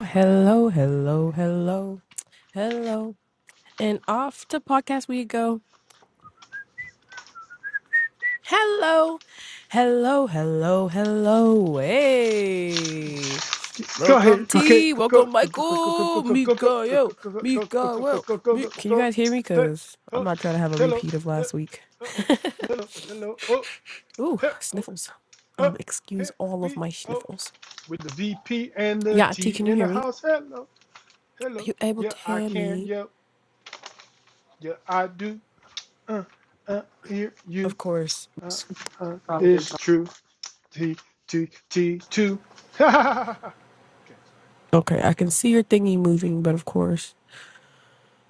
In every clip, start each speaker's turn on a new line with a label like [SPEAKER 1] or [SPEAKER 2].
[SPEAKER 1] Hello, hello, hello, hello. And off to podcast we go. Hello, hello, hello, hello. Hey.
[SPEAKER 2] Go
[SPEAKER 1] Welcome
[SPEAKER 2] ahead, go ahead,
[SPEAKER 1] T.
[SPEAKER 2] go
[SPEAKER 1] Welcome
[SPEAKER 2] go go go go go go go
[SPEAKER 1] Michael.
[SPEAKER 2] go go go
[SPEAKER 1] Mika,
[SPEAKER 2] go go
[SPEAKER 1] yo. Mika,
[SPEAKER 2] go
[SPEAKER 1] well.
[SPEAKER 2] go
[SPEAKER 1] Mi-
[SPEAKER 2] go
[SPEAKER 1] Can you
[SPEAKER 2] go
[SPEAKER 1] guys hear me? Because I'm
[SPEAKER 2] go
[SPEAKER 1] not trying to have a
[SPEAKER 2] hello
[SPEAKER 1] repeat of last week.
[SPEAKER 2] hello hello hello oh
[SPEAKER 1] Ooh,
[SPEAKER 2] hello
[SPEAKER 1] sniffles.
[SPEAKER 2] oh
[SPEAKER 1] Um, excuse
[SPEAKER 2] here
[SPEAKER 1] all of
[SPEAKER 2] we
[SPEAKER 1] my
[SPEAKER 2] oh
[SPEAKER 1] sniffles.
[SPEAKER 2] with the VP and the
[SPEAKER 1] Yeah, T,
[SPEAKER 2] T
[SPEAKER 1] can you
[SPEAKER 2] in
[SPEAKER 1] hear
[SPEAKER 2] the
[SPEAKER 1] me?
[SPEAKER 2] house hello
[SPEAKER 1] Are
[SPEAKER 2] hello
[SPEAKER 1] you able
[SPEAKER 2] yeah
[SPEAKER 1] to
[SPEAKER 2] I
[SPEAKER 1] hear
[SPEAKER 2] can
[SPEAKER 1] me?
[SPEAKER 2] yeah yeah I do uh uh hear you
[SPEAKER 1] Of course.
[SPEAKER 2] uh uh it's true T T T two Ha ha ha ha. okay sorry
[SPEAKER 1] Okay, I can see your thingy moving, but of course.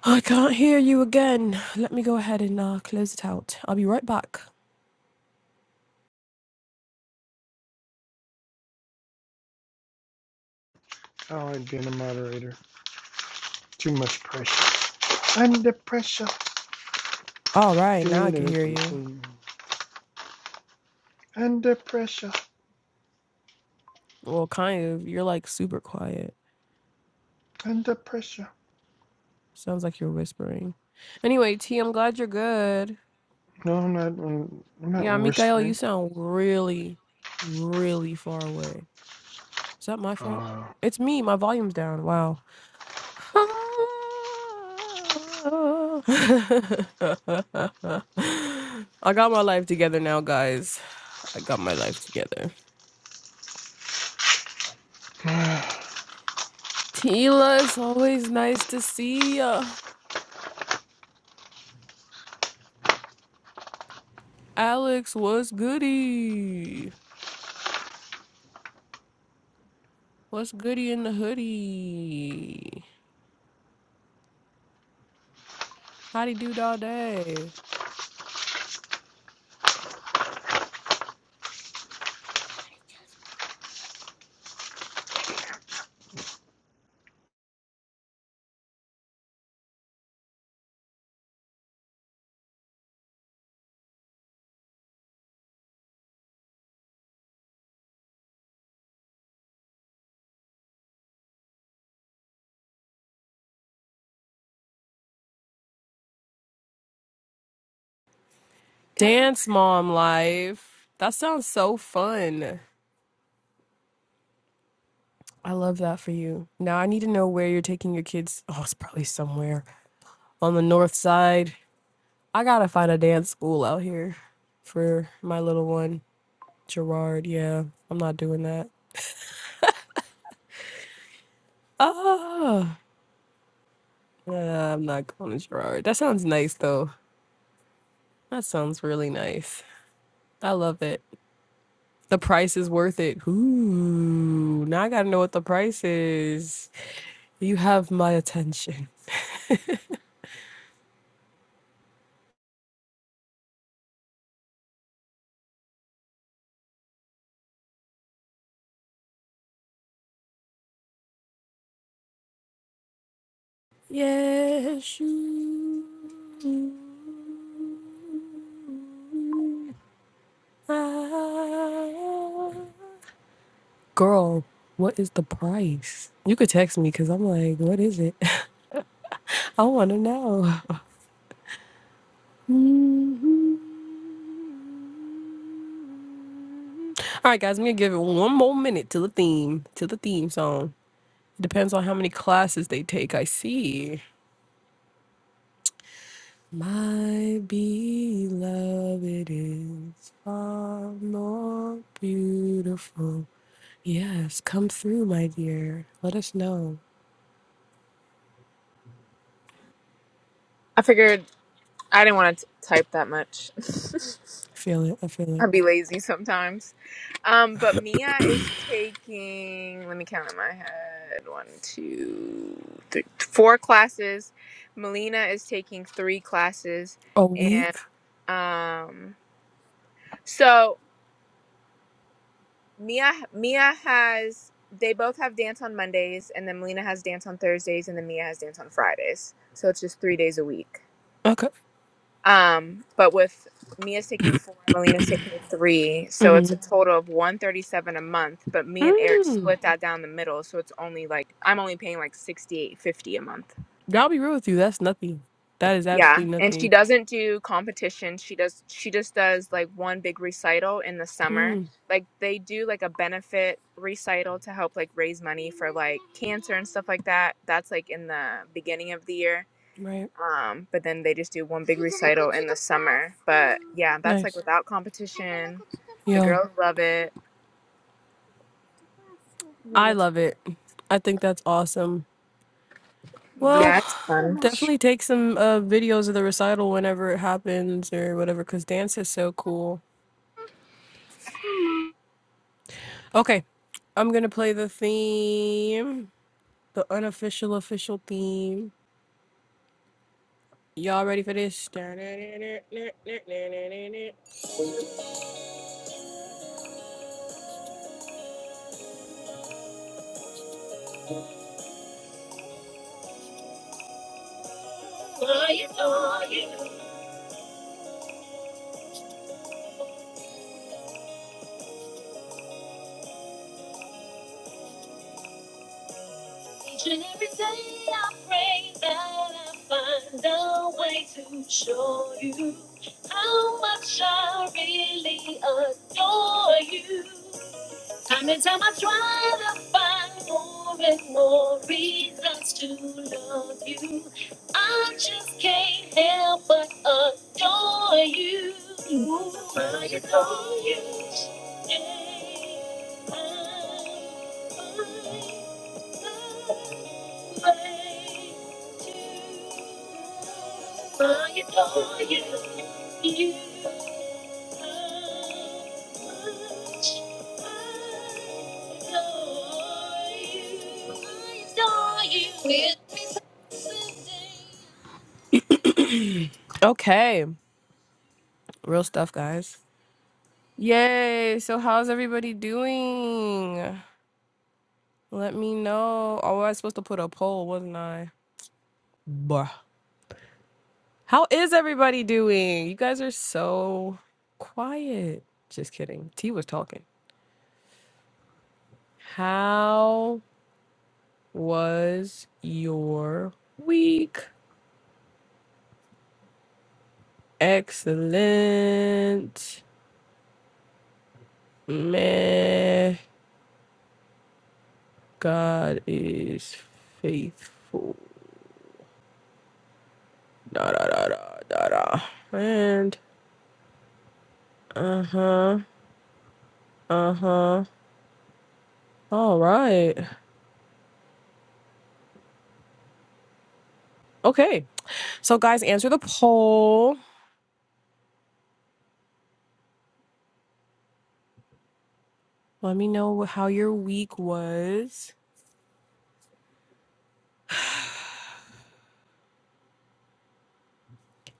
[SPEAKER 1] I can't hear you again. Let me go ahead and uh, close it out. I'll be right back.
[SPEAKER 2] I don't like being a moderator too much pressure. Under pressure.
[SPEAKER 1] All right, now I can hear you.
[SPEAKER 2] Do-do-do-do. Under pressure.
[SPEAKER 1] Well, kind of. You're like super quiet.
[SPEAKER 2] Under pressure.
[SPEAKER 1] Sounds like you're whispering. Anyway, T, I'm glad you're good.
[SPEAKER 2] No, I'm not. I'm not
[SPEAKER 1] Yeah, Mikael, you
[SPEAKER 2] whispering.
[SPEAKER 1] sound really, really far away. Is that my fault?
[SPEAKER 2] Uh,
[SPEAKER 1] It's me. My volume's down. Wow. I got my life together now, guys. I got my life together.
[SPEAKER 2] can
[SPEAKER 1] Tila, it's always nice to see ya. Alex, what's goody? What's goody in the hoodie? Howdy dude all day. Dance mom life. That sounds so fun. I love that for you. Now I need to know where you're taking your kids. Oh, it's probably somewhere on the north side. I gotta find a dance school out here for my little one, Gerard. Yeah, I'm not doing that. Ah. Nah, I'm not going to Gerard. That sounds nice though. That sounds really nice. I love it. The price is worth it. Ooh, now I gotta know what the price is. You have my attention. Yes, you. are. Girl, what is the price? You could text me because I'm like, what is it? I want to know. All right, guys, I'm gonna give it one more minute to the theme, to the theme song. Depends on how many classes they take. I see. My beloved is far more beautiful. Yes, come through, my dear. Let us know.
[SPEAKER 3] I figured I didn't want to t- type that much.
[SPEAKER 1] Feel it. I feel it.
[SPEAKER 3] I'd be lazy sometimes. Um, but Mia is taking. Let me count in my head. One, two, three, four classes. Melina is taking three classes,
[SPEAKER 1] A
[SPEAKER 3] and
[SPEAKER 1] week?
[SPEAKER 3] um, so Mia Mia has. They both have dance on Mondays, and then Melina has dance on Thursdays, and then Mia has dance on Fridays. So it's just three days a week.
[SPEAKER 1] Okay.
[SPEAKER 3] Um, but with Mia's taking four, Melina's taking three, so it's a total of one thirty-seven a month. But me and Eric
[SPEAKER 1] Mm.
[SPEAKER 3] split that down the middle, so it's only like I'm only paying like sixty-eight fifty a month.
[SPEAKER 1] I'll be real with you. That's nothing. That is
[SPEAKER 3] Yeah,
[SPEAKER 1] absolutely
[SPEAKER 3] and she
[SPEAKER 1] nothing.
[SPEAKER 3] doesn't do competition. She does. She just does like one big recital in the summer.
[SPEAKER 1] Mm.
[SPEAKER 3] Like they do like a benefit recital to help like raise money for like cancer and stuff like that. That's like in the beginning of the year
[SPEAKER 1] Right.
[SPEAKER 3] um, but then they just do one big recital in the summer. But yeah, that's like
[SPEAKER 1] Nice.
[SPEAKER 3] without competition. The
[SPEAKER 1] Yo.
[SPEAKER 3] girls love it.
[SPEAKER 1] I love it. I think that's awesome. Well,
[SPEAKER 3] Yeah, it's fun.
[SPEAKER 1] Definitely take some uh, videos of the recital whenever it happens or whatever, because dance is so cool. Okay, I'm gonna play the theme, the unofficial official theme. Y'all ready for this? Each and every day I pray that I find a way to show you how much I really adore you. Time and time I try to find more and more reasons to love you. I just can't help but adore you. Ooh, I adore you. Yeah. I- Okay, real stuff, guys. Yay! So, how's everybody doing? Let me know. Oh, I was supposed to put a poll, wasn't I? Bruh. How is everybody doing? You guys are so quiet. Just kidding. T was talking. How was your week? Excellent. Meh. God is faithful. Da da da da da da. And uh huh. Uh huh. All right. Okay. So, guys, answer the poll. Let me know wh- how your week was.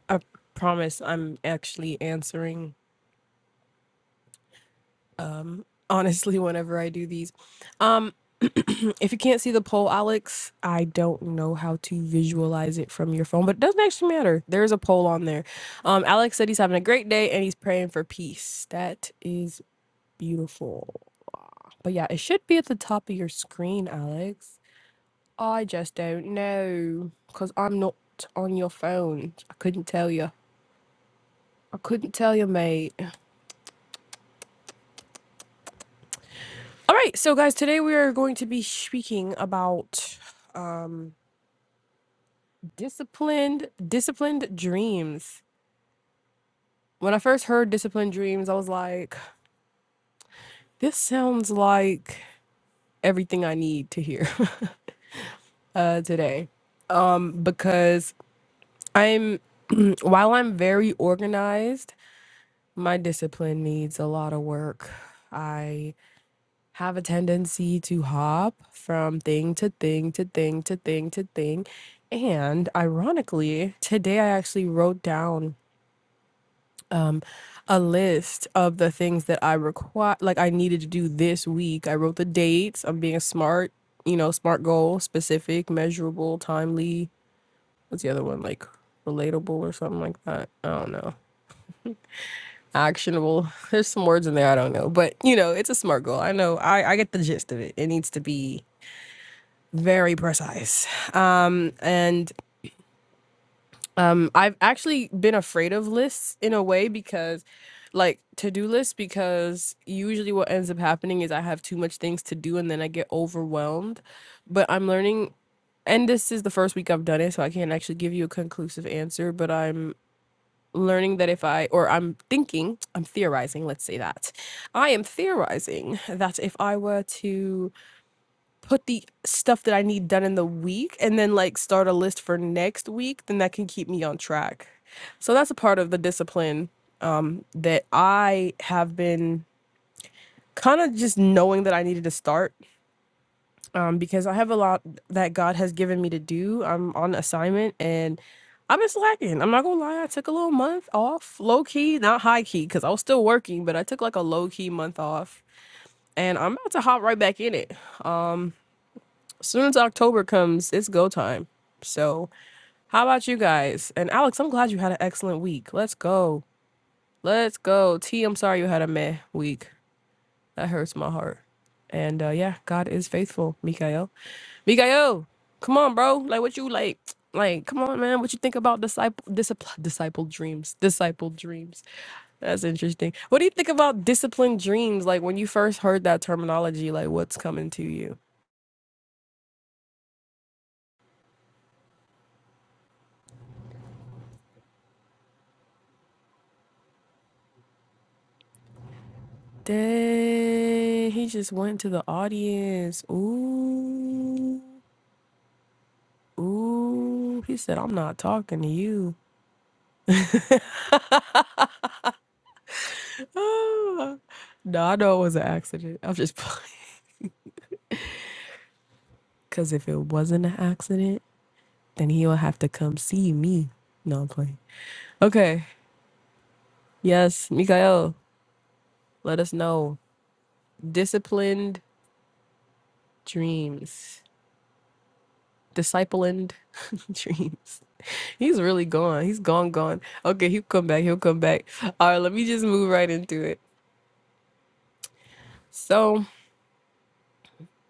[SPEAKER 1] I promise I'm actually answering um honestly whenever I do these. Um if you can't see the poll, Alex, I don't know how to visualize it from your phone, but it doesn't actually matter. There's a poll on there. Um Alex said he's having a great day and he's praying for peace. That is beautiful. But yeah, it should be at the top of your screen, Alex. I just don't know because I'm not on your phone. I couldn't tell you. I couldn't tell you, mate. All right, so guys, today we are going to be speaking about um disciplined disciplined dreams. When I first heard disciplined dreams, I was like, this sounds like everything I need to hear uh today. Um because I'm while I'm very organized, my discipline needs a lot of work. I have a tendency to hop from thing to thing to thing to thing to thing. And ironically, today I actually wrote down um, a list of the things that I require, like I needed to do this week. I wrote the dates. I'm being smart, you know, smart goal, specific, measurable, timely. What's the other one? Like relatable or something like that. I don't know. Actionable. There's some words in there I don't know, but you know, it's a smart goal. I know. I I get the gist of it. It needs to be very precise. Um, and um, I've actually been afraid of lists in a way because, like, to do lists, because usually what ends up happening is I have too much things to do and then I get overwhelmed. But I'm learning, and this is the first week I've done it, so I can't actually give you a conclusive answer, but I'm learning that if I, or I'm thinking, I'm theorizing, let's say that. I am theorizing that if I were to put the stuff that I need done in the week and then like start a list for next week, then that can keep me on track. So that's a part of the discipline um, that I have been kind of just knowing that I needed to start um, because I have a lot that God has given me to do. I'm on assignment and I've been slacking. I'm not gonna lie, I took a little month off, low key, not high key, because I was still working, but I took like a low key month off and I'm about to hop right back in it. Um, As soon as October comes, it's go time. So, how about you guys? And Alex, I'm glad you had an excellent week. Let's go. Let's go. T, I'm sorry you had a meh week. That hurts my heart. And uh yeah, God is faithful, Mikael. Mikael, come on, bro. Like what you like like come on man what you think about disciple disciple disciple dreams disciple dreams that's interesting what do you think about disciplined dreams like when you first heard that terminology like what's coming to you Dang, he just went to the audience. Ooh, ooh. He said, I'm not talking to you. no, I know it was an accident. I'm just playing. Because if it wasn't an accident, then he will have to come see me. No, I'm playing. Okay. Yes, Mikael, let us know. Disciplined dreams. Disciplined dreams. He's really gone. He's gone, gone. Okay, he'll come back. He'll come back. All right, let me just move right into it. So,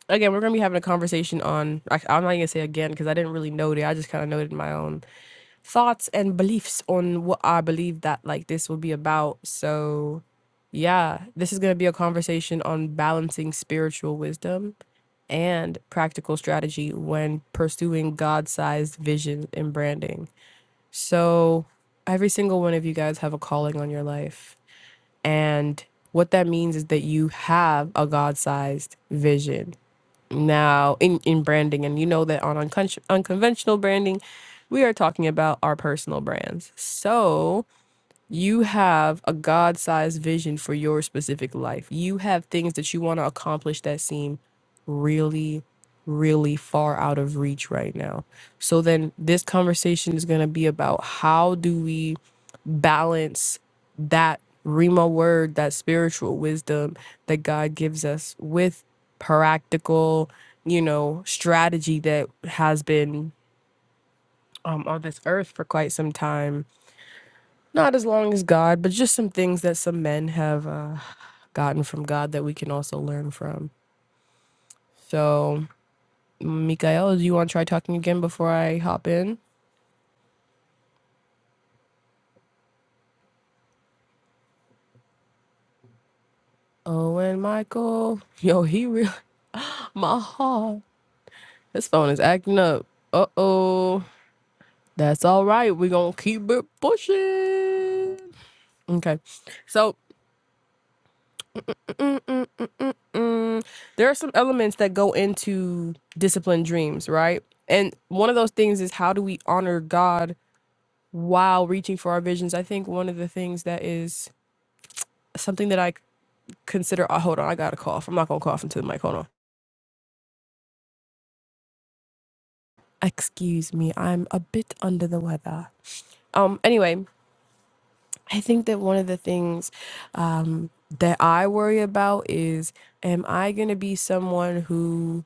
[SPEAKER 1] again, we're going to be having a conversation on, I- I'm not going to say again because I didn't really note it. I just kind of noted my own thoughts and beliefs on what I believe that like this will be about. So, yeah, this is going to be a conversation on balancing spiritual wisdom and practical strategy when pursuing God sized vision and branding. So, every single one of you guys have a calling on your life And what that means is that you have a God sized vision now in, in branding. And you know that on uncon- unconventional branding, we are talking about our personal brands. So you have a God sized vision for your specific life. You have things that you want to accomplish that seem really, really far out of reach right now. So then this conversation is going to be about how do we balance that Rima word, that spiritual wisdom that God gives us with practical, you know, strategy that has been um, on this earth for quite some time. Not as long as God, but just some things that some men have uh, gotten from God that we can also learn from. So, Mikael, do you want to try talking again before I hop in? Oh, and Michael, yo, he real. My heart. His phone is acting up. Uh oh. That's all right. We're going to keep it pushing. Okay. So, mm, mm, mm, mm, mm. there are some elements that go into disciplined dreams, right? And one of those things is how do we honor God while reaching for our visions? I think one of the things that is something that I c- consider. Oh, hold on. I got a cough. I'm not going to cough into the mic. Hold on. Excuse me. I'm a bit under the weather. Um, anyway, I think that one of the things um, that I worry about is am I going to be someone who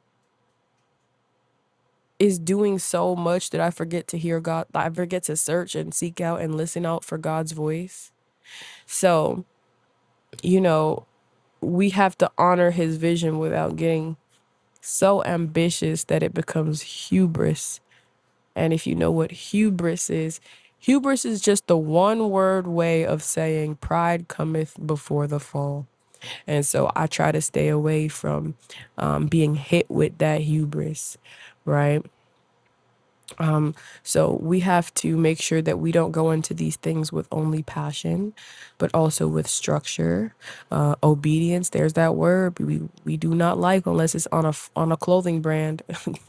[SPEAKER 1] is doing so much that I forget to hear God, that I forget to search and seek out and listen out for God's voice? So, you know, we have to honor his vision without getting so ambitious that it becomes hubris. And if you know what hubris is, hubris is just the one word way of saying pride cometh before the fall And so I try to stay away from um, being hit with that hubris, right? So we have to make sure that we don't go into these things with only passion, but also with structure, uh, obedience. There's that word we we do not like unless it's on a on a clothing brand.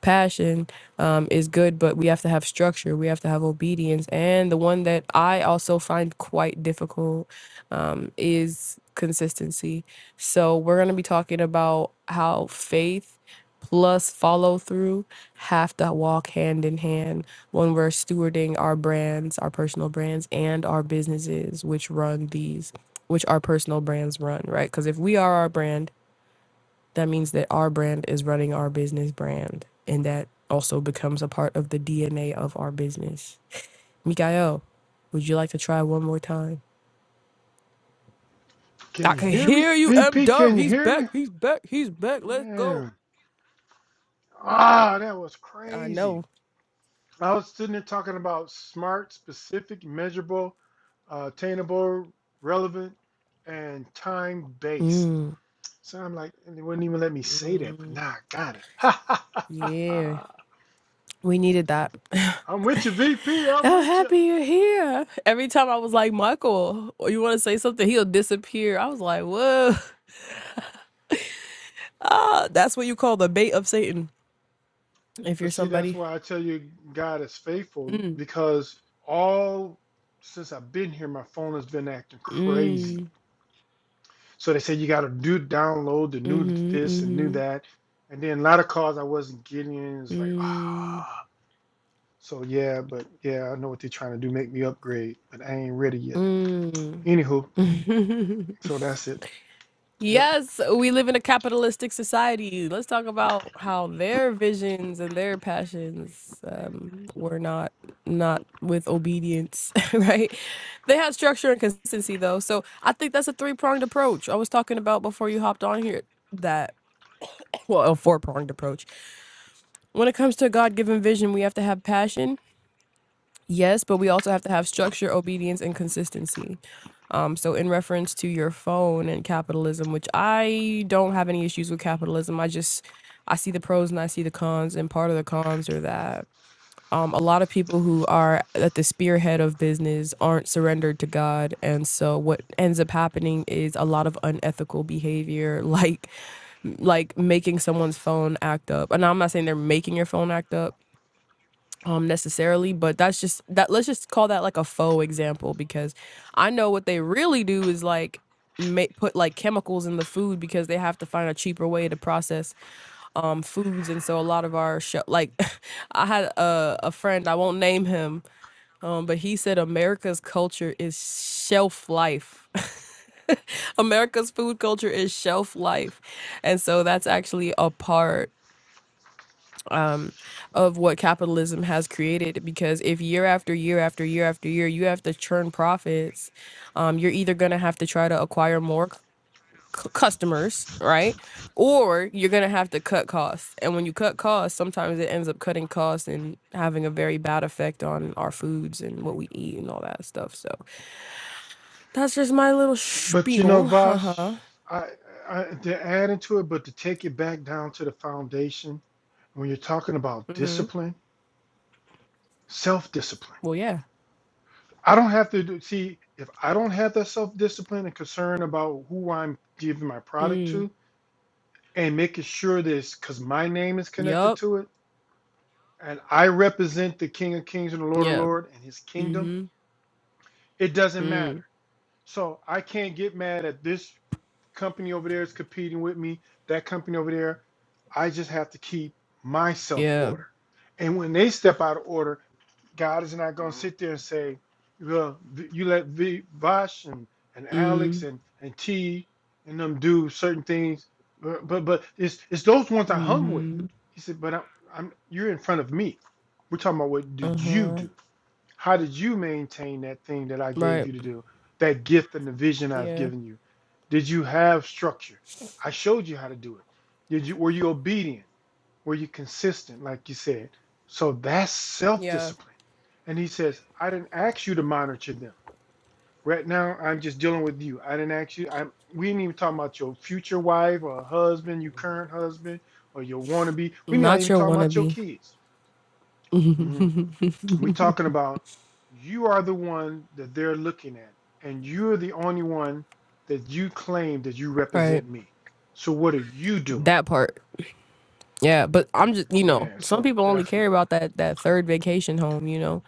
[SPEAKER 1] passion um, is good, but we have to have structure. We have to have obedience. And the one that I also find quite difficult um, is consistency. So we're going to be talking about how faith plus follow through have to walk hand in hand when we're stewarding our brands, our personal brands, and our businesses, which run these, which our personal brands run, right? Because if we are our brand, that means that our brand is running our business brand and that also becomes a part of the dna of our business mikael would you like to try one more time i
[SPEAKER 2] you
[SPEAKER 1] can
[SPEAKER 2] hear me,
[SPEAKER 1] hear you m
[SPEAKER 2] VP?
[SPEAKER 1] dub
[SPEAKER 2] Can you
[SPEAKER 1] he's
[SPEAKER 2] hear
[SPEAKER 1] back
[SPEAKER 2] me,
[SPEAKER 1] he's back he's back let's go
[SPEAKER 2] man? Ah, that was
[SPEAKER 1] i
[SPEAKER 2] crazy.
[SPEAKER 1] know
[SPEAKER 2] I was sitting there talking about smart, specific, measurable, uh, attainable, relevant, and time based. So I'm like, and they wouldn't even let me say that, but now I got it.
[SPEAKER 1] yeah we needed that i'm
[SPEAKER 2] I'm with you, VP. I'm with you.
[SPEAKER 1] happy you're here every time i was like michael or you want to say something he'll disappear i was like whoa ah that's what you call the bait of satan if you're
[SPEAKER 2] But see, that's
[SPEAKER 1] somebody
[SPEAKER 2] why I tell you God is faithful
[SPEAKER 1] mm,
[SPEAKER 2] because all since I've been here, my phone has been acting crazy.
[SPEAKER 1] mm,
[SPEAKER 2] So they said you got to do download the new
[SPEAKER 1] mm-hmm,
[SPEAKER 2] this and new
[SPEAKER 1] mm-hmm.
[SPEAKER 2] that. And then a lot of calls I wasn't getting and It's like,
[SPEAKER 1] Mm,
[SPEAKER 2] ah. So yeah, but yeah, I know what they're trying to do, make me upgrade, but I ain't ready yet.
[SPEAKER 1] mm.
[SPEAKER 2] Anywho, so that's it. Yep.
[SPEAKER 1] Yes, we live in a capitalistic society. Let's talk about how their visions and their passions um, were not not with obedience, right? They had structure and consistency though. So I think that's a three-pronged approach. I was talking about before you hopped on here that well, a four-pronged approach. When it comes to a God-given vision, we have to have passion, yes, but we also have to have structure, obedience, and consistency. Um, so in reference to your phone and capitalism, which I don't have any issues with capitalism, I just I see the pros and I see the cons, and part of the cons are that um, a lot of people who are at the spearhead of business aren't surrendered to God, and so what ends up happening is a lot of unethical behavior, like like making someone's phone act up. And I'm not saying they're making your phone act up, um necessarily but that's just that let's just call that like a faux example because i know what they really do is like make put like chemicals in the food because they have to find a cheaper way to process um foods and so a lot of our show like i had a, a friend i won't name him um but he said america's culture is shelf life america's food culture is shelf life and so that's actually a part um, of what capitalism has created. Because if year after year after year after year you have to churn profits, um, you're either going to have to try to acquire more c- c- customers, right? Or you're going to have to cut costs. And when you cut costs, sometimes it ends up cutting costs and having a very bad effect on our foods and what we eat and all that stuff. So that's just my little
[SPEAKER 2] But you know,
[SPEAKER 1] spiel. Uh huh.
[SPEAKER 2] Vash, I, I to add into it, but to take it back down to the foundation, when you're talking about
[SPEAKER 1] hmm.
[SPEAKER 2] discipline. Self discipline.
[SPEAKER 1] Well, yeah.
[SPEAKER 2] I don't have to do, see if I don't have that self discipline and concern about who I'm giving my product
[SPEAKER 1] Mm.
[SPEAKER 2] to and making sure this because my name is connected
[SPEAKER 1] Yup.
[SPEAKER 2] to it and I represent the King of Kings and the Lord of
[SPEAKER 1] Yeah.
[SPEAKER 2] Lords and his kingdom,
[SPEAKER 1] Mm
[SPEAKER 2] it
[SPEAKER 1] hmm.
[SPEAKER 2] doesn't matter.
[SPEAKER 1] Mm.
[SPEAKER 2] So I can't get mad at this company over there is competing with me, that company over there. I just have to keep myself
[SPEAKER 1] Yeah.
[SPEAKER 2] order. And when they step out of order, God is not going to sit there and say, well, you let v, Vosh and, and
[SPEAKER 1] Mm.
[SPEAKER 2] Alex and, and T and them do certain things. But, but but it's it's those ones I hung with.
[SPEAKER 1] Mm-hmm.
[SPEAKER 2] He said, but I'm, I'm you're in front of me. We're talking about what did you
[SPEAKER 1] Uh-huh.
[SPEAKER 2] do? How did you maintain that thing that I gave
[SPEAKER 1] Right.
[SPEAKER 2] you to do? That gift and the vision I've
[SPEAKER 1] Yeah.
[SPEAKER 2] given you. Did you have structure? I showed you how to do it. Did you were you obedient? Were you consistent, like you said? So that's self
[SPEAKER 1] Yeah.
[SPEAKER 2] discipline. And he says, I didn't ask you to monitor them. Right now, I'm just dealing with you. I didn't ask you. I'm, we ain't even talking about your future wife or husband, your current husband, or your wannabe. we not
[SPEAKER 1] Not
[SPEAKER 2] even
[SPEAKER 1] your
[SPEAKER 2] talking about your
[SPEAKER 1] wannabe.
[SPEAKER 2] kids. Mhm. we talking about you are the one that they're looking at, and you're the only one that you claim that you
[SPEAKER 1] Right.
[SPEAKER 2] represent me. So what are you doing?
[SPEAKER 1] That part. Yeah, but I'm just, you know,
[SPEAKER 2] Man,
[SPEAKER 1] some
[SPEAKER 2] so
[SPEAKER 1] people only
[SPEAKER 2] that's what.
[SPEAKER 1] care about that that third vacation home, you know,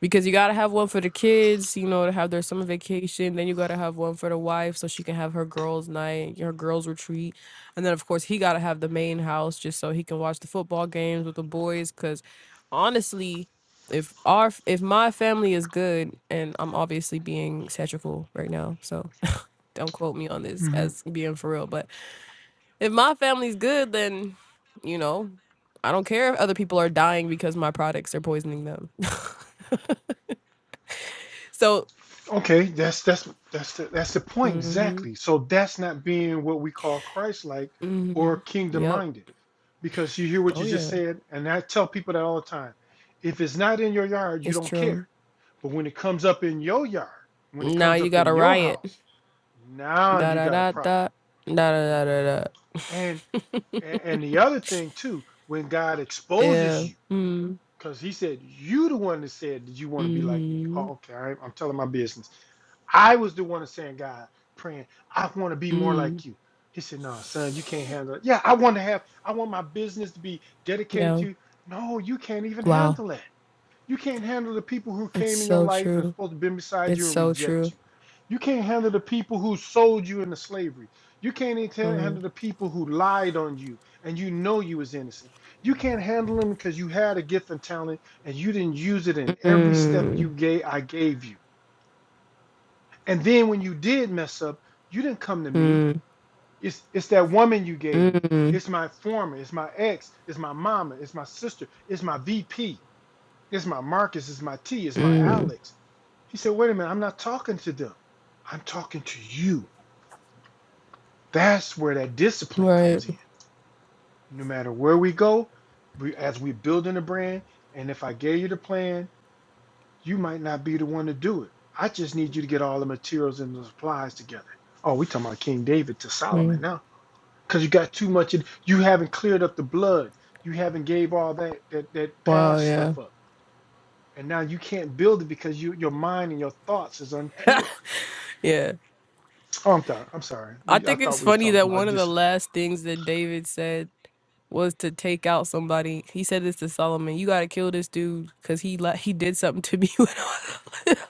[SPEAKER 1] because you gotta have one for the kids, you know, to have their summer vacation. Then you gotta have one for the wife so she can have her girls' night, her girls' retreat, and then of course he gotta have the main house just so he can watch the football games with the boys. Because honestly, if our if my family is good, and I'm obviously being satirical right now, so don't quote me on this
[SPEAKER 2] Mhm.
[SPEAKER 1] as being for real, but if my family's good, then you know, I don't care if other people are dying because my products are poisoning them. so,
[SPEAKER 2] Okay, that's that's that's the, that's the point
[SPEAKER 1] mm-hmm,
[SPEAKER 2] exactly. So that's not being what we call Christ-like
[SPEAKER 1] mm-hmm,
[SPEAKER 2] or
[SPEAKER 1] yep,
[SPEAKER 2] kingdom-minded, because you hear what
[SPEAKER 1] oh
[SPEAKER 2] you just
[SPEAKER 1] yeah,
[SPEAKER 2] said, and I tell people that all the time. If it's not in your yard, you
[SPEAKER 1] it's
[SPEAKER 2] don't care.
[SPEAKER 1] true.
[SPEAKER 2] But when it comes up in your yard, when it
[SPEAKER 1] Now
[SPEAKER 2] comes
[SPEAKER 1] you
[SPEAKER 2] up
[SPEAKER 1] got
[SPEAKER 2] in
[SPEAKER 1] a
[SPEAKER 2] your
[SPEAKER 1] riot.
[SPEAKER 2] house, now
[SPEAKER 1] Da
[SPEAKER 2] you
[SPEAKER 1] da
[SPEAKER 2] got a
[SPEAKER 1] da
[SPEAKER 2] problem.
[SPEAKER 1] da da da da da. da.
[SPEAKER 2] And a- and the other thing too, when God exposes
[SPEAKER 1] yeah.
[SPEAKER 2] you,
[SPEAKER 1] Mm.
[SPEAKER 2] because He said you the one that said that you want to be like me.
[SPEAKER 1] Mm-hmm.
[SPEAKER 2] Oh, okay, all right, I'm telling my business. I was the one that's saying, God, praying, I want to be more
[SPEAKER 1] Mm.
[SPEAKER 2] like you. He said, No, son, you can't handle it. Yeah, I want to have, I want my business to be dedicated
[SPEAKER 1] Yeah.
[SPEAKER 2] to you. No, you can't even
[SPEAKER 1] Wow.
[SPEAKER 2] handle it. You can't handle the people who
[SPEAKER 1] It's
[SPEAKER 2] came in your
[SPEAKER 1] so
[SPEAKER 2] life and
[SPEAKER 1] true.
[SPEAKER 2] supposed to be beside
[SPEAKER 1] It's
[SPEAKER 2] you and
[SPEAKER 1] so
[SPEAKER 2] reject
[SPEAKER 1] true.
[SPEAKER 2] you. You can't handle the people who sold you into slavery. You can't even handle the people who lied on you and you know you was innocent. You can't handle them because you had a gift and talent and you didn't use it in every step you gave I gave you. And then when you did mess up, you didn't come to me. It's it's that woman you gave me. It's my former, it's my ex, it's my mama, it's my sister, it's my VP, it's my Marcus, it's my T, it's my Alex. He said, wait a minute, I'm not talking to them. I'm talking to you. That's where that discipline
[SPEAKER 1] Right.
[SPEAKER 2] comes in. No matter where we go, we, as we building a brand, and if I gave you the plan, you might not be the one to do it. I just need you to get all the materials and the supplies together. Oh, we talking about King David to Solomon now. because you got too much. In, you haven't cleared up the blood. You haven't gave all that that that
[SPEAKER 1] Wow.
[SPEAKER 2] past
[SPEAKER 1] Yeah.
[SPEAKER 2] stuff up, and now you can't build it because you your mind and your thoughts is unpure.
[SPEAKER 1] Yeah.
[SPEAKER 2] Oh, I'm sorry. I'm sorry.
[SPEAKER 1] I
[SPEAKER 2] We I
[SPEAKER 1] think it's
[SPEAKER 2] thought we was
[SPEAKER 1] funny
[SPEAKER 2] talking
[SPEAKER 1] that one
[SPEAKER 2] about
[SPEAKER 1] of the
[SPEAKER 2] discipline.
[SPEAKER 1] last things that David said was to take out somebody. He said this to Solomon. You gotta kill this dude because he li- he did something to me. When I was little.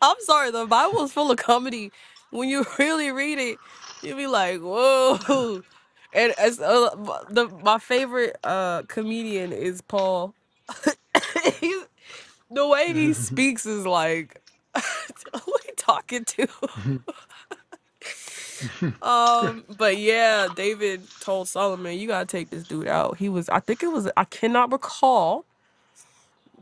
[SPEAKER 1] I'm sorry, the Bible's full of comedy. When you really read it, you'll be like, whoa. And as uh, the my favorite uh comedian is Paul. He's, the way he speaks is like, who are we talking to? Um, but yeah, David told Solomon, "You gotta take this dude out." He was, I think it was, I cannot recall,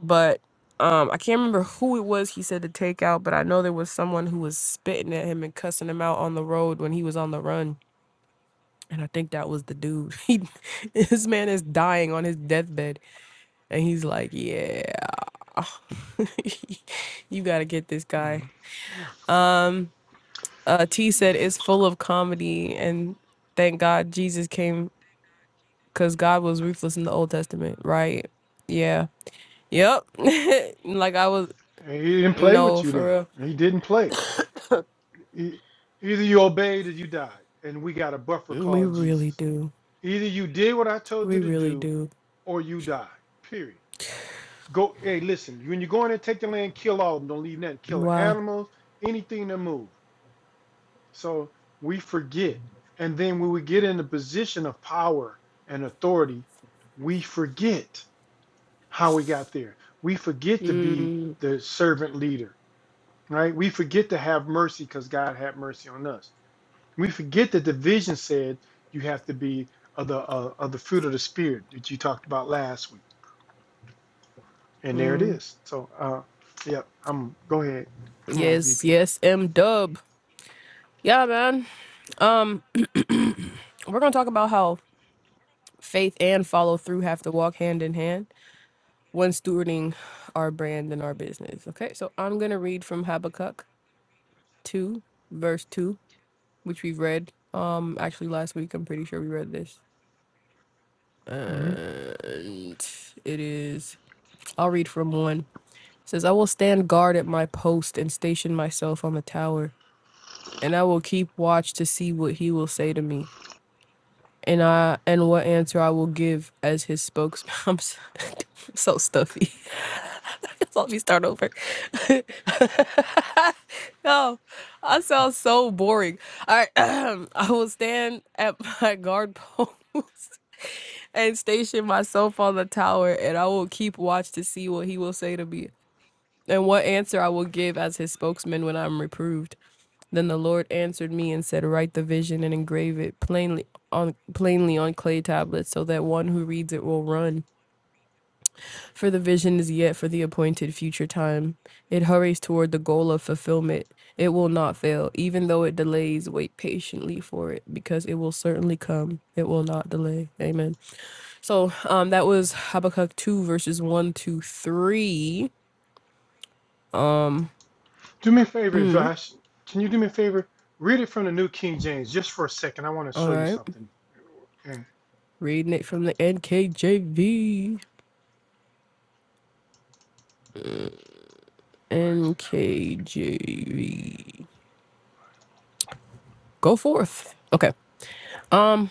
[SPEAKER 1] but um, I can't remember who it was. He said to take out, but I know there was someone who was spitting at him and cussing him out on the road when he was on the run, and I think that was the dude. He, this man is dying on his deathbed, and he's like, "Yeah, you gotta get this guy."
[SPEAKER 2] Mhm. Yeah.
[SPEAKER 1] Um, uh, T said it's full of comedy, and thank God Jesus came. because God was ruthless in the Old Testament, right? Yeah. Yep. like I was,
[SPEAKER 2] And He didn't play
[SPEAKER 1] no,
[SPEAKER 2] with you then.
[SPEAKER 1] for
[SPEAKER 2] He didn't play. E- Either you obeyed or you died, and we got a buffer
[SPEAKER 1] real. We
[SPEAKER 2] called
[SPEAKER 1] really
[SPEAKER 2] Jesus.
[SPEAKER 1] do.
[SPEAKER 2] Either you did what I told
[SPEAKER 1] We
[SPEAKER 2] you to
[SPEAKER 1] really
[SPEAKER 2] do,
[SPEAKER 1] do.
[SPEAKER 2] or you die. Period. Go, hey, listen. When you go in and take the land, kill all of them. Don't leave nothing. Kill the
[SPEAKER 1] Wow.
[SPEAKER 2] animals, anything that move. So we forget, and then when we get in a position of power and authority, we forget how we got there. We forget to be the servant leader, right? We forget to have mercy because God had mercy on us. We forget that the vision said you have to be of the uh, of the fruit of the spirit that you talked about last week And there it is. So, uh, yep, yeah, I'm go ahead. Come on,
[SPEAKER 1] Yes,
[SPEAKER 2] VP.
[SPEAKER 1] yes, M dub. Yeah, man. Um, we're going to talk about how faith and follow through have to walk hand in hand when stewarding our brand and our business. Okay, so I'm going to read from Habakkuk 2, verse 2, which we've read um actually last week. I'm pretty sure we read this.
[SPEAKER 2] hmm
[SPEAKER 1] And it is. I'll read from one. It says, I will stand guard at my post and station myself on the tower, and I will keep watch to see what he will say to me, and I and what answer I will give as his spokesman. I'm so, so stuffy. Let me start over. no, I sound so boring. All right, I will stand at my guard post and station myself on the tower, and I will keep watch to see what he will say to me, and what answer I will give as his spokesman when I am reproved. Then the Lord answered me and said, Write the vision and engrave it plainly on plainly on clay tablets, so that one who reads it will run. For the vision is yet for the appointed future time. It hurries toward the goal of fulfillment. It will not fail, even though it delays. Wait patiently for it, because it will certainly come. It will not delay. Amen. So um, that was Habakkuk 2, verses 1 to 3.
[SPEAKER 2] Do me a favor, Vash. Can you do me a favor? Read it from the New King James just for a second. I want to
[SPEAKER 1] All
[SPEAKER 2] show you
[SPEAKER 1] right.
[SPEAKER 2] something. And
[SPEAKER 1] Reading it from the NKJV.
[SPEAKER 2] why is it not working?
[SPEAKER 1] NKJV. Go forth. Okay. Um,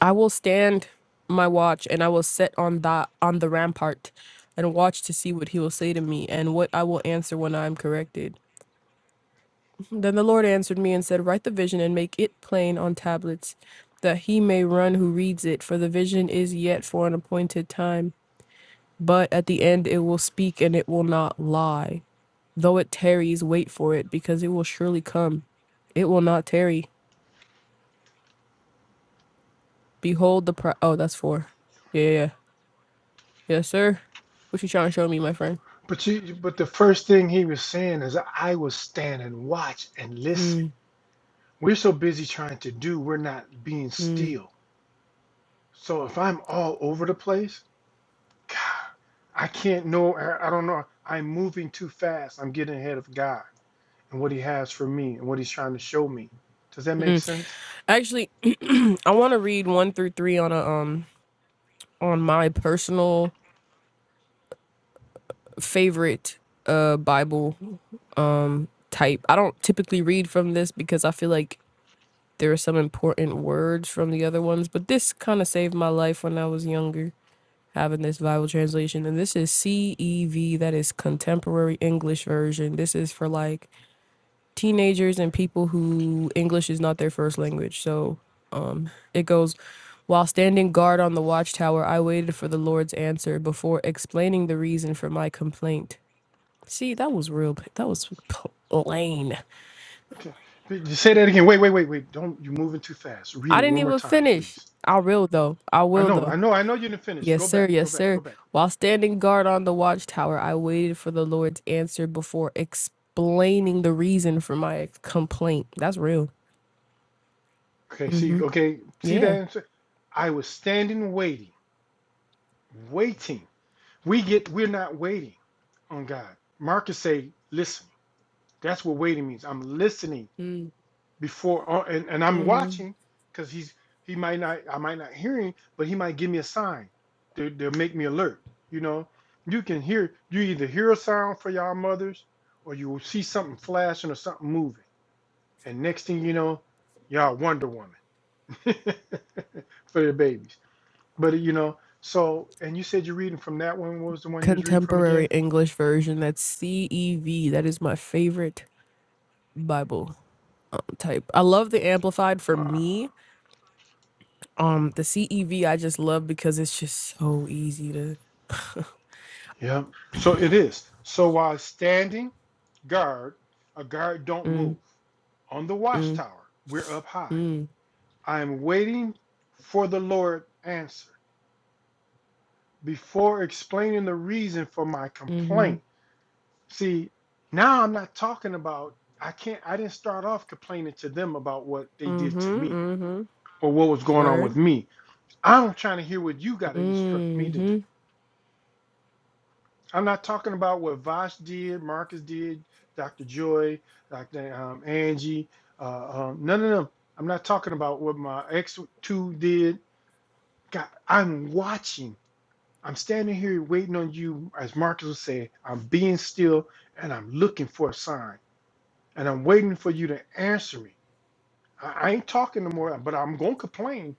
[SPEAKER 1] I will stand my watch and I will set on the on the rampart and watch to see what he will say to me and what I will answer when I am corrected. Then the Lord answered me and said, Write the vision and make it plain on tablets, that he may run who reads it, for the vision is yet for an appointed time. But at the end it will speak and it will not lie. Though it tarries, wait for it, because it will surely come. It will not tarry. Behold the pro- Oh, that's four. Yeah, yeah, yeah. Yes, sir. What you trying to show me, my friend?
[SPEAKER 2] But you, but the first thing he was saying is, I will stand and watch and listen.
[SPEAKER 1] Hmm,
[SPEAKER 2] We're so busy trying to do, we're not being
[SPEAKER 1] hmm,
[SPEAKER 2] still. So if I'm all over the place, God, I can't know. I I don't know. I'm moving too fast. I'm getting ahead of God. and what he has for me and what he's trying to show me. Does that
[SPEAKER 1] hmm.
[SPEAKER 2] make sense?
[SPEAKER 1] Actually, I want to read one through three on a um on my personal favorite uh Bible um type. I don't typically read from this because I feel like There were some important words from the other ones, but this kind of saved my life when I was younger, having this Bible translation. And this is CEV, that is Contemporary English Version. This is for like teenagers and people who English is not their first language. So um, it goes, while standing guard on the watchtower, I waited for the Lord's answer before explaining the reason for my complaint. See, that was real. That was plain.
[SPEAKER 2] Okay. But you Say that again. Wait, wait, wait, wait. Don't you're moving too fast. Read
[SPEAKER 1] I
[SPEAKER 2] it
[SPEAKER 1] didn't
[SPEAKER 2] one more
[SPEAKER 1] even
[SPEAKER 2] time,
[SPEAKER 1] finish.
[SPEAKER 2] please.
[SPEAKER 1] I will though. I
[SPEAKER 2] I
[SPEAKER 1] will
[SPEAKER 2] know,
[SPEAKER 1] though.
[SPEAKER 2] I know, I know you didn't finish.
[SPEAKER 1] Yes,
[SPEAKER 2] Go
[SPEAKER 1] sir.
[SPEAKER 2] back, go
[SPEAKER 1] Yes,
[SPEAKER 2] back,
[SPEAKER 1] sir.
[SPEAKER 2] go back.
[SPEAKER 1] While standing guard on the watchtower, I waited for the Lord's answer before explaining the reason for my complaint. That's real.
[SPEAKER 2] Okay, see,
[SPEAKER 1] Mm-hmm.
[SPEAKER 2] okay, see that?
[SPEAKER 1] Yeah.
[SPEAKER 2] I was standing waiting, waiting. We get we're not waiting on God. Marcus say, listen. That's what waiting means. I'm listening
[SPEAKER 1] Mm-hmm.
[SPEAKER 2] before uh, and, and I'm watching because he's he might not I might not hear him, but he might give me a sign. They they'll make me alert. You know, you can hear you either hear a sound for y'all mothers or you will see something flashing or something moving. And next thing you know, y'all Wonder Woman for the babies. But you know, so and you said you're reading from that one. What was the one you was reading from
[SPEAKER 1] Contemporary
[SPEAKER 2] again?
[SPEAKER 1] English version. That's CEV. That is my favorite Bible type. I love the Amplified for
[SPEAKER 2] Wow.
[SPEAKER 1] me. Um, the CEV I just love because it's just so easy to.
[SPEAKER 2] Yeah. So it is. So while standing. guard. A guard don't
[SPEAKER 1] mm,
[SPEAKER 2] move. On the
[SPEAKER 1] mm,
[SPEAKER 2] watchtower, we're up high.
[SPEAKER 1] mm.
[SPEAKER 2] I am waiting for the Lord answer before explaining the reason for my
[SPEAKER 1] Mm-hmm.
[SPEAKER 2] complaint. See, now I'm not talking about I can't I didn't start off complaining to them about what they did to
[SPEAKER 1] Mm-hmm.
[SPEAKER 2] me
[SPEAKER 1] Mm-hmm.
[SPEAKER 2] or what was going on
[SPEAKER 1] Word.
[SPEAKER 2] with me. I'm trying to hear what you gotta instruct me to do.
[SPEAKER 1] Mm-hmm.
[SPEAKER 2] I'm not talking about what Vosh did, Marcus did, Dr. Joy, Dr. Um, Angie. Uh, um, none of them. I'm not talking about what my ex two did. God, I'm watching. I'm standing here waiting on you, as Marcus would say. I'm being still and I'm looking for a sign. And I'm waiting for you to answer me. I, I ain't talking no more, but I'm going to complain.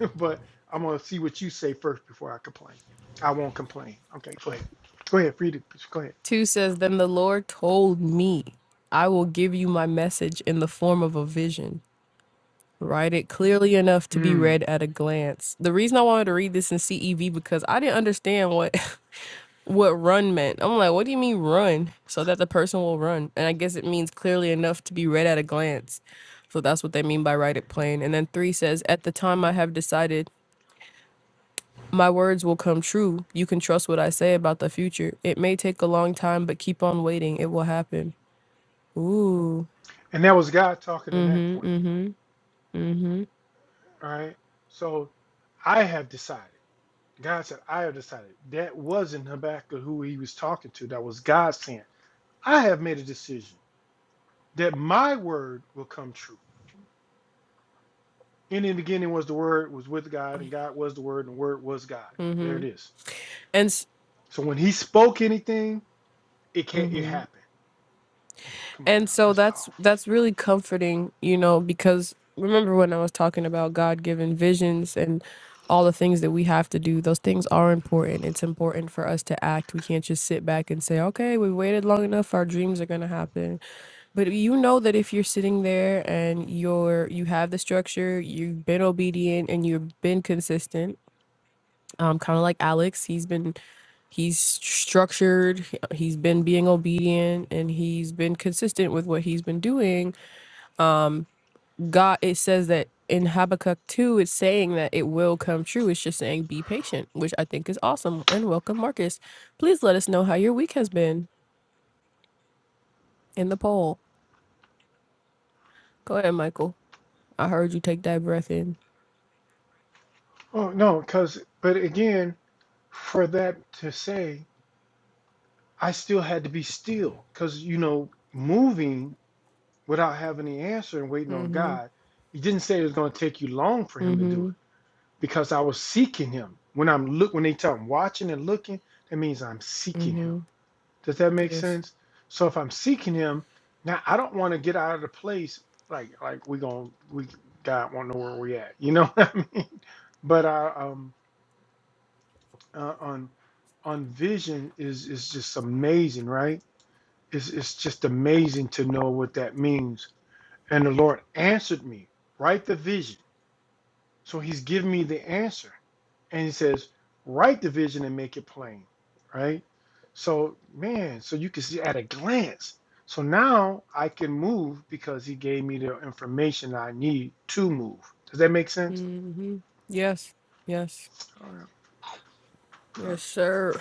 [SPEAKER 2] but I'm going to see what you say first before I complain. I won't complain. Okay, go ahead. Go ahead, Frida. Go ahead.
[SPEAKER 1] 2 says, Then the Lord told me, I will give you my message in the form of a vision. Write it clearly enough to be
[SPEAKER 2] Hmm.
[SPEAKER 1] read at a glance. The reason I wanted to read this in CEV because I didn't understand what what run meant. I'm like, what do you mean run? So that the person will run. And I guess it means clearly enough to be read at a glance. So that's what they mean by write it plain. And then 3 says, At the time I have decided, my words will come true. You can trust what I say about the future. It may take a long time, but keep on waiting. It will happen. Ooh.
[SPEAKER 2] And that was God talking in that
[SPEAKER 1] Mm-hmm.
[SPEAKER 2] point.
[SPEAKER 1] Mm-hmm.
[SPEAKER 2] All right. So I have decided. God said, I have decided. That wasn't Habakkuk who he was talking to. That was God saying, I have made a decision that my word will come true. In the beginning was the word, was with God, and God was the word, and the word was God. There
[SPEAKER 1] Mm-hmm.
[SPEAKER 2] it is.
[SPEAKER 1] And s-
[SPEAKER 2] So when he spoke anything, it can't it
[SPEAKER 1] mhm.
[SPEAKER 2] happened. Come on
[SPEAKER 1] and
[SPEAKER 2] now,
[SPEAKER 1] so
[SPEAKER 2] that's powerful.
[SPEAKER 1] that's that's really comforting, you know, because remember when I was talking about God given visions and all the things that we have to do, those things are important. It's important for us to act. We can't just sit back and say, okay, we waited long enough, our dreams are gonna happen. But you know that if you're sitting there and you're you have the structure, you've been obedient and you've been consistent um, kind of like Alex. He's been he's structured he- has been being obedient and he's been consistent with what he's been doing um god it says that in habakkuk 2 it's saying that it will come true it's just saying be patient which i think is awesome and welcome marcus please let us know how your week has been in the poll go ahead michael i heard you take that breath in
[SPEAKER 2] Oh no, because but again, for that to say I still had to be still because, you know, moving without having the answer and waiting on God, he didn't say it was going to take you long for him to do
[SPEAKER 1] mm-hmm
[SPEAKER 2] it because I was seeking him. When I'm look when they tell I'm watching and looking, that means I'm seeking him. Does that make
[SPEAKER 1] yes
[SPEAKER 2] sense? So if I'm seeking him, now I don't want to get out of the place like like we going to we God won't know where we at. You know what I mean? But I um uh, on on vision is is just amazing, right? It's, it's just amazing to know what that means. And the Lord answered me, write the vision. So he's given me the answer. And he says, write the vision and make it plain, right? So, man, so you can see at a glance. So now I can move because he gave me the information I need to move. Does that make sense?
[SPEAKER 1] mm-hmm yes yes
[SPEAKER 2] All right.
[SPEAKER 1] yes
[SPEAKER 2] Uh,
[SPEAKER 1] sir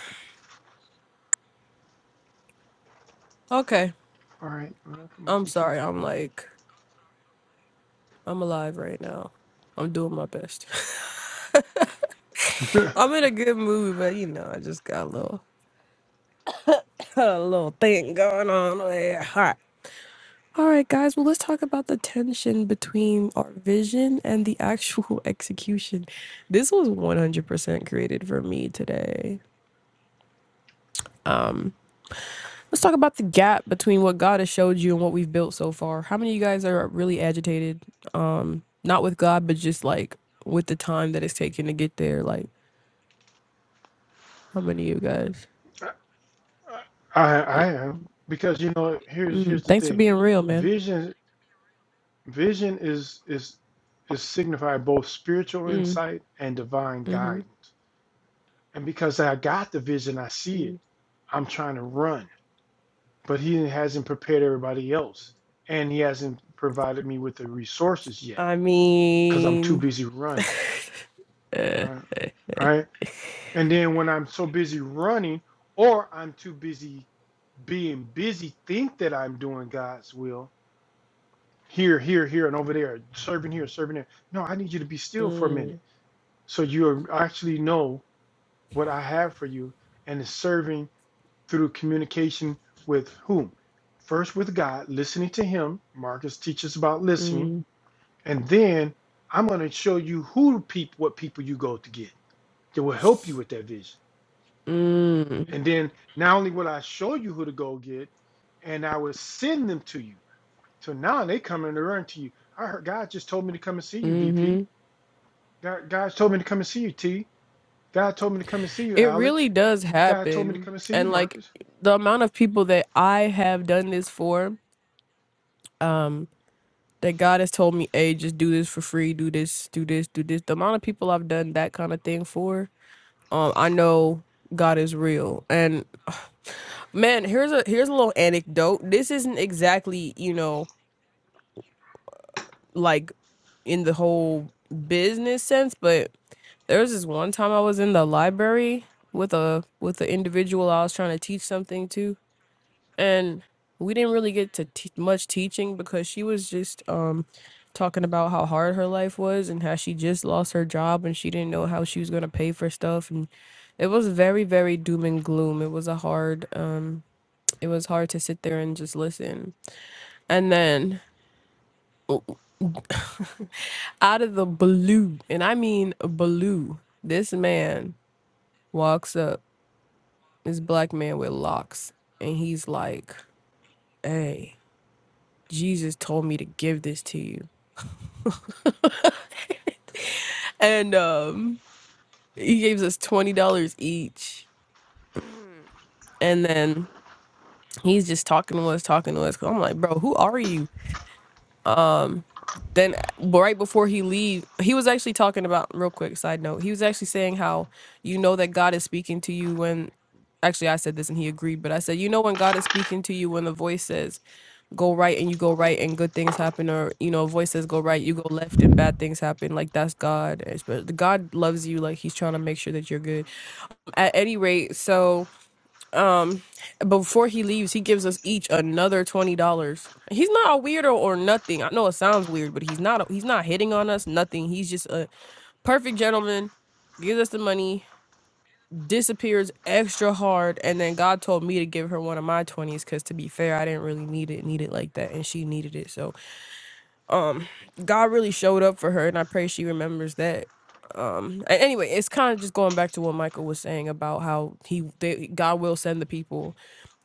[SPEAKER 1] okay
[SPEAKER 2] All right. Come on,
[SPEAKER 1] i'm
[SPEAKER 2] VP.
[SPEAKER 1] sorry i'm like I'm alive right now. I'm doing my best. I'm in a good mood, but you know, I just got a little a little thing going on over here. All right. All right, guys. Well, let's talk about the tension between our vision and the actual execution. This was 100% created for me today. Um, let's talk about the gap between what God has showed you and what we've built so far. How many of you guys are really agitated? Um, not with God, but just like with the time that it's taken to get there. Like, how many of you guys?
[SPEAKER 2] I I am because you know here's here's
[SPEAKER 1] Mm.
[SPEAKER 2] the
[SPEAKER 1] Thanks for
[SPEAKER 2] thing.
[SPEAKER 1] being real, man.
[SPEAKER 2] Vision. Vision is is is signified both spiritual
[SPEAKER 1] Mm.
[SPEAKER 2] insight and divine
[SPEAKER 1] Mm-hmm.
[SPEAKER 2] guidance. And because I got the vision, I see it.
[SPEAKER 1] Mm.
[SPEAKER 2] I'm trying to run, but he hasn't prepared everybody else, and he hasn't provided me with the resources yet
[SPEAKER 1] I
[SPEAKER 2] because I'm too
[SPEAKER 1] mean,
[SPEAKER 2] busy running. Right, right. And then when I'm so busy running, or I'm too busy being busy, think that I'm doing God's will here, here, here, and over there, serving here, serving there. No, I need you to be still for a minute
[SPEAKER 1] mm,
[SPEAKER 2] so you actually know what I have for you and is serving through communication with whom? First, with God, listening to Him. Marcus teaches about listening.
[SPEAKER 1] mm,
[SPEAKER 2] And then I'm going to show you who people, what people you go to get that will help you with that vision.
[SPEAKER 1] mm,
[SPEAKER 2] And then not only will I show you who to go get, and I will send them to you. So now they come and they run to you. I heard God just told me to come and see you, VP.
[SPEAKER 1] hmm
[SPEAKER 2] God, God told me to come and see you, T. God told me to come and see you,
[SPEAKER 1] it
[SPEAKER 2] Alex.
[SPEAKER 1] really does
[SPEAKER 2] God told me to
[SPEAKER 1] happen.
[SPEAKER 2] come and see you,
[SPEAKER 1] And like
[SPEAKER 2] Marcus.
[SPEAKER 1] the amount of people that I have done this for, um, that God has told me, hey, just do this for free, do this, do this, do this. The amount of people I've done that kind of thing for, um, I know God is real. And man, here's a here's a little anecdote. This isn't exactly, you know, like in the whole business sense, but there was this one time I was in the library with a with an individual I was trying to teach something to, and we didn't really get to te- much teaching because she was just um talking about how hard her life was and how she just lost her job and she didn't know how she was gonna pay for stuff and it was very very doom and gloom. It was a hard um it was hard to sit there and just listen. And then out of the blue, and I mean blue, this man walks up, this black man with locks, and he's like, Hey, Jesus told me to give this to you. and um he gives us twenty dollars each. And then he's just talking to us, talking to us. 'cause I'm like, bro, who are you? then well, right before he leave he was actually talking about real quick side note he was actually saying how you know that god is speaking to you when actually i said this and he agreed but i said you know when god is speaking to you when the voice says go right and you go right and good things happen or you know a voice says go right you go left and bad things happen like that's god It's- but god loves you like he's trying to make sure that you're good at any rate so um, but before he leaves, he gives us each another twenty dollars. He's not a weirdo or nothing. I know it sounds weird, but he's not. he's not hitting on us. Nothing. He's just a perfect gentleman. Gives us the money, disappears extra hard, and then God told me to give her one of my twenties because, to be fair, I didn't really need it, need it like that, and she needed it. So um god really showed up for her and i pray she remembers that um a- anyway it's kind of just going back to what michael was saying about how he they, god will send the people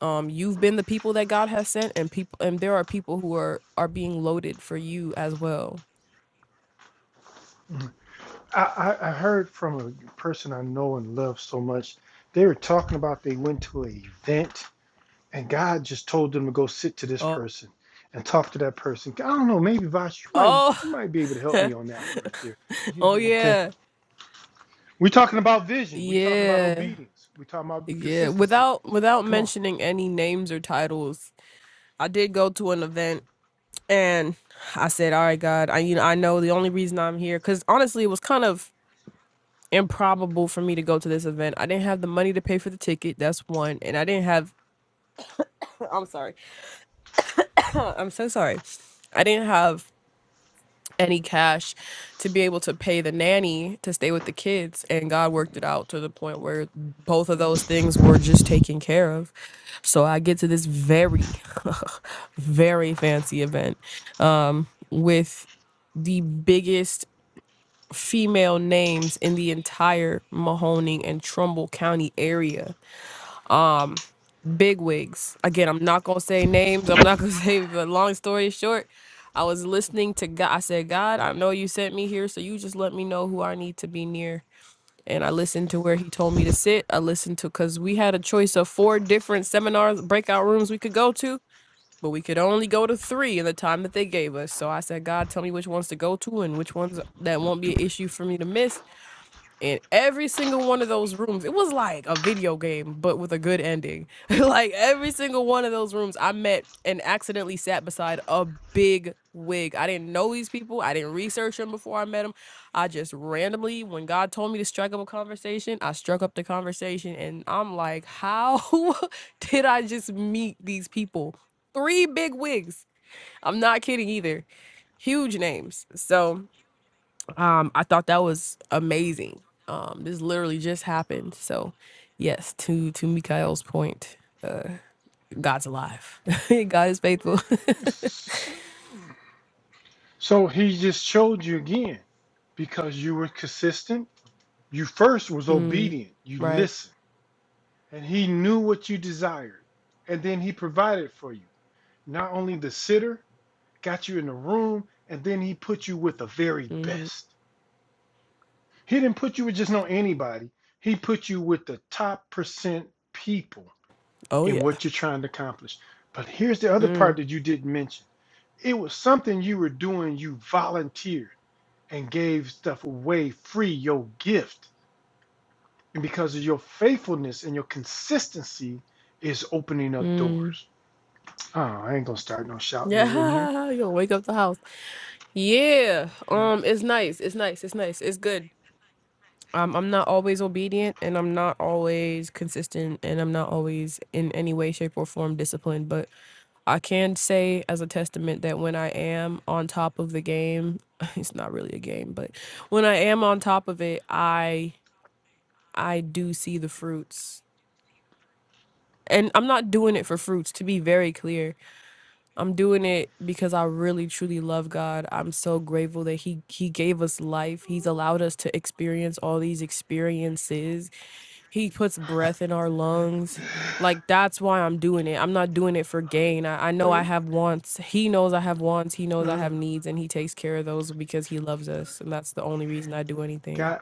[SPEAKER 1] um you've been the people that god has sent and people and there are people who are are being loaded for you as well
[SPEAKER 2] Mhm. I, I, I heard from a person I know and love so much. They were talking about they went to an event and God just told them to go sit to this
[SPEAKER 1] oh
[SPEAKER 2] person and talk to that person. I don't know, maybe Vosh, you might
[SPEAKER 1] oh
[SPEAKER 2] you might be able to help me on that one right there. You
[SPEAKER 1] oh
[SPEAKER 2] know, okay.
[SPEAKER 1] yeah
[SPEAKER 2] We're talking about vision. We're talking about
[SPEAKER 1] yeah
[SPEAKER 2] obedience. We're talking about
[SPEAKER 1] yeah
[SPEAKER 2] consistency.
[SPEAKER 1] without without
[SPEAKER 2] Come on.
[SPEAKER 1] mentioning any names or titles i did go to an event And I said, "All right, God, I you know I know the only reason I'm here because honestly, it was kind of improbable for me to go to this event. I didn't have the money to pay for the ticket. That's one, and I didn't have. I'm sorry. I'm so sorry. I didn't have any cash to be able to pay the nanny to stay with the kids and God worked it out to the point where both of those things were just taken care of. So I get to this very very fancy event um with the biggest female names in the entire Mahoning and Trumbull County area. Um, bigwigs. Again, I'm not gonna say names. I'm not gonna say. But long story short, I was listening to God. I said, God, I know you sent me here, so you just let me know who I need to be near. And I listened to where he told me to sit. I listened to because we had a choice of four different seminars, breakout rooms we could go to, but we could only go to three in the time that they gave us. So I said, God, tell me which ones to go to and which ones that won't be an issue for me to miss in every single one of those rooms it was like a video game but with a good ending like every single one of those rooms i met and accidentally sat beside a big wig i didn't know these people i didn't research them before i met them i just randomly when god told me to strike up a conversation i struck up the conversation and i'm like how did i just meet these people three big wigs i'm not kidding either huge names so um, I thought that was amazing. Um, this literally just happened. So, yes, to to Mikhail's point, uh, God's alive. God is faithful.
[SPEAKER 2] S- So he just showed you again because you were consistent You first was
[SPEAKER 1] mm,
[SPEAKER 2] obedient. You
[SPEAKER 1] right.
[SPEAKER 2] listened, and he knew what you desired. And then he provided for you. Not only the sitter, got you in the room, and then he put you with the very
[SPEAKER 1] hmm
[SPEAKER 2] best. He didn't put you with just no anybody. He put you with the top percent people
[SPEAKER 1] Oh yeah.
[SPEAKER 2] in what you're trying to accomplish. But here's the other part
[SPEAKER 1] Mm,
[SPEAKER 2] that you didn't mention. It was something you were doing, you volunteered and gave stuff away free, your gift And because of your faithfulness and your consistency is opening up
[SPEAKER 1] mm.
[SPEAKER 2] doors. Oh, I ain't gonna start no shouting over in here.
[SPEAKER 1] Yeah, you'll wake up the house. Yeah. Um, it's nice. It's nice. It's nice. It's good. Um, I'm not always obedient and I'm not always consistent and I'm not always in any way, shape, or form disciplined, but I can say as a testament that when I am on top of the game, it's not really a game, but when I am on top of it, I I do see the fruits. And I'm not doing it for fruits, to be very clear. I'm doing it because I really truly love God. I'm so grateful that he he gave us life. He's allowed us to experience all these experiences He puts breath in our lungs. Like that's why I'm doing it. I'm not doing it for gain. I, I know I
[SPEAKER 2] Wait.
[SPEAKER 1] have wants. He knows I have wants. He knows I
[SPEAKER 2] Uh,
[SPEAKER 1] have needs and he takes care of those because he loves us. And that's the only reason I do anything.
[SPEAKER 2] God,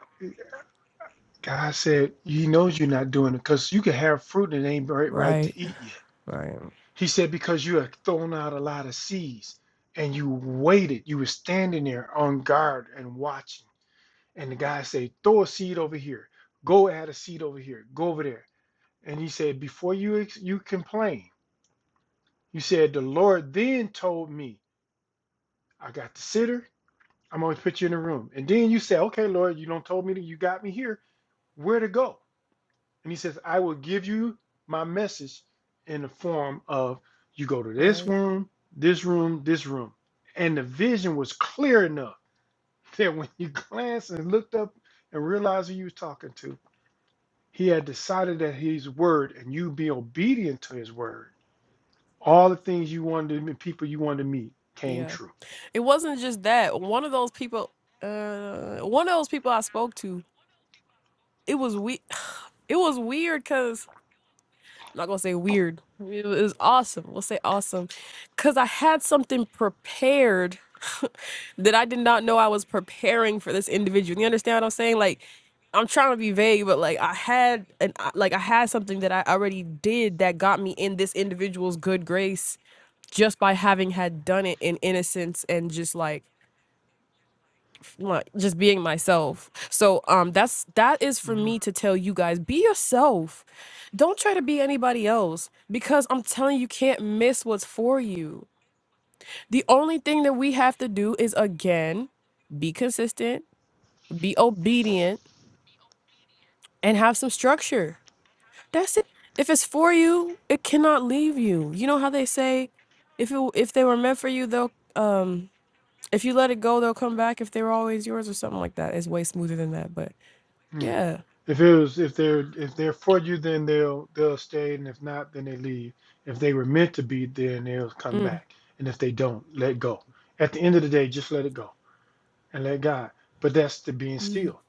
[SPEAKER 2] God said He knows you're not doing it because you can have fruit and it ain't right, right to
[SPEAKER 1] Right.
[SPEAKER 2] eat yet.
[SPEAKER 1] Right.
[SPEAKER 2] He said because you have thrown out a lot of seeds and you waited, you were standing there on guard and watching. And the guy said, throw a seed over here, go add a seed over here, go over there. And he said, Before you you complain, you said the Lord then told me I got the sitter. I'm gonna put you in a room. And then you say, Okay, Lord, you don't told me that you got me here. Where to go? And he says, I will give you my message in the form of you go to this
[SPEAKER 1] Right.
[SPEAKER 2] room, this room, this room. And the vision was clear enough that when you glanced and looked up and realized who you was talking to, he had decided that his word and you be obedient to his word all the things you wanted to meet, people you wanted to meet came
[SPEAKER 1] Yeah.
[SPEAKER 2] true.
[SPEAKER 1] It wasn't just that. One of those people uh one of those people I spoke to, it was we it was weird cause. I'm not gonna say weird. It was awesome. We'll say awesome. Cause I had something prepared that I did not know I was preparing for this individual. You understand what I'm saying? Like I'm trying to be vague, but like I had an like I had something that I already did that got me in this individual's good grace just by having had done it in innocence and just like like just being myself. So um that's that is for
[SPEAKER 2] hmm
[SPEAKER 1] me to tell you guys be yourself. Don't try to be anybody else because I'm telling you you can't miss what's for you. The only thing that we have to do is again be consistent, be obedient and have some structure. That's it. If it's for you, it cannot leave you. You know how they say if it, if they were meant for you they'll um if you let it go they'll come back if they were always yours or something like that. It's way smoother than that, but
[SPEAKER 2] Yeah.
[SPEAKER 1] yeah
[SPEAKER 2] If it was if they're if they're for you, then they'll they'll stay, and if not, then they leave. If they were meant to be, then they'll come
[SPEAKER 1] Mm,
[SPEAKER 2] back. And if they don't, let go. At the end of the day, just let it go and let God. But that's the being
[SPEAKER 1] mm,
[SPEAKER 2] still.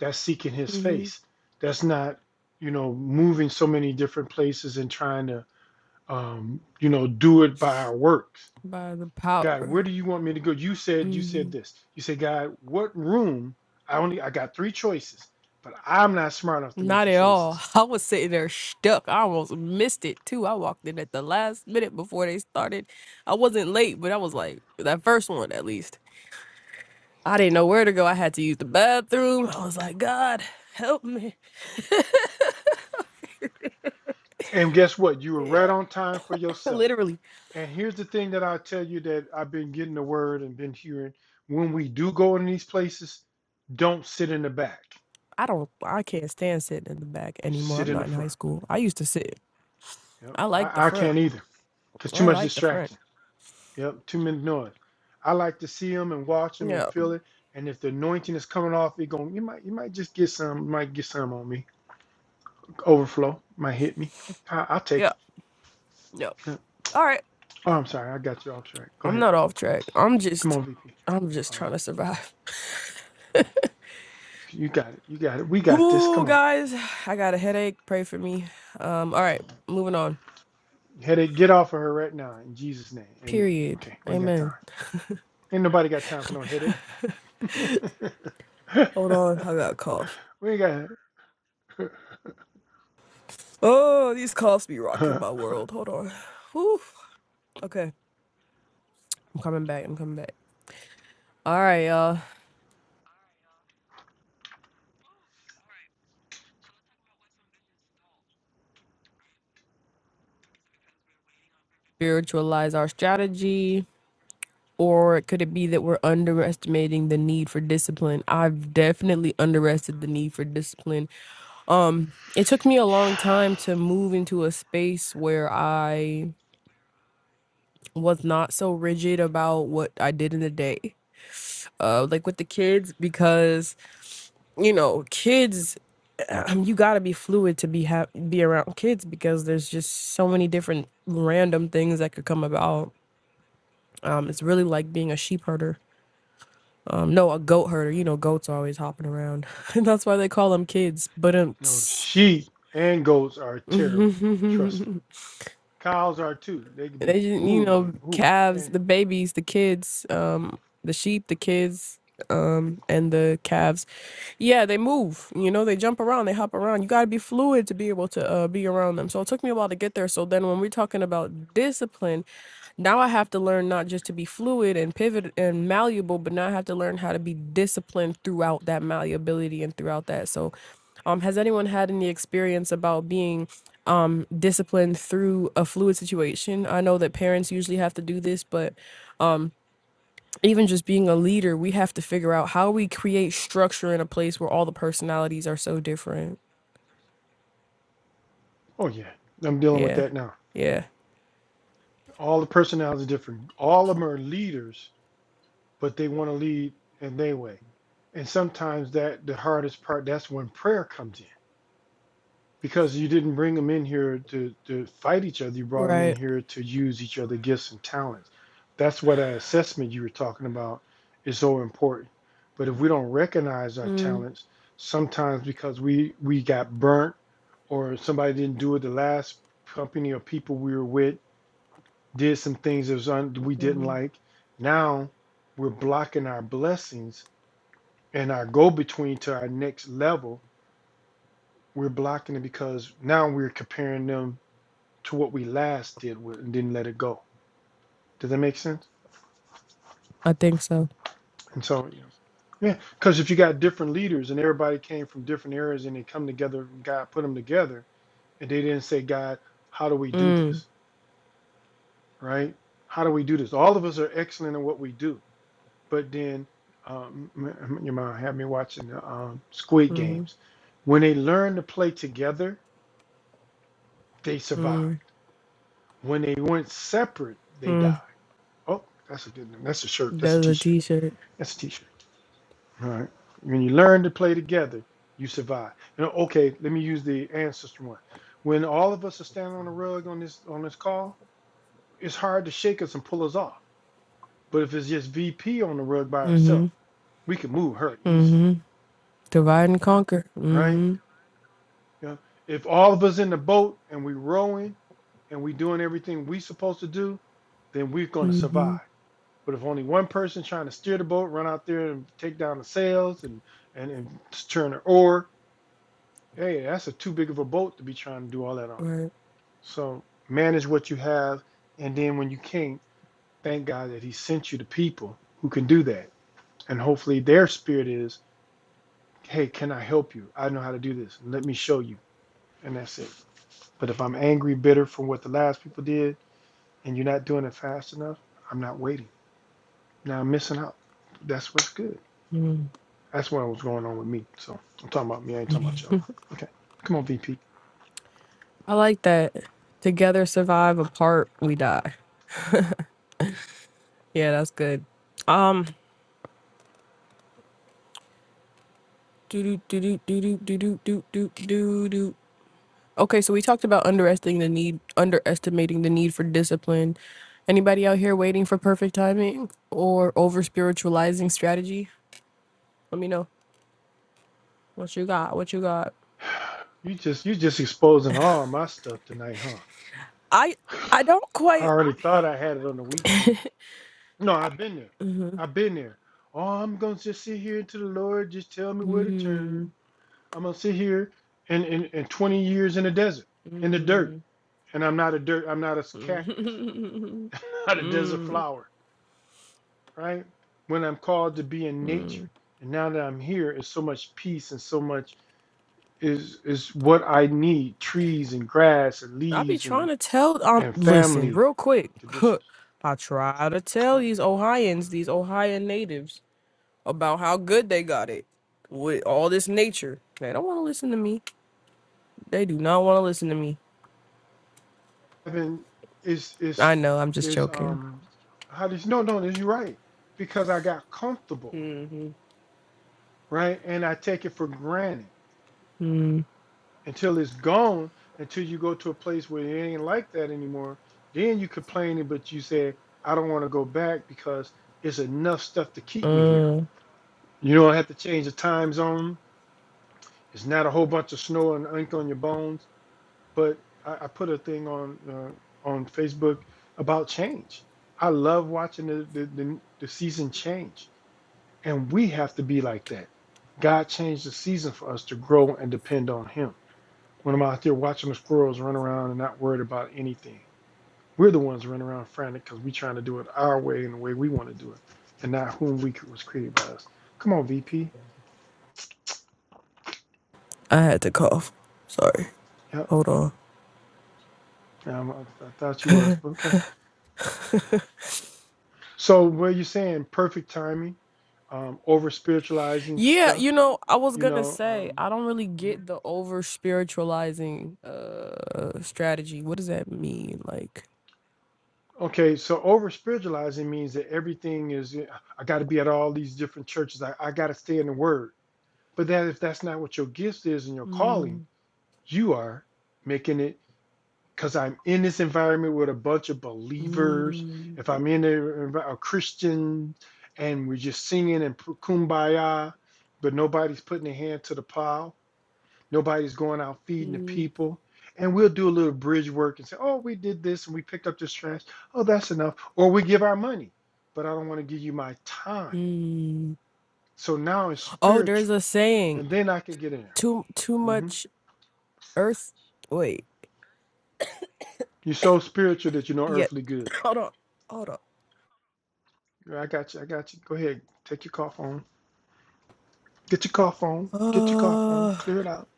[SPEAKER 2] That's seeking His
[SPEAKER 1] hmm
[SPEAKER 2] face. That's not you know moving so many different places and trying to um, you know do it by our works
[SPEAKER 1] By the power.
[SPEAKER 2] God, where do you want me to go? You said you
[SPEAKER 1] hmm
[SPEAKER 2] said this. You said, God, what room? I only I got three choices, but I'm not smart enough to make
[SPEAKER 1] Not
[SPEAKER 2] the
[SPEAKER 1] at all.
[SPEAKER 2] choices.
[SPEAKER 1] I was sitting there stuck. I almost missed it too. I walked in at the last minute before they started. I wasn't late, but I was like, that first one at least. I didn't know where to go. I had to use the bathroom. I was like, God, help me.
[SPEAKER 2] And guess what? You were
[SPEAKER 1] Yeah,
[SPEAKER 2] right on time for yourself.
[SPEAKER 1] literally.
[SPEAKER 2] And here's the thing that I'll tell you that I've been getting the word and been hearing. When we do go in these places, don't sit in the back.
[SPEAKER 1] I don't, I can't stand sitting in the back anymore.
[SPEAKER 2] Sit
[SPEAKER 1] I'm
[SPEAKER 2] in the
[SPEAKER 1] not in high
[SPEAKER 2] front.
[SPEAKER 1] school. I used to sit.
[SPEAKER 2] Yep.
[SPEAKER 1] I like the
[SPEAKER 2] I, I
[SPEAKER 1] front.
[SPEAKER 2] can't either. Cause too
[SPEAKER 1] I
[SPEAKER 2] much
[SPEAKER 1] like the front.
[SPEAKER 2] distraction. Yep, too many noise. I like to see them and watch them and
[SPEAKER 1] Yeah.
[SPEAKER 2] feel it. And if the anointing is coming off, it going you might you might just get some, might get some on me. Overflow might hit me. I, I'll take
[SPEAKER 1] Yeah.
[SPEAKER 2] it.
[SPEAKER 1] Yeah.
[SPEAKER 2] Yeah.
[SPEAKER 1] All right.
[SPEAKER 2] Oh, I'm sorry, I got you off track. Go
[SPEAKER 1] I'm
[SPEAKER 2] ahead.
[SPEAKER 1] not off track. I'm
[SPEAKER 2] Come
[SPEAKER 1] just
[SPEAKER 2] on, VP.
[SPEAKER 1] I'm just
[SPEAKER 2] Uh,
[SPEAKER 1] trying to survive.
[SPEAKER 2] you got it. You got it. We got this.
[SPEAKER 1] Ooh,
[SPEAKER 2] Come on.
[SPEAKER 1] guys, I got a headache. Pray for me. Um, all right, moving on.
[SPEAKER 2] Headache, get off of her right now in Jesus' name. Amen.
[SPEAKER 1] Period.
[SPEAKER 2] Okay, we ain't got
[SPEAKER 1] Amen.
[SPEAKER 2] time. Ain't nobody got time for no headache.
[SPEAKER 1] Hold on, I got a cough.
[SPEAKER 2] we ain't got
[SPEAKER 1] Oh, these coughs be rocking my world. Hold on. Whew. Okay. I'm coming back. I'm coming back. All right, y'all. Spiritualize our strategy. Or could it be that we're underestimating the need for discipline? I've definitely underestimated the need for discipline Um, it took me a long time to move into a space where I was not so rigid about what I did in the day. Uh, like with the kids, because you know, kids, um, you gotta be fluid to be ha- be around kids because there's just so many different random things that could come about. Um, it's really like being a sheep herder. Um, no, a goat herder. You know, goats are always hopping around. That's why they call them kids. But um,
[SPEAKER 2] no sheep and goats are terrible. Trust me. Cows are too. They can be
[SPEAKER 1] They just, you
[SPEAKER 2] ooh, they,
[SPEAKER 1] know,
[SPEAKER 2] ooh,
[SPEAKER 1] calves,
[SPEAKER 2] and
[SPEAKER 1] the babies, the kids, um, the sheep, the kids, um, and the calves. Yeah, they move. You know, they jump around, they hop around. You got to be fluid to be able to uh, be around them. So it took me a while to get there. So then, when we're talking about discipline, now I have to learn not just to be fluid and pivot and malleable, but now I have to learn how to be disciplined throughout that malleability and throughout that. So um, has anyone had any experience about being um disciplined through a fluid situation? I know that parents usually have to do this, but um even just being a leader, we have to figure out how we create structure in a place where all the personalities are so different.
[SPEAKER 2] oh yeah. I'm dealing with
[SPEAKER 1] Yeah.
[SPEAKER 2] that now.
[SPEAKER 1] Yeah.
[SPEAKER 2] All the personalities are different. All of them are leaders, but they want to lead in their way. And sometimes that the hardest part. That's when prayer comes in. because you didn't bring them in here to, to fight each other. You brought them in
[SPEAKER 1] Right.
[SPEAKER 2] here to use each other's gifts and talents. That's why that assessment you were talking about is so important. But if we don't recognize our talents, sometimes because we we got burnt or somebody didn't do it, the last company or people we were with did some things that was un, we didn't like. Now we're blocking our blessings and our go between to our next level. We're blocking it because now we're comparing them to what we last did with, and didn't let it go. Does that make sense?
[SPEAKER 1] I think so.
[SPEAKER 2] And so, you know, yeah, because if you got different leaders and everybody came from different areas and they come together, and God put them together, and they didn't say, God, how do we do this? Right? How do we do this? All of us are excellent in what we do, but then um, m- m- your mom had me watching the um, Squid Games. When they learned to play together, they survived. When they went separate, they died. Oh, that's a good. That's a shirt. That's a
[SPEAKER 1] That's a
[SPEAKER 2] T-shirt.
[SPEAKER 1] t-shirt.
[SPEAKER 2] That's a T-shirt. All Right. When you learn to play together, you survive. And, okay, let me use the ancestor one. When all of us are standing on the rug on this on this call, it's hard to shake us and pull us off. But if it's just VP on the rug by herself, we can move her easily,
[SPEAKER 1] Divide and conquer.
[SPEAKER 2] right?
[SPEAKER 1] Mm-hmm.
[SPEAKER 2] You know, if all of us in the boat and we rowing and we doing everything we supposed to do, then we're going to survive. But if only one person trying to steer the boat, run out there and take down the sails and and, and turn the oar, Hey, that's a too big of a boat to be trying to do all that on.
[SPEAKER 1] Right.
[SPEAKER 2] So manage what you have, and then when you can't, thank God that He sent you to people who can do that. And hopefully their spirit is, hey, can I help you? I know how to do this. Let me show you. And that's it. But if I'm angry, bitter from what the last people did, and you're not doing it fast enough, I'm not waiting. Now I'm missing out. That's what's good. That's what was going on with me. So I'm talking about me. I ain't talking about y'all. Okay. Come on, VP.
[SPEAKER 1] I like that. Together survive, apart we die. Yeah, that's good. Um, do do do do do do do do do do do do. Okay, so we talked about underestimating the need underestimating the need for discipline. Anybody out here waiting for perfect timing or over spiritualizing strategy? Let me know what you got. What you got?
[SPEAKER 2] You just you just exposing all my stuff tonight, huh?
[SPEAKER 1] I I don't
[SPEAKER 2] I
[SPEAKER 1] quite.
[SPEAKER 2] already thought I had it on the weekend. No, I've been there. I've been there. Oh, I'm gonna just sit here until the Lord just tell me where to turn. I'm gonna sit here and in, in, 20 years in the desert, in the dirt, and I'm not a dirt. I'm not a cactus. not a desert flower, right? When I'm called to be in nature, and now that I'm here, it's so much peace and so much is is what I need: trees and grass and
[SPEAKER 1] I be
[SPEAKER 2] leaves
[SPEAKER 1] trying
[SPEAKER 2] and
[SPEAKER 1] to tell. Um,
[SPEAKER 2] and
[SPEAKER 1] listen,
[SPEAKER 2] family
[SPEAKER 1] real quick.
[SPEAKER 2] conditions.
[SPEAKER 1] I try to tell
[SPEAKER 2] huh?
[SPEAKER 1] these Ohioans, these Ohio natives, about how good they got it with all this nature. They don't want to listen to me. They do not want to listen to me.
[SPEAKER 2] Evan is is
[SPEAKER 1] I know. I'm just
[SPEAKER 2] is
[SPEAKER 1] joking.
[SPEAKER 2] um how do you no no you're right because I got comfortable right and I take it for granted until it's gone until you go to a place where it ain't like that anymore then you complaining but you said I don't want to go back because it's enough stuff to keep me
[SPEAKER 1] Mm.
[SPEAKER 2] here you know I have to change the time zone it's not a whole bunch of snow and ink on your bones but I, I put a thing on uh, on Facebook about change. I love watching the, the the the season change, and we have to be like that. God changed the season for us to grow and depend on Him. When I'm out there watching the squirrels run around and not worried about anything, we're the ones running around frantic because we're trying to do it our way and the way we want to do it, and not whom we cre- was created by us. Come on, VP.
[SPEAKER 1] I had to cough. Sorry.
[SPEAKER 2] Yep.
[SPEAKER 1] Hold on.
[SPEAKER 2] Um, I, I thought you was, but okay. So what you're saying perfect timing, um, over spiritualizing
[SPEAKER 1] Yeah, you
[SPEAKER 2] stuff,
[SPEAKER 1] know, I was
[SPEAKER 2] you
[SPEAKER 1] gonna
[SPEAKER 2] know.
[SPEAKER 1] say
[SPEAKER 2] Um,
[SPEAKER 1] I don't really
[SPEAKER 2] mhm.
[SPEAKER 1] get the over spiritualizing uh strategy. What does that mean? Like,
[SPEAKER 2] Okay, so over spiritualizing means that everything is eh, I got to be at all these different churches. I, I got to stay in the Word. But that if that's not what your gift is and your
[SPEAKER 1] mm,
[SPEAKER 2] calling, you are making it because I'm in this environment with a bunch of believers.
[SPEAKER 1] mm,
[SPEAKER 2] If I'm in a, envi- a Christian and we're just singing and p- kumbaya, but nobody's putting a hand to the plow Nobody's going out feeding the
[SPEAKER 1] mm,
[SPEAKER 2] people. And we'll do a little bridge work and say, oh, we did this and we picked up this trash. Oh, that's enough. Or we give our money, but I don't want to give you my time.
[SPEAKER 1] mm.
[SPEAKER 2] So now it's
[SPEAKER 1] oh, there's
[SPEAKER 2] spiritual.
[SPEAKER 1] a saying:
[SPEAKER 2] And then I can get in there.
[SPEAKER 1] too too
[SPEAKER 2] hmm
[SPEAKER 1] much earth. Wait,
[SPEAKER 2] You're so spiritual that you know
[SPEAKER 1] yeah.
[SPEAKER 2] earthly good.
[SPEAKER 1] Hold on, hold on.
[SPEAKER 2] Yeah, I got you. I got you. Go ahead. Take your cough on. Get your cough on. Get your cough on.
[SPEAKER 1] Uh,
[SPEAKER 2] Clear it out.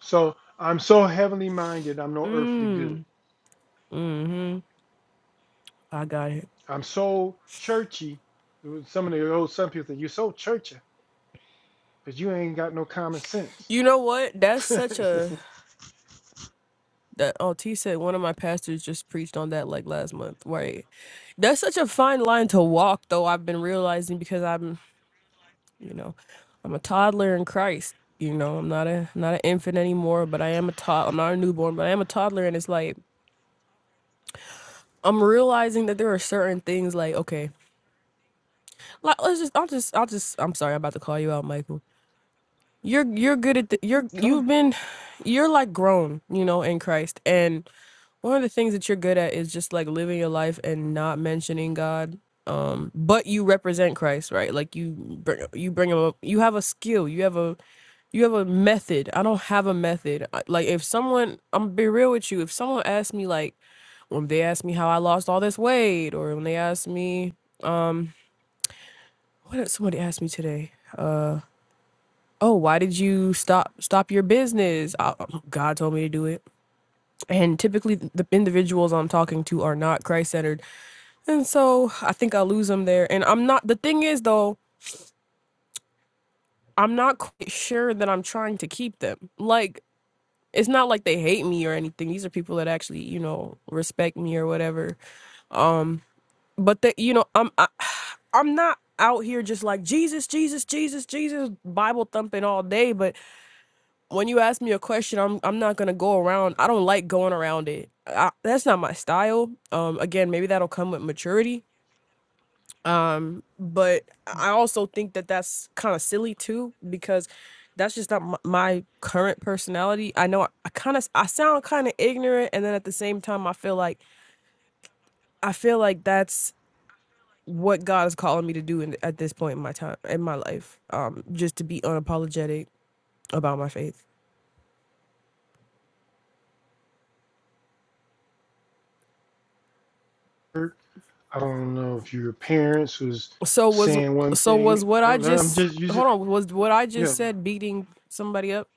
[SPEAKER 2] So I'm so heavenly minded. I'm no earthly good.
[SPEAKER 1] mm, mm-hmm. I got it.
[SPEAKER 2] I'm so churchy. Some of the old, some people think you're so churchy. Cause you ain't got no common sense.
[SPEAKER 1] You know what? That's such
[SPEAKER 2] Come.
[SPEAKER 1] a That oh T said one of my pastors just preached on that like last month. Right. That's such a fine line to walk though, I've been realizing because I'm you know, I'm a toddler in Christ. You know, I'm not a not an infant anymore, but I am a tot I'm not a newborn, but I am a toddler and it's like I'm realizing that there are certain things like, okay, like let's just I'll just I'll just I'm sorry, I'm about to call you out, Michael. You're you're good at the, you're you've been you're like grown, you know, in Christ. And One of the things that you're good at is just like living your life and not mentioning God, but you represent Christ, right? Like you bring you bring him up. You have a skill. You have a you have a method. I don't have a method. I- Like if someone, I'm gonna be real with you. If someone asks me, like when they ask me how I lost all this weight, or when they ask me, what did somebody ask me today? Oh, why did you stop stop your business? I, God told me to do it. And typically, the individuals I'm talking to are not Christ centered And so I think I lose them there. And I'm not, the thing is though, I'm not quite sure that I'm trying to keep them. Like, it's not like they hate me or anything. These are people that actually, you know, respect me or whatever. But that, you know, I'm, I, I'm not out here just like Jesus, Jesus, Jesus, Jesus, Bible thumping all day. But when you ask me a question, I'm, I'm not gonna go around. I don't like going around it. I, that's not my style. Um, again, maybe that'll come with maturity Um, but I also think that that's kind of silly too because that's just not my, my current personality. I know I, I kind of I sound kind of ignorant, and then at the same time, I feel like I feel like that's what God is calling me to do in, at this point in my time in my life. Um, just to be unapologetic about my faith.
[SPEAKER 2] I don't know if your parents was
[SPEAKER 1] So was
[SPEAKER 2] saying one
[SPEAKER 1] so
[SPEAKER 2] thing.
[SPEAKER 1] was what
[SPEAKER 2] No,
[SPEAKER 1] I
[SPEAKER 2] no, I'm
[SPEAKER 1] just
[SPEAKER 2] just using.
[SPEAKER 1] hold on was what I
[SPEAKER 2] Yeah,
[SPEAKER 1] just said beating somebody up?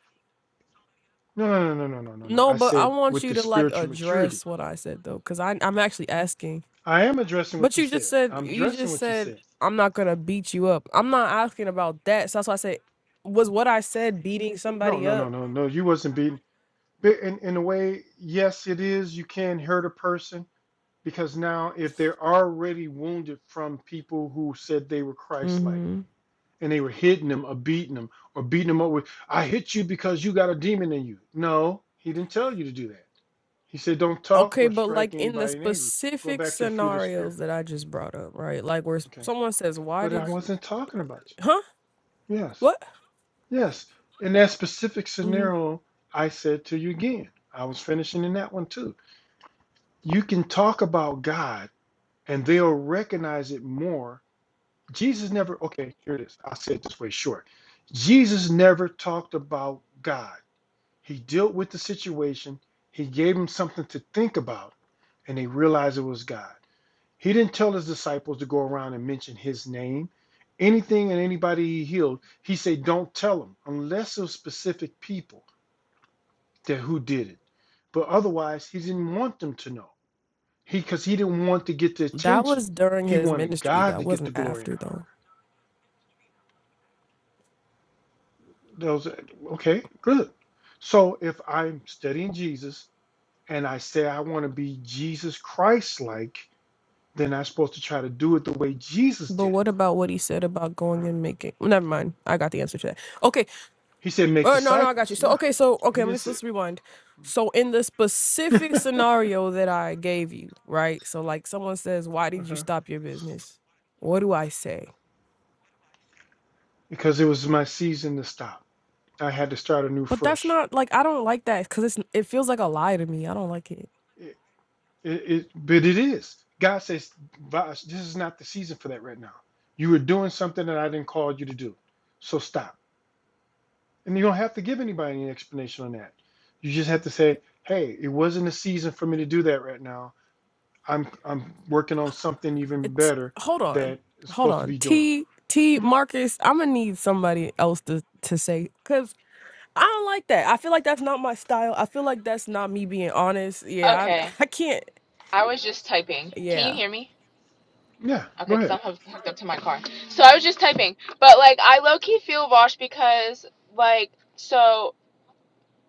[SPEAKER 2] no, no, no, no, no, no, no, no. no.
[SPEAKER 1] No,
[SPEAKER 2] I
[SPEAKER 1] but I
[SPEAKER 2] said
[SPEAKER 1] want
[SPEAKER 2] with
[SPEAKER 1] you
[SPEAKER 2] the
[SPEAKER 1] to like
[SPEAKER 2] spiritual maturity.
[SPEAKER 1] address what I said though, because I I'm actually asking.
[SPEAKER 2] I am addressing what
[SPEAKER 1] But
[SPEAKER 2] you
[SPEAKER 1] you just
[SPEAKER 2] said.
[SPEAKER 1] said
[SPEAKER 2] I'm
[SPEAKER 1] you
[SPEAKER 2] addressing
[SPEAKER 1] just
[SPEAKER 2] what you
[SPEAKER 1] said
[SPEAKER 2] said.
[SPEAKER 1] I'm not gonna beat you up. I'm not asking about that. So that's why I said was what I said beating
[SPEAKER 2] No,
[SPEAKER 1] somebody
[SPEAKER 2] no, no,
[SPEAKER 1] up.
[SPEAKER 2] no, no. You wasn't beaten. But in, in a way, yes, it is. You can hurt a person because now if they're already wounded from people who said they were Christ-like.
[SPEAKER 1] Mm-hmm.
[SPEAKER 2] and they were hitting him or beating him or beating him up with, I hit you because you got a demon in you. No, he didn't tell you to do that. He said, don't talk
[SPEAKER 1] Okay,
[SPEAKER 2] or
[SPEAKER 1] but like
[SPEAKER 2] strike
[SPEAKER 1] in the
[SPEAKER 2] anybody in anger. Going
[SPEAKER 1] specific
[SPEAKER 2] back to the fruit of the
[SPEAKER 1] scenarios
[SPEAKER 2] spirit.
[SPEAKER 1] that I just brought up, right? Like where s-
[SPEAKER 2] Okay.
[SPEAKER 1] someone says, "Why
[SPEAKER 2] But I
[SPEAKER 1] did you?"
[SPEAKER 2] wasn't talking about
[SPEAKER 1] Huh?
[SPEAKER 2] you. Yes.
[SPEAKER 1] What?
[SPEAKER 2] Yes. In that specific
[SPEAKER 1] hmm
[SPEAKER 2] scenario, I said to you again, I was finishing in that one too. You can talk about God and they'll recognize it more. Jesus never, okay, here it is. I'll say it this way short. Jesus never talked about God. He dealt with the situation. He gave them something to think about, and they realized it was God. He didn't tell his disciples to go around and mention his name. Anything and anybody he healed, he said, don't tell them unless it was specific people that who did it. But otherwise, he didn't want them to know. He because he didn't want to get the
[SPEAKER 1] That was
[SPEAKER 2] attention.
[SPEAKER 1] during
[SPEAKER 2] He
[SPEAKER 1] his
[SPEAKER 2] wanted
[SPEAKER 1] ministry.
[SPEAKER 2] God
[SPEAKER 1] That
[SPEAKER 2] to get the
[SPEAKER 1] wasn't
[SPEAKER 2] glory and
[SPEAKER 1] after
[SPEAKER 2] the honor.
[SPEAKER 1] though.
[SPEAKER 2] Those okay, good. So if I'm studying Jesus and I say I want to be Jesus Christ like, then I'm supposed to try to do it the way Jesus
[SPEAKER 1] But
[SPEAKER 2] did it.
[SPEAKER 1] what about what he said about going
[SPEAKER 2] Right.
[SPEAKER 1] and making? Never mind. I got the answer to that. Okay,
[SPEAKER 2] He said, make
[SPEAKER 1] Oh no, no, I got you.
[SPEAKER 2] disciples.
[SPEAKER 1] So
[SPEAKER 2] Yeah.
[SPEAKER 1] okay, so
[SPEAKER 2] He
[SPEAKER 1] okay,
[SPEAKER 2] didn't
[SPEAKER 1] let's
[SPEAKER 2] say,
[SPEAKER 1] let's rewind. So in the specific
[SPEAKER 2] uh-huh.
[SPEAKER 1] scenario that I gave you, right? So like someone says, "Why did you stop your business?" What do I say?
[SPEAKER 2] because it was my season to stop. I had to start anew
[SPEAKER 1] But that's
[SPEAKER 2] fresh.
[SPEAKER 1] not like I don't like that because it's it feels like a lie to me. I don't like it.
[SPEAKER 2] It, it, it, but it is. God says, "Vosh, this is not the season for that right now. You were doing something that I didn't call you to do. So stop. And you don't have to give anybody any explanation on that. You just have to say, hey, it wasn't a season for me to do that right now I'm I'm working on something even
[SPEAKER 1] it.
[SPEAKER 2] better
[SPEAKER 1] Hold on,
[SPEAKER 2] that is
[SPEAKER 1] hold
[SPEAKER 2] supposed to
[SPEAKER 1] on.
[SPEAKER 2] be doing.
[SPEAKER 1] T T
[SPEAKER 2] hmm
[SPEAKER 1] Marcus, I'm gonna need somebody else to to say because I don't like that. I feel like that's not my style. I feel like that's not me being honest. Yeah, I
[SPEAKER 3] Okay,
[SPEAKER 1] I can't.
[SPEAKER 3] I was just typing. Can you
[SPEAKER 1] Yeah.
[SPEAKER 3] hear me?
[SPEAKER 2] Yeah,
[SPEAKER 3] Okay,
[SPEAKER 2] go
[SPEAKER 3] because
[SPEAKER 2] ahead,
[SPEAKER 3] I'm hoo- hooked up to my car. So I was just typing. But, like, I low key feel washed because, like, so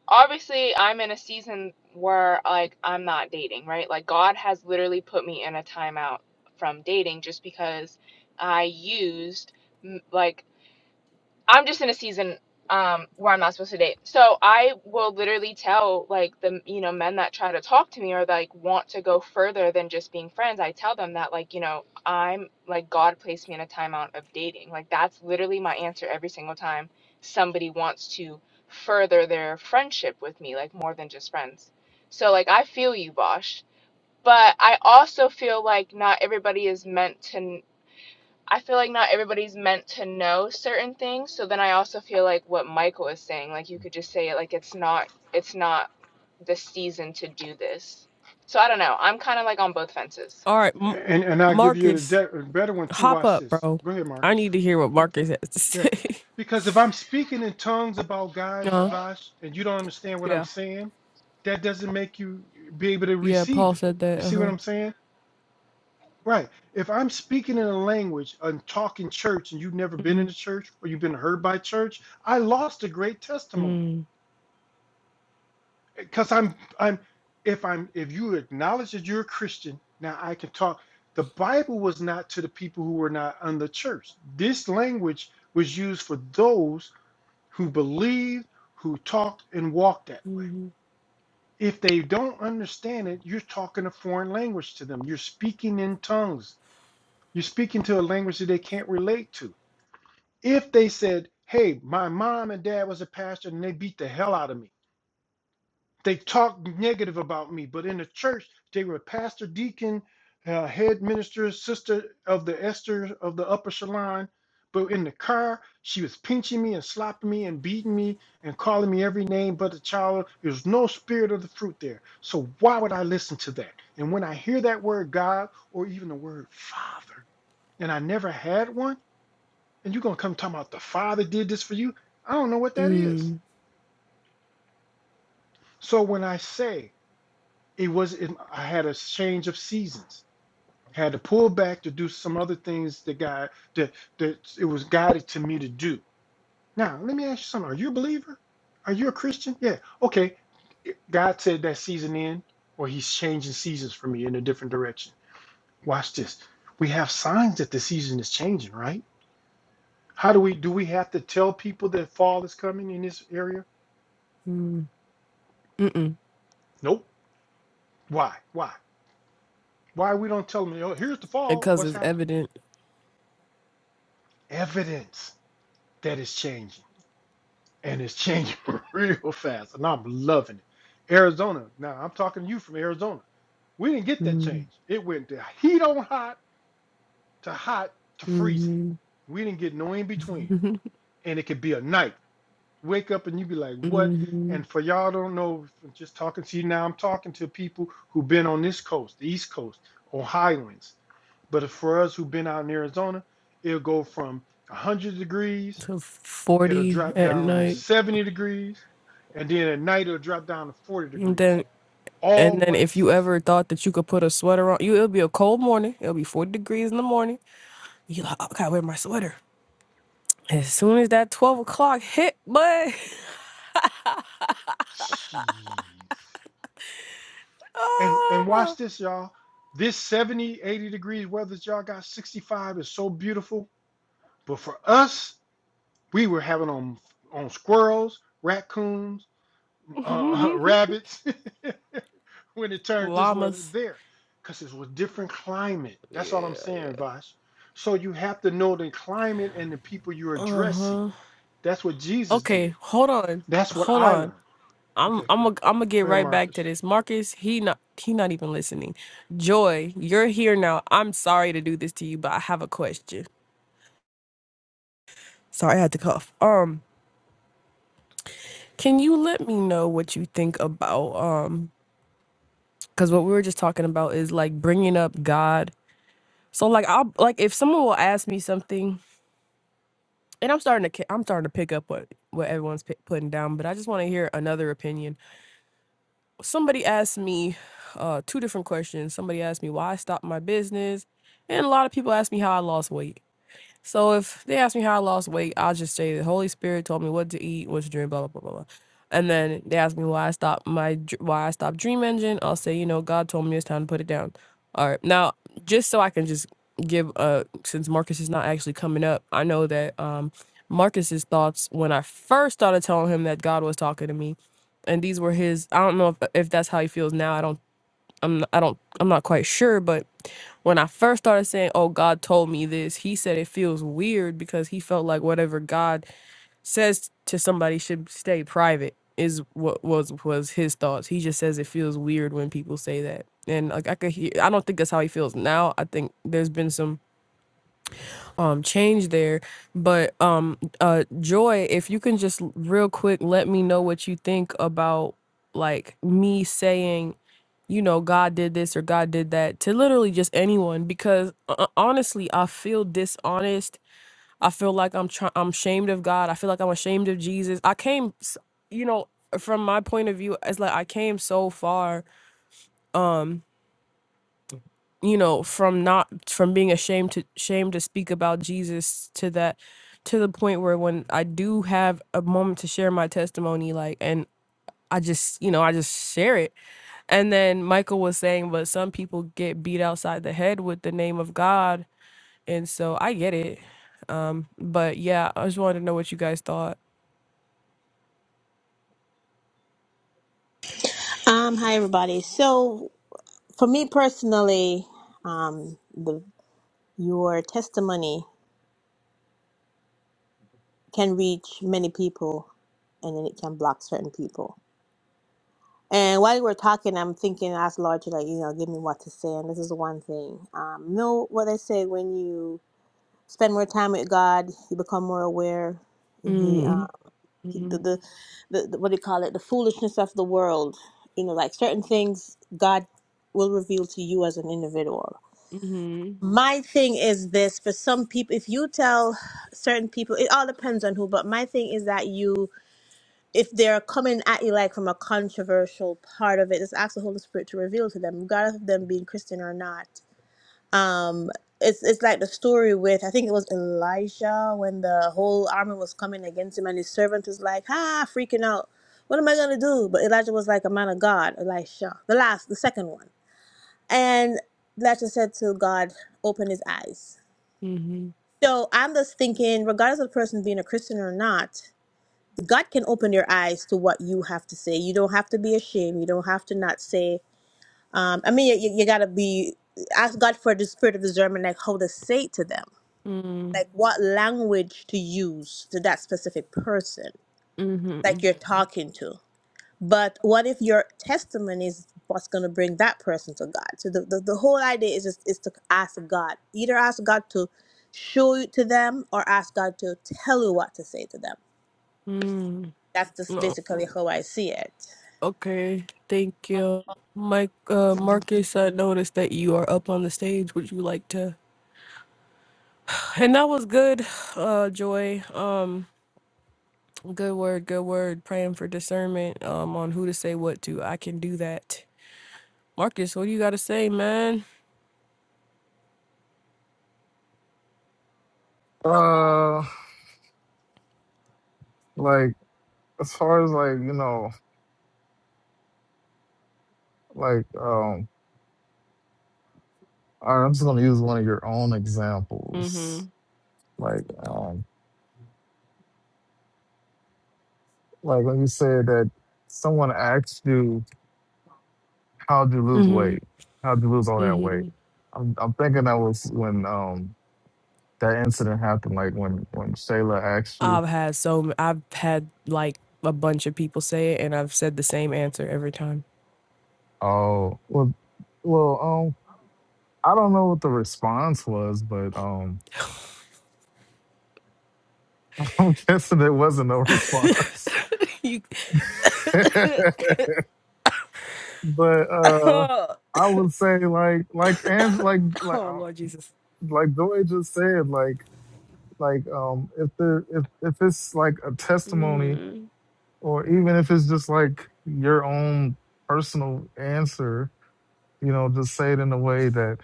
[SPEAKER 3] obviously I'm in a season where, like, I'm not dating, right? Like, God has literally put me in a timeout from dating just because I used, m- like, I'm just in a season um where I'm not supposed to date. So I will literally tell like the you know men that try to talk to me or like want to go further than just being friends. I tell them that like you know I'm like God placed me in a timeout of dating. Like that's literally my answer every single time somebody wants to further their friendship with me like more than just friends. So like I feel you, Bosh. But I also feel like not everybody is meant to. I feel like not everybody's meant to know certain things. So then I also feel like what Michael is saying, like you could just say it like it's not it's not the season to do this. So I don't know. I'm kind of like on both fences.
[SPEAKER 1] All right, M-
[SPEAKER 2] and and I'll give you the
[SPEAKER 1] Marcus.
[SPEAKER 2] de- better one too.
[SPEAKER 1] Hop
[SPEAKER 2] Watch
[SPEAKER 1] up,
[SPEAKER 2] this.
[SPEAKER 1] bro.
[SPEAKER 2] Go ahead,
[SPEAKER 1] I
[SPEAKER 2] Marcus.
[SPEAKER 1] need to hear what Marcus has to
[SPEAKER 2] Yeah,
[SPEAKER 1] say.
[SPEAKER 2] because if I'm speaking in tongues about God,
[SPEAKER 1] Uh-huh.
[SPEAKER 2] Vash, and you don't understand what I'm
[SPEAKER 1] Yeah.
[SPEAKER 2] saying, that doesn't make you be able to
[SPEAKER 1] Yeah,
[SPEAKER 2] receive
[SPEAKER 1] Paul
[SPEAKER 2] it.
[SPEAKER 1] said
[SPEAKER 2] You
[SPEAKER 1] that.
[SPEAKER 2] see what
[SPEAKER 1] Uh-huh.
[SPEAKER 2] I'm saying? Right. If I'm speaking in a language and talking church, and you've never been
[SPEAKER 1] Mm-hmm.
[SPEAKER 2] in a church or you've been heard by church, I lost a great testimony.
[SPEAKER 1] Mm.
[SPEAKER 2] because I'm I'm if I'm if you acknowledge that you're a Christian, now I can talk. The Bible was not to the people who were not under church. This language was used for those who believed, who talked and walked that way. If they don't understand it, you're talking a foreign language to them. You're speaking in tongues. You're speaking to a language that they can't relate to. If they said, "Hey, my mom and dad was a pastor and they beat the hell out of me." They talked negative about me, but in the church, they were pastor, deacon, uh, head minister, sister of the Esther of the upper shalon. But in the car, she was pinching me and slapping me and beating me and calling me every name but the child. There's no spirit of the fruit there. So why would I listen to that? And when I hear that word God or even the word Father, and I never had one, and you're going to come talking about the Father did this for you, I don't know what that is.
[SPEAKER 1] Mm.
[SPEAKER 2] So when I say it was it, I had a change of seasons. Had to pull back to do some other things that God that that it was guided to me to do. Now, let me ask you something. Are you a believer? Are you a Christian? Yeah. Okay. God said that season in, or He's changing seasons for me in a different direction. Watch this. We have signs that the season is changing, right? How do we do? We have to tell people that fall is coming in this area?
[SPEAKER 1] Mm. Mm-mm.
[SPEAKER 2] Nope. Why? Why? Why we don't tell them? You here's the fall.
[SPEAKER 1] Because
[SPEAKER 2] What's
[SPEAKER 1] it's
[SPEAKER 2] happening?
[SPEAKER 1] evident.
[SPEAKER 2] Evidence. that is changing and it's changing real fast and i'm loving it arizona now i'm talking to you from arizona we didn't get that
[SPEAKER 1] Mm.
[SPEAKER 2] change it went to heat on hot to hot to freezing
[SPEAKER 1] Mm-hmm.
[SPEAKER 2] we didn't get no in between and it could be a night wake up and you be like what
[SPEAKER 1] mm-hmm.
[SPEAKER 2] and for y'all don't know from just talking to you now i'm talking to people who've been on this coast the east coast or highlands but for us who've been out in arizona it'll go from 100 degrees
[SPEAKER 1] To
[SPEAKER 2] it'll
[SPEAKER 1] 40
[SPEAKER 2] drop
[SPEAKER 1] at
[SPEAKER 2] down to
[SPEAKER 1] night.
[SPEAKER 2] 70 degrees, and then at night it'll drop down to 40
[SPEAKER 1] And
[SPEAKER 2] degrees.
[SPEAKER 1] then
[SPEAKER 2] All
[SPEAKER 1] and then
[SPEAKER 2] one
[SPEAKER 1] if you
[SPEAKER 2] season.
[SPEAKER 1] ever thought that you could put a sweater on, you it'll be a cold morning. It'll be 40 degrees in the morning. You like, oh, I gotta wear my sweater. As soon as that 12 o'clock hit, but
[SPEAKER 2] Jeez. And and watch this, y'all. This 70, 80 degrees weather that y'all got 65 is so beautiful. But for us, we were having on on squirrels, raccoons, uh,
[SPEAKER 1] ah.
[SPEAKER 2] rabbits when it turned this weather
[SPEAKER 1] Llamas.
[SPEAKER 2] there because it was different climate. That's all I'm saying, Vash. So you have to know the climate and the people you're addressing.
[SPEAKER 1] Uh-huh.
[SPEAKER 2] That's what Jesus
[SPEAKER 1] Okay,
[SPEAKER 2] did.
[SPEAKER 1] hold on.
[SPEAKER 2] That's what
[SPEAKER 1] Hold
[SPEAKER 2] I
[SPEAKER 1] on.
[SPEAKER 2] learned.
[SPEAKER 1] I'm
[SPEAKER 2] Okay, go
[SPEAKER 1] I'm a,
[SPEAKER 2] ahead.
[SPEAKER 1] I'm gonna get
[SPEAKER 2] Go ahead,
[SPEAKER 1] right back to
[SPEAKER 2] Marcus.
[SPEAKER 1] this. Marcus, he not he not even listening. Joy, you're here now. I'm sorry to do this to you, but I have a question. Sorry, I had to cough. Um, can you let me know what you think about um cuz what we were just talking about is like bringing up God. So like I'll like if someone will ask me something and I'm starting to ca- I'm starting to pick up what what everyone's pi- putting down, but I just want to hear another opinion somebody asked me uh, two different questions. Somebody asked me why I stopped my business, and a lot of people asked me how I lost weight. So if they ask me how I lost weight, I'll just say the Holy Spirit told me what to eat, what to drink, blah blah blah blah. blah. And then they ask me why I stopped my why I stopped Dream Engine. I'll say, you know, God told me it's time to put it down. All right, now just so I can just give uh since Marcus is not actually coming up, I know that um Marcus's thoughts when I first started telling him that God was talking to me, and these were his. I don't know if if that's how he feels now. I don't. I'm I don't I'm not quite sure, but when I first started saying, "Oh, God told me this," he said it feels weird because he felt like whatever God says to somebody should stay private is what was was his thoughts. He just says it feels weird when people say that, and like I could hear. I don't think that's how he feels now. I think there's been some um change there, but um uh Joy, if you can just real quick let me know what you think about like me saying you know, God did this or God did that to literally just anyone because uh, uh, honestly, I feel dishonest. I feel like I'm try- I'm ashamed of God. I feel like I'm ashamed of Jesus. I came, s- you know, from my point of view, it's like I came so far, um, you know, from not from being ashamed to ashamed to speak about Jesus to that to the point where when I do have a moment to share my testimony, like, and I just, you know, I just share it And then Michael was saying, but some people get beat outside the head with the name of God. And so I get it. Um, but yeah, I just wanted to know what you guys thought.
[SPEAKER 4] Um, hi everybody. So for me personally, um, the your testimony can reach many people, and then it can block certain people. And while you were talking, I'm thinking, ask Lord to like you know give me what to say. And this is one thing. Um, know what I say when you spend more time with God, you become more aware, and He, uh,
[SPEAKER 1] Mm,
[SPEAKER 4] he the,
[SPEAKER 1] mhm,
[SPEAKER 4] the the the- what do you call it, the foolishness of the world. You know, like certain things God will reveal to you as an individual
[SPEAKER 1] mhm,
[SPEAKER 4] My thing is this for some people, if you tell certain people, it all depends on who, but my thing is that you, if they're coming at you like from a controversial part of it, just ask the Holy Spirit to reveal to them, regardless of them being Christian or not. Um, it's, it's like the story with, I think it was Elijah when the whole army was coming against him and his servant was like, ah, freaking out. What am I going to do? But Elijah was like a man of God, Elisha, the last, the second one. And Elijah said to God, open his eyes
[SPEAKER 1] mhm,
[SPEAKER 4] so I'm just thinking, regardless of the person being a Christian or not, God can open their eyes to what you have to say. You don't have to be ashamed. You don't have to not say. Um, I mean, you, you gotta be ask God for the spirit of discernment, like how to say it to them,
[SPEAKER 1] mm,
[SPEAKER 4] like what language to use to that specific person, like
[SPEAKER 1] mhm,
[SPEAKER 4] you're talking to. But what if your testimony is what's going to bring that person to God? So the, the, the whole idea is just is to ask God. Either ask God to show you to them or ask God to tell you what to say to them.
[SPEAKER 1] mm.
[SPEAKER 4] That's just
[SPEAKER 1] Oh,
[SPEAKER 4] basically how I see it.
[SPEAKER 1] Okay, thank you. Mike, uh,
[SPEAKER 4] Mhm.
[SPEAKER 1] Marcus, I noticed that you are up on the stage. Would you like to? And that was good, uh, Joy. Um, good word, good word. Praying for discernment, um, on who to say what to. I can do that. Marcus, what do you got to say, man?
[SPEAKER 5] Uh, like as far as like you know, like um, all right, I'm just gonna use one of your own
[SPEAKER 1] hmm
[SPEAKER 5] examples. Like um, like when you said that someone asked you, "How'd you lose
[SPEAKER 1] hmm
[SPEAKER 5] weight? How'd you lose all that weight?"
[SPEAKER 1] hmm
[SPEAKER 5] I'm I'm thinking that was when um that incident happened. Like when when Shayla asked you,
[SPEAKER 1] I've had so m- I've had like a bunch of people say it, and I've said the same answer every time.
[SPEAKER 5] "Oh, well, well, um." I don't know what the response was, but um, I'm guessing it wasn't no response.
[SPEAKER 1] you,
[SPEAKER 5] but uh
[SPEAKER 1] oh,
[SPEAKER 5] I would say like like and like like uh,
[SPEAKER 1] Lord Jesus.
[SPEAKER 5] like Joy just said like like um if there if if it's like a testimony or even if it's just like your own personal answer you know just say it in a way that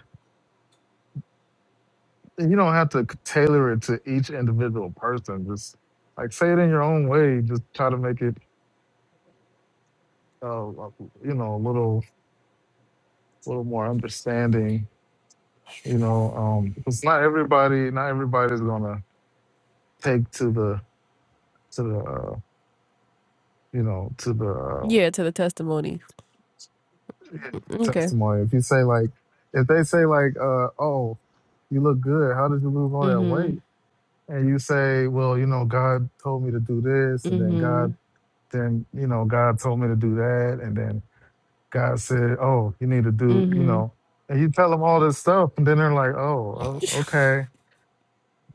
[SPEAKER 5] you don't have to tailor it to each individual person just like say it in your own way just try to make it uh uh, you know a little little more understanding you know um 'cause not everybody not everybody's gonna take to the to the uh, you know to the
[SPEAKER 1] Yeah, to the testimony.
[SPEAKER 5] uh,
[SPEAKER 1] Okay.
[SPEAKER 5] testimony. If you say like, if they say like, uh, oh, you look good. How did you lose all that
[SPEAKER 1] hmm
[SPEAKER 5] weight? And you say, well, you know, God told me to do this, and then
[SPEAKER 1] hmm
[SPEAKER 5] God, then you know, God told me to do that, and then God said, oh, you need to do, you
[SPEAKER 1] hmm
[SPEAKER 5] know, and you tell them all this stuff, and then they're like, oh, o- okay,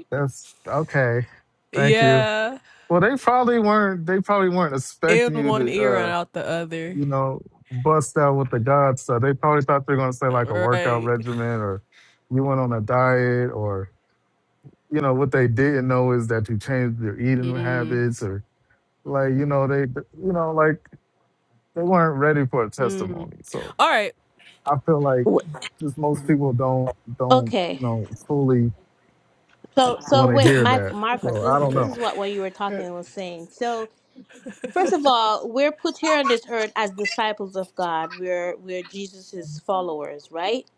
[SPEAKER 5] that's okay, thank you.
[SPEAKER 1] Yeah,
[SPEAKER 5] Well, they probably weren't. They probably weren't
[SPEAKER 1] in
[SPEAKER 5] expecting you
[SPEAKER 1] one
[SPEAKER 5] to.
[SPEAKER 1] ear
[SPEAKER 5] Uh,
[SPEAKER 1] and out the other.
[SPEAKER 5] you know, bust out with the God stuff. They probably thought they were going to say like a workout
[SPEAKER 1] Right.
[SPEAKER 5] regimen or you went on a diet or, you know, what they didn't know is that you changed your eating
[SPEAKER 1] mm
[SPEAKER 5] habits or like, you know, they, you know, like they weren't ready for a
[SPEAKER 1] mm
[SPEAKER 5] testimony. So
[SPEAKER 1] All right.
[SPEAKER 5] I feel like
[SPEAKER 4] W-
[SPEAKER 5] just most
[SPEAKER 2] Mhm.
[SPEAKER 5] people don't, don't,
[SPEAKER 4] Okay.
[SPEAKER 5] you know, fully
[SPEAKER 4] So so
[SPEAKER 5] want to
[SPEAKER 4] wait,
[SPEAKER 5] hear
[SPEAKER 4] Mike
[SPEAKER 5] that.
[SPEAKER 4] Marcus,
[SPEAKER 5] So
[SPEAKER 4] this
[SPEAKER 5] I
[SPEAKER 4] is
[SPEAKER 5] don't
[SPEAKER 4] this
[SPEAKER 2] Okay.
[SPEAKER 4] is
[SPEAKER 5] know.
[SPEAKER 4] what when you were
[SPEAKER 2] eh,
[SPEAKER 4] talking was saying. So first of all, we're put here on this earth as disciples of God. We're we're Jesus's followers, right?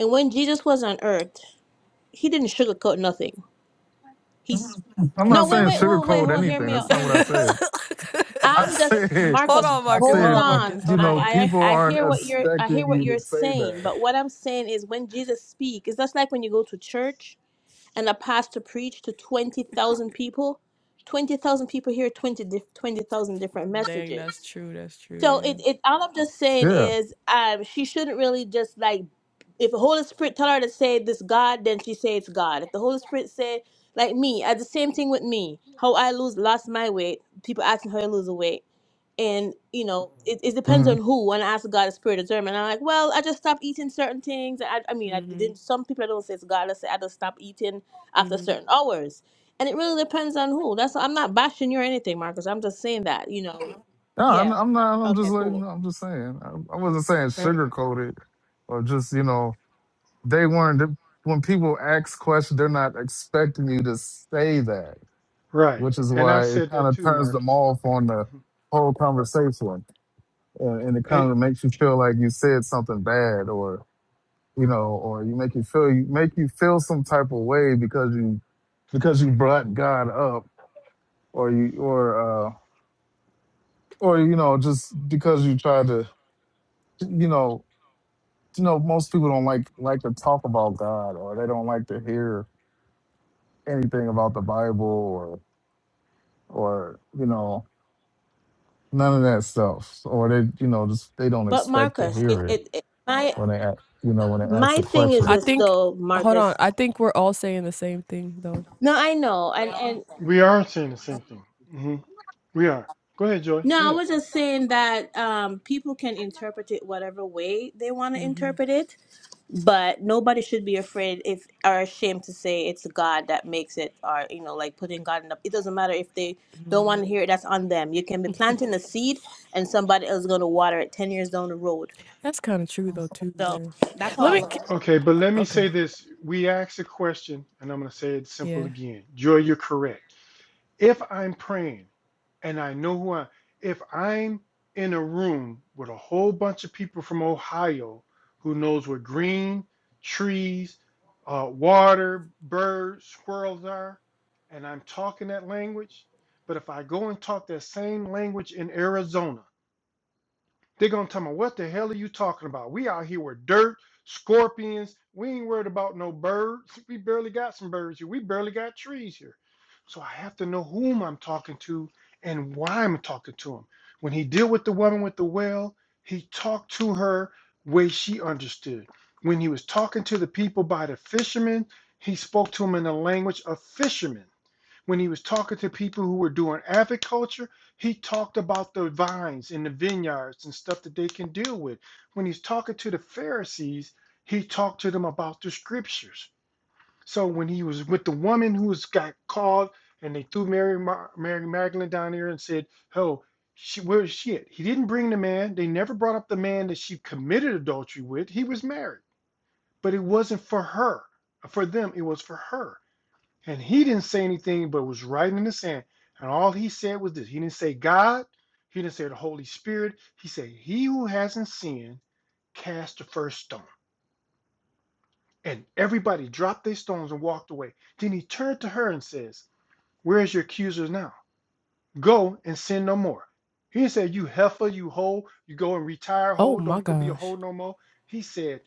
[SPEAKER 4] And when Jesus was on earth, he didn't sugarcoat nothing. He's
[SPEAKER 5] I'm
[SPEAKER 4] no
[SPEAKER 5] not
[SPEAKER 4] wait
[SPEAKER 5] saying
[SPEAKER 4] wait wait wait
[SPEAKER 5] sugarcoat
[SPEAKER 4] hold hear
[SPEAKER 5] anything.
[SPEAKER 4] me
[SPEAKER 5] That's
[SPEAKER 4] out
[SPEAKER 5] not
[SPEAKER 4] hear
[SPEAKER 5] what I
[SPEAKER 4] me out.
[SPEAKER 5] said. I
[SPEAKER 4] I'm just
[SPEAKER 5] said,
[SPEAKER 1] Hold
[SPEAKER 4] Marcus.
[SPEAKER 1] on,
[SPEAKER 5] I
[SPEAKER 1] Marcus. Hold
[SPEAKER 4] Hold
[SPEAKER 5] said,
[SPEAKER 1] on,
[SPEAKER 4] on.
[SPEAKER 1] Marcus.
[SPEAKER 5] you
[SPEAKER 1] Hold on,
[SPEAKER 5] know,
[SPEAKER 1] Marcus.
[SPEAKER 4] I,
[SPEAKER 5] people
[SPEAKER 4] I I
[SPEAKER 5] aren't
[SPEAKER 4] hear what you're I hear
[SPEAKER 5] expecting
[SPEAKER 4] what
[SPEAKER 5] you
[SPEAKER 4] you're
[SPEAKER 5] to say
[SPEAKER 4] saying,
[SPEAKER 5] that
[SPEAKER 4] but what I'm saying is when Jesus speaks, it's just like when you go to church and a pastor preach to twenty thousand people. Twenty thousand people hear 20 dif- 20,000 different
[SPEAKER 1] Dang, that's
[SPEAKER 4] messages.
[SPEAKER 1] true. That's true.
[SPEAKER 4] So
[SPEAKER 1] Yeah.
[SPEAKER 4] it, it all I'm just saying
[SPEAKER 5] Yeah.
[SPEAKER 4] is um she shouldn't really just like if the Holy Spirit tell her to say this God, then she say it's God. If the Holy Spirit say like me, I the same thing with me. How I lose lost my weight. People asking how I lose the weight. And you know, it, it depends
[SPEAKER 5] hmm
[SPEAKER 4] on who. When I ask God the spirit of discernment, I'm like, well, I just stopped eating certain things. I, I mean, I
[SPEAKER 1] Mhm.
[SPEAKER 4] didn't. Some people I don't say it's God. I say I just stopped eating after
[SPEAKER 1] Mhm.
[SPEAKER 4] certain hours, and it really depends on who. That's I'm not bashing you or anything, Marcus. I'm just saying that you know,
[SPEAKER 5] No, I'm,
[SPEAKER 4] yeah.
[SPEAKER 5] I'm not. I'm just
[SPEAKER 4] Okay,
[SPEAKER 5] like
[SPEAKER 4] cool.
[SPEAKER 5] I'm just saying. I, I wasn't saying
[SPEAKER 2] eh,
[SPEAKER 5] sugar coated, or just you know they weren't. they- When people ask questions, they're not expecting you to say that,
[SPEAKER 2] right.
[SPEAKER 5] which is
[SPEAKER 2] And I
[SPEAKER 5] why it
[SPEAKER 2] said
[SPEAKER 5] kind
[SPEAKER 2] that
[SPEAKER 5] of
[SPEAKER 2] too,
[SPEAKER 5] turns them
[SPEAKER 2] Marcus.
[SPEAKER 5] off on the
[SPEAKER 2] Mhm.
[SPEAKER 5] whole conversation, and, and it kind
[SPEAKER 2] And
[SPEAKER 5] of makes you feel like you said something bad, or you know, or you make you feel you make you feel some type of way because you because you brought God up, or you or uh or you know just because you tried to you know, you know, most people don't like like to talk about God or they don't like to hear anything about the Bible or or you know none of that stuff So, or they you know just they don't
[SPEAKER 4] But
[SPEAKER 5] expect to
[SPEAKER 4] Marcus, it,
[SPEAKER 5] hear it
[SPEAKER 4] it, it my
[SPEAKER 5] when they a- you know when they ask
[SPEAKER 4] My
[SPEAKER 5] a
[SPEAKER 4] thing is
[SPEAKER 5] question.
[SPEAKER 1] I
[SPEAKER 4] this
[SPEAKER 1] think.
[SPEAKER 4] though,
[SPEAKER 1] Hold
[SPEAKER 4] Marcus.
[SPEAKER 1] on. I think we're all saying the same thing though.
[SPEAKER 4] No, I know. And and
[SPEAKER 2] we are saying the same thing. hmm We are. Go ahead, Joy. Go
[SPEAKER 4] no, I
[SPEAKER 2] ahead.
[SPEAKER 4] was just saying that um people can interpret it whatever way they want to
[SPEAKER 1] hmm
[SPEAKER 4] interpret it, but nobody should be afraid if or ashamed to say it's God that makes it or you know, like putting God in the it doesn't matter if they don't
[SPEAKER 1] hmm
[SPEAKER 4] want to hear it, that's on them. You can be planting a seed and somebody else is gonna water it ten years down the road.
[SPEAKER 1] That's kind of true though too,
[SPEAKER 4] So
[SPEAKER 1] Gary.
[SPEAKER 4] that's how
[SPEAKER 1] Let me.
[SPEAKER 4] I
[SPEAKER 1] c-
[SPEAKER 2] Okay, but let me say
[SPEAKER 1] Okay.
[SPEAKER 2] this. We asked a question, and I'm going to say it simple
[SPEAKER 1] Yeah.
[SPEAKER 2] again. Joy, you're correct. If I'm praying and I know who I if I'm in a room with a whole bunch of people from Ohio who knows what green trees, uh, water, birds, squirrels are, and I'm talking that language, but if I go and talk that same language in Arizona, they're gonna tell me, what the hell are you talking about? We out here with dirt, scorpions. We ain't worried about no birds. We barely got some birds here. We barely got trees here. So I have to know whom I'm talking to and why I'm talking to him. When he deal with the woman with the well, he talked to her way she understood. When he was talking to the people by the fishermen, he spoke to them in the language of fishermen when he was talking to people who were doing agriculture, he talked about the vines and the vineyards and stuff that they can deal with. When he's talking to the Pharisees, he talked to them about the scriptures. So when he was with the woman who was got called and they threw Mary, Mar- Mary Magdalene down here and said, "Oh, she, where is she at?" He didn't bring the man. They never brought up the man that she committed adultery with. He was married, but it wasn't for her. For them, it was for her and he didn't say anything but was writing in the sand. And all he said was this He didn't say God, he didn't say the Holy Spirit. He said, He who hasn't sinned, cast the first stone. And everybody dropped their stones and walked away. Then he turned to her and says, Where is your accusers now? Go and sin no more. He didn't say, You heifer, you hoe, you go and retire,
[SPEAKER 1] Oh
[SPEAKER 2] hoe,
[SPEAKER 1] my
[SPEAKER 2] don't go be a
[SPEAKER 1] gosh.
[SPEAKER 2] hoe no more. He said,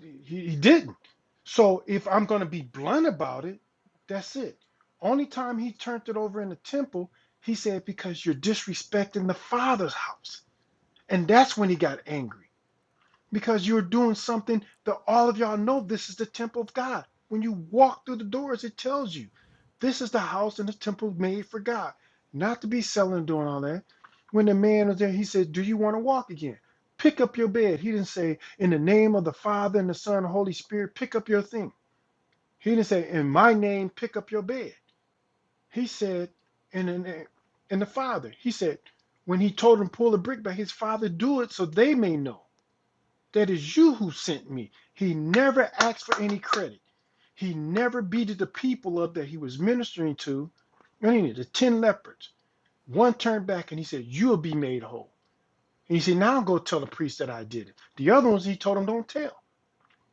[SPEAKER 2] He, he didn't. So if I'm going to be blunt about it, that's it. Only time he turned it over in the temple, he said, because you're disrespecting the father's house. And that's when he got angry because you're doing something that all of y'all know this is the temple of God. When you walk through the doors, it tells you this is the house and the temple made for God, not to be selling and doing all that. When the man was there, he said, Do you want to walk again? Pick up your bed. He didn't say, In the name of the Father and the Son and the Holy Spirit, pick up your thing. He didn't say, In my name, pick up your bed. He said, In the name, in the Father. He said, When he told him, Pull the brick back, his Father, do it so they may know. That is you who sent me. He never asked for any credit. He never beated the people up that he was ministering to. I mean, the 10 lepers, One turned back and he said, You'll be made whole. And he said, Now go tell the priest that I did it. The other ones he told them, Don't tell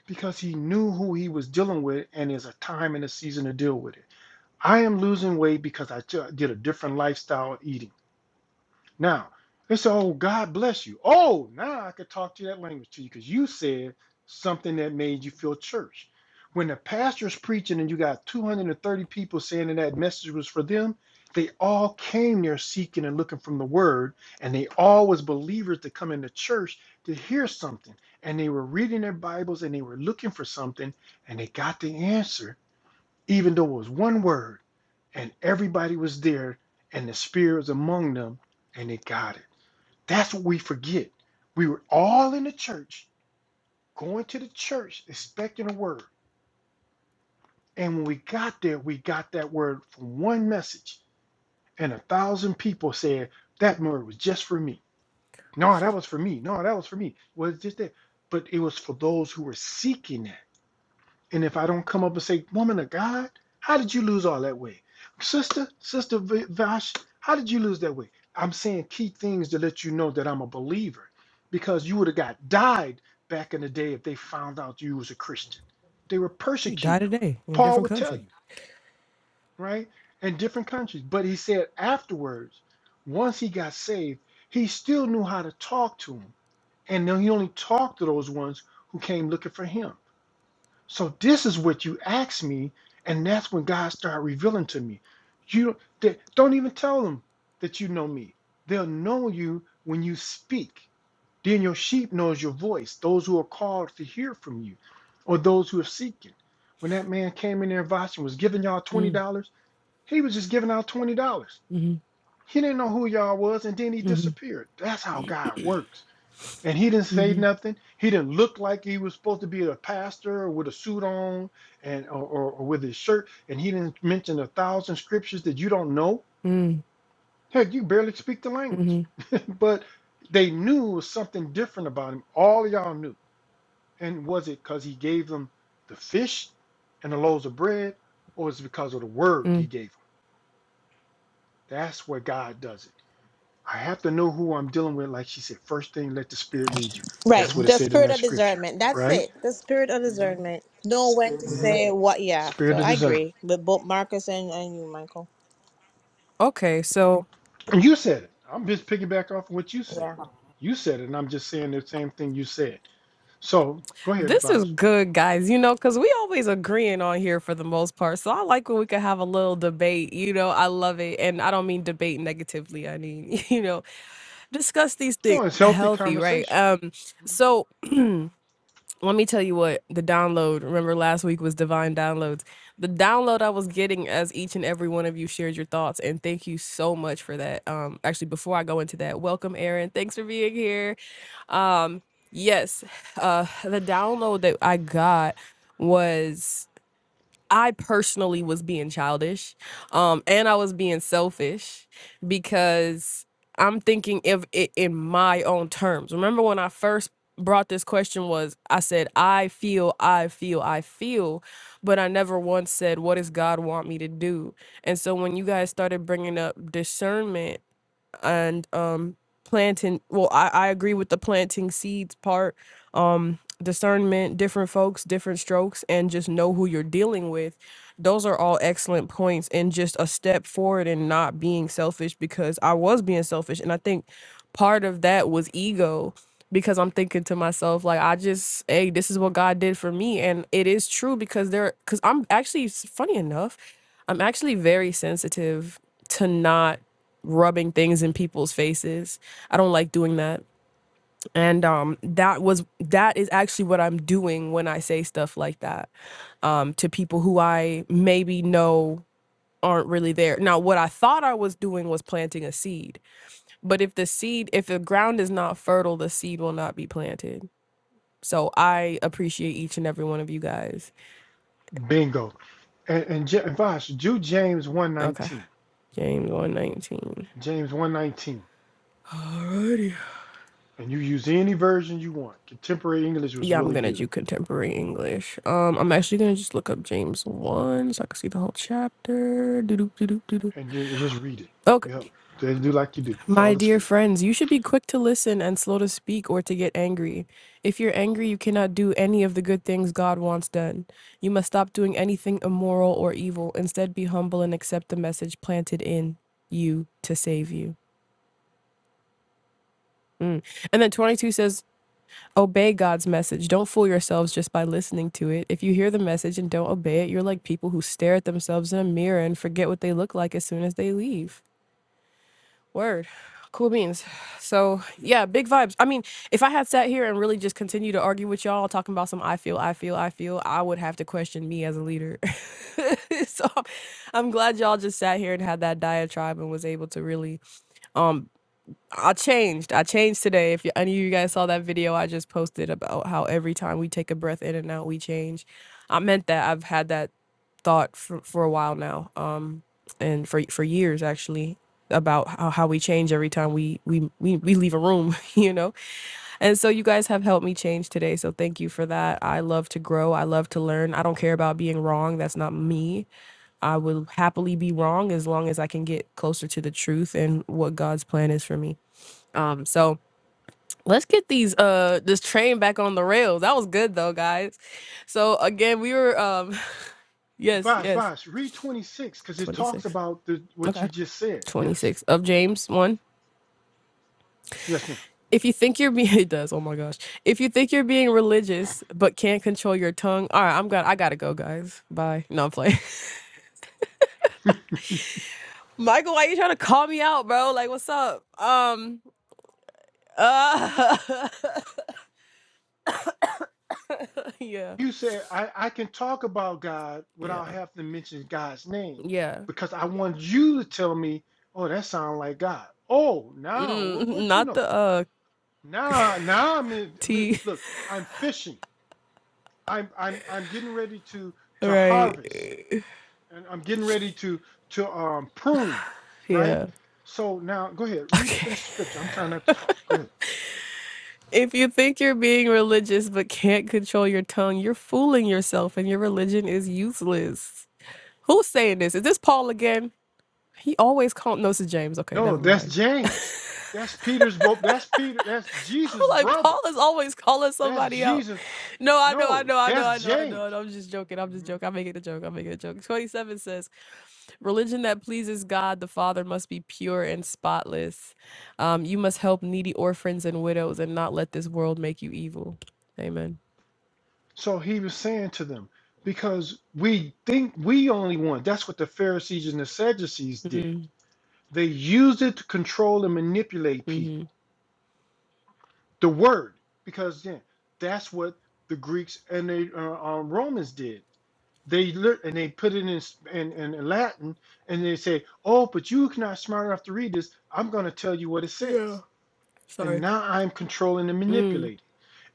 [SPEAKER 2] because he knew who he was dealing with and there's a time and a season to deal with it. I am losing weight because I did a different lifestyle eating. Now, it's oh God bless you. Oh, now I could talk to that language to you because you said something that made you feel church. When the pastor's preaching and you got 230 people saying that that message was for them, they all came there seeking and looking from the word, and they all was believers to come into church to hear something. And they were reading their Bibles and they were looking for something, and they got the answer even though it was one word and everybody was there and the spirit was among them and they got it that's what we forget we were all in the church going to the church expecting a word and when we got there we got that word from one message and a thousand people said that word was just for me no that was for me no that was for me well it's just that but it was for those who were seeking that And if I don't come up and say, Woman of God, how did you lose all that weight? Sister, Sister Vash, how did you lose that weight? I'm saying key things to let you know that I'm a believer because you would have got died back in the day if they found out you was a Christian. They were
[SPEAKER 1] You die
[SPEAKER 2] persecuting them.
[SPEAKER 1] today in a
[SPEAKER 2] Paul
[SPEAKER 1] different
[SPEAKER 2] would tell
[SPEAKER 1] country.
[SPEAKER 2] you, right? In different countries. But he said afterwards, once he got saved, he still knew how to talk to them. And then he only talked to those ones who came looking for him. So this is what you asked me, and that's when God started revealing to me. You they, don't even tell them that you know me. They'll know you when you speak. Then your sheep knows your voice, those who are called to hear from you, or those who are seeking. When that man came in there and Vosh and was giving y'all $20,
[SPEAKER 1] Mm,
[SPEAKER 2] he was just giving out $20.
[SPEAKER 1] mm-hmm,
[SPEAKER 2] He didn't know who y'all was, and then he
[SPEAKER 1] mm-hmm,
[SPEAKER 2] disappeared. That's how God works and he didn't say
[SPEAKER 1] mm-hmm,
[SPEAKER 2] nothing. He didn't look like he was supposed to be a pastor or with a suit on and or, or, or with his shirt. And he didn't mention a thousand scriptures that you don't know.
[SPEAKER 1] mm,
[SPEAKER 2] Heck, you barely speak the language.
[SPEAKER 1] mm-hmm,
[SPEAKER 2] but they knew it was something different about him. All of y'all knew. And was it because he gave them the fish and the loaves of bread, or is it because of the word he
[SPEAKER 1] mm.
[SPEAKER 2] gave them? That's where God does it. I have to know who I'm dealing with. Like she said, first thing, let the Spirit lead you.
[SPEAKER 4] Right.
[SPEAKER 2] That's what it
[SPEAKER 4] The
[SPEAKER 2] said in
[SPEAKER 4] spirit
[SPEAKER 2] that
[SPEAKER 4] of
[SPEAKER 2] scripture,
[SPEAKER 4] discernment. That's
[SPEAKER 2] right?
[SPEAKER 4] it. The spirit of discernment. Know when to
[SPEAKER 2] Mm-hmm.
[SPEAKER 4] say what. Yeah. So
[SPEAKER 2] Spirit of
[SPEAKER 4] I
[SPEAKER 2] discernment.
[SPEAKER 4] agree with both Marcus and, and you, Michael.
[SPEAKER 1] Okay. So.
[SPEAKER 2] And you said it. I'm just picking back off of what you said. You said it, and I'm just saying the same thing you said. So go ahead,
[SPEAKER 1] This is
[SPEAKER 2] Vash.
[SPEAKER 1] good, guys. You know, because we always agreeing on here for the most part. So I like when we could have a little debate. You know, I love it, and I don't mean debate negatively. I mean, you know, discuss these things
[SPEAKER 2] Oh, it's healthy
[SPEAKER 1] healthy, right?
[SPEAKER 2] conversation.
[SPEAKER 1] Um, so let me tell you what the download remember last week was divine downloads the download i was getting as each and every one of you shared your thoughts and thank you so much for that um actually before i go into that welcome aaron thanks for being here um yes uh the download that i got was I personally was being childish, um, and I was being selfish because I'm thinking of it in my own terms. Remember when I first brought this question was I said I feel, I feel, I feel, but I never once said what does God want me to do. And so when you guys started bringing up discernment and um planting well I, I agree with the planting seeds part um discernment different folks different strokes and just know who you're dealing with those are all excellent points and just a step forward and not being selfish because i was being selfish and i think part of that was ego because i'm thinking to myself like i just hey this is what god did for me and it is true because there because i'm actually s- funny enough i'm actually very sensitive to not rubbing things in people's faces. I don't like doing that. And um that was that is actually what I'm doing when I say stuff like that um to people who I maybe know aren't really there. Now what I thought I was doing was planting a seed. But if the seed if the ground is not fertile, the seed will not be planted. So I appreciate each and every one of you guys.
[SPEAKER 2] Bingo. And, and J- Vash, do James
[SPEAKER 1] Okay.
[SPEAKER 2] 119.
[SPEAKER 1] James 119.
[SPEAKER 2] James 119. And you use any version you want. Contemporary English was
[SPEAKER 1] Yeah, I'm
[SPEAKER 2] really
[SPEAKER 1] gonna
[SPEAKER 2] good.
[SPEAKER 1] do contemporary English. Um, I'm actually gonna just look up James 1 so I can see the whole chapter. Doo-doo, doo-doo, doo-doo.
[SPEAKER 2] And ju- just read it. Yep.
[SPEAKER 1] Okay.
[SPEAKER 2] Just do like you do. Follow
[SPEAKER 1] My
[SPEAKER 2] the
[SPEAKER 1] dear
[SPEAKER 2] spirit.
[SPEAKER 1] friends, you should be quick to listen and slow to speak or to get angry. If you're angry, you cannot do any of the good things God wants done. You must stop doing anything immoral or evil. Instead, be humble and accept the message planted in you to save you. Mm. And then 22 says, Obey God's message. Don't fool yourselves just by listening to it. If you hear the message and don't obey it, you're like people who stare at themselves in a mirror and forget what they look like as soon as they leave. Word. Cool beans. So, yeah, big vibes. I mean, if I had sat here and really just continued to argue with y'all talking about some I feel, I feel, I feel, I would have to question me as a leader. so, I'm glad y'all just sat here and had that diatribe and was able to really um. I changed. I changed today. If y- any of you guys saw that video I just posted about how every time we take a breath in and out, we change. I meant that. I've had that thought for, for a while now, um, and for for years actually, about how, how we change every time we we, we we leave a room, you know. And so you guys have helped me change today. So thank you for that. I love to grow. I love to learn. I don't care about being wrong. That's not me. I will happily be wrong as long as I can get closer to the truth and what God's plan is for me. Um, so Let's get these uh this train back on the rails. That was good though, guys. So again, we were um yes,
[SPEAKER 2] Vash,
[SPEAKER 1] yes.
[SPEAKER 2] Vash, read 26 because it talks
[SPEAKER 1] 26.
[SPEAKER 2] about the, what
[SPEAKER 1] Okay.
[SPEAKER 2] you just said. Yes.
[SPEAKER 1] 26 of James 1.
[SPEAKER 2] Yes, ma'am.
[SPEAKER 1] If you think you're being it does. Oh my gosh. If you think you're being religious but can't control your tongue. All right, I'm got I got to go, guys. Bye. No, I'm playing. Michael, why you trying to call me out, bro? Like what's up? Um uh yeah.
[SPEAKER 2] You said I, I can talk about God without
[SPEAKER 1] Yeah.
[SPEAKER 2] having to mention God's name
[SPEAKER 1] Yeah.
[SPEAKER 2] because I want you to tell me, oh, that sounds like God. Oh, now what,
[SPEAKER 1] Mm,
[SPEAKER 2] what you
[SPEAKER 1] Not
[SPEAKER 2] know?
[SPEAKER 1] the uh
[SPEAKER 2] Now, now I'm in. Look,
[SPEAKER 1] T
[SPEAKER 2] look, I'm fishing. I'm I'm I'm getting ready to to
[SPEAKER 1] right.
[SPEAKER 2] harvest, and I'm getting ready to to um prune, right?
[SPEAKER 1] Yeah.
[SPEAKER 2] So now go ahead, read,
[SPEAKER 1] Okay.
[SPEAKER 2] finish the scripture. I'm trying not to talk. Go ahead.
[SPEAKER 1] If you think you're being religious but can't control your tongue, you're fooling yourself and your religion is useless. Who's saying this? Is this Paul again? He always called no, this is James. Okay,
[SPEAKER 2] No,
[SPEAKER 1] never
[SPEAKER 2] that's
[SPEAKER 1] mind.
[SPEAKER 2] James. That's Peter's book. That's Peter. That's
[SPEAKER 1] I'm
[SPEAKER 2] Jesus'
[SPEAKER 1] like,
[SPEAKER 2] brother.
[SPEAKER 1] Paul is always calling
[SPEAKER 2] That's
[SPEAKER 1] somebody out.
[SPEAKER 2] Jesus.
[SPEAKER 1] No, I know, I
[SPEAKER 2] No,
[SPEAKER 1] know, I know, I
[SPEAKER 2] that's
[SPEAKER 1] know, I know.
[SPEAKER 2] James.
[SPEAKER 1] I am just joking. I'm just
[SPEAKER 2] Mhm.
[SPEAKER 1] joking. I'm making a joke. I'm making a joke. 27 says, Religion that pleases God the Father must be pure and spotless. Um, you must help needy orphans and widows and not let this world make you evil. Amen.
[SPEAKER 2] So he was saying to them, because we think we only want, that's what the Pharisees and the Sadducees did. They used it to control and manipulate
[SPEAKER 1] hmm
[SPEAKER 2] people. The word, because then that's what the Greeks and the uh, um, Romans did. They lit and they put it in, s- in in Latin, and they say, "Oh, but you're not smart enough to read this. I'm going to tell you what it says."
[SPEAKER 1] Yeah.
[SPEAKER 2] and
[SPEAKER 1] Sorry.
[SPEAKER 2] now I'm controlling and
[SPEAKER 1] Mm,
[SPEAKER 2] manipulating.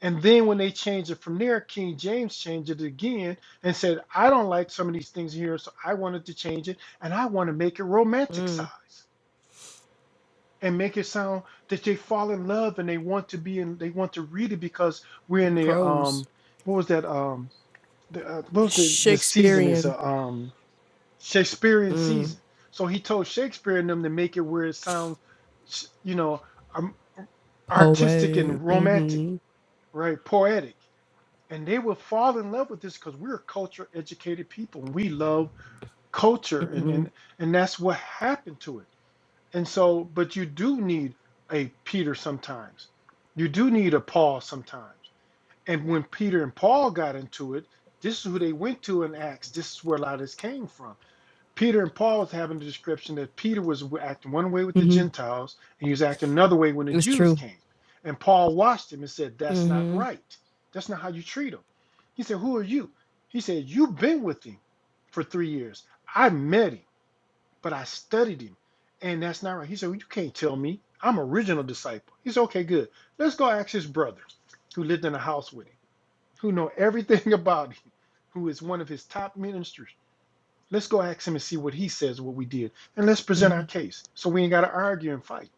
[SPEAKER 2] And then when they changed it from there, King James changed it again and said, I don't like some of these things here, so I wanted to change it and I want to make it romanticized
[SPEAKER 1] mm.
[SPEAKER 2] and make it sound that they fall in love and they want to be in they want to read it because we're in the
[SPEAKER 1] Prose.
[SPEAKER 2] um what was that um the, uh, what was the the season is
[SPEAKER 1] Shakespearean.
[SPEAKER 2] a um Shakespearean
[SPEAKER 1] Mm.
[SPEAKER 2] season. So he told Shakespeare and them to make it where it sounds, you know, um, artistic
[SPEAKER 1] Poetic.
[SPEAKER 2] and romantic
[SPEAKER 1] Mm-hmm.
[SPEAKER 2] right? Poetic. And they will fall in love with this because we're culture educated people and we love culture and, and and that's what happened to it. And so, but you do need a Peter sometimes. You do need a Paul sometimes. And when Peter and Paul got into it, this is who they went to in Acts. This is where a lot of this came from. Peter and Paul was having a description that Peter was acting one way with the
[SPEAKER 1] Mm-hmm.
[SPEAKER 2] Gentiles and he was acting another way when the
[SPEAKER 1] It's
[SPEAKER 2] Jews
[SPEAKER 1] true.
[SPEAKER 2] came. And Paul watched him and said, That's not
[SPEAKER 1] Mm-hmm.
[SPEAKER 2] right. That's not how you treat him. He said, Who are you? He said, You've been with him for three years. I met him, but I studied him. And that's not right. He said, well, You can't tell me. I'm an original disciple. He said, Okay, good. Let's go ask his brother who lived in a house with him, who know everything about him, who is one of his top ministers. Let's go ask him and see what he says, what we did, and let's present our
[SPEAKER 1] Mm-hmm.
[SPEAKER 2] case so we ain't got to argue and fight.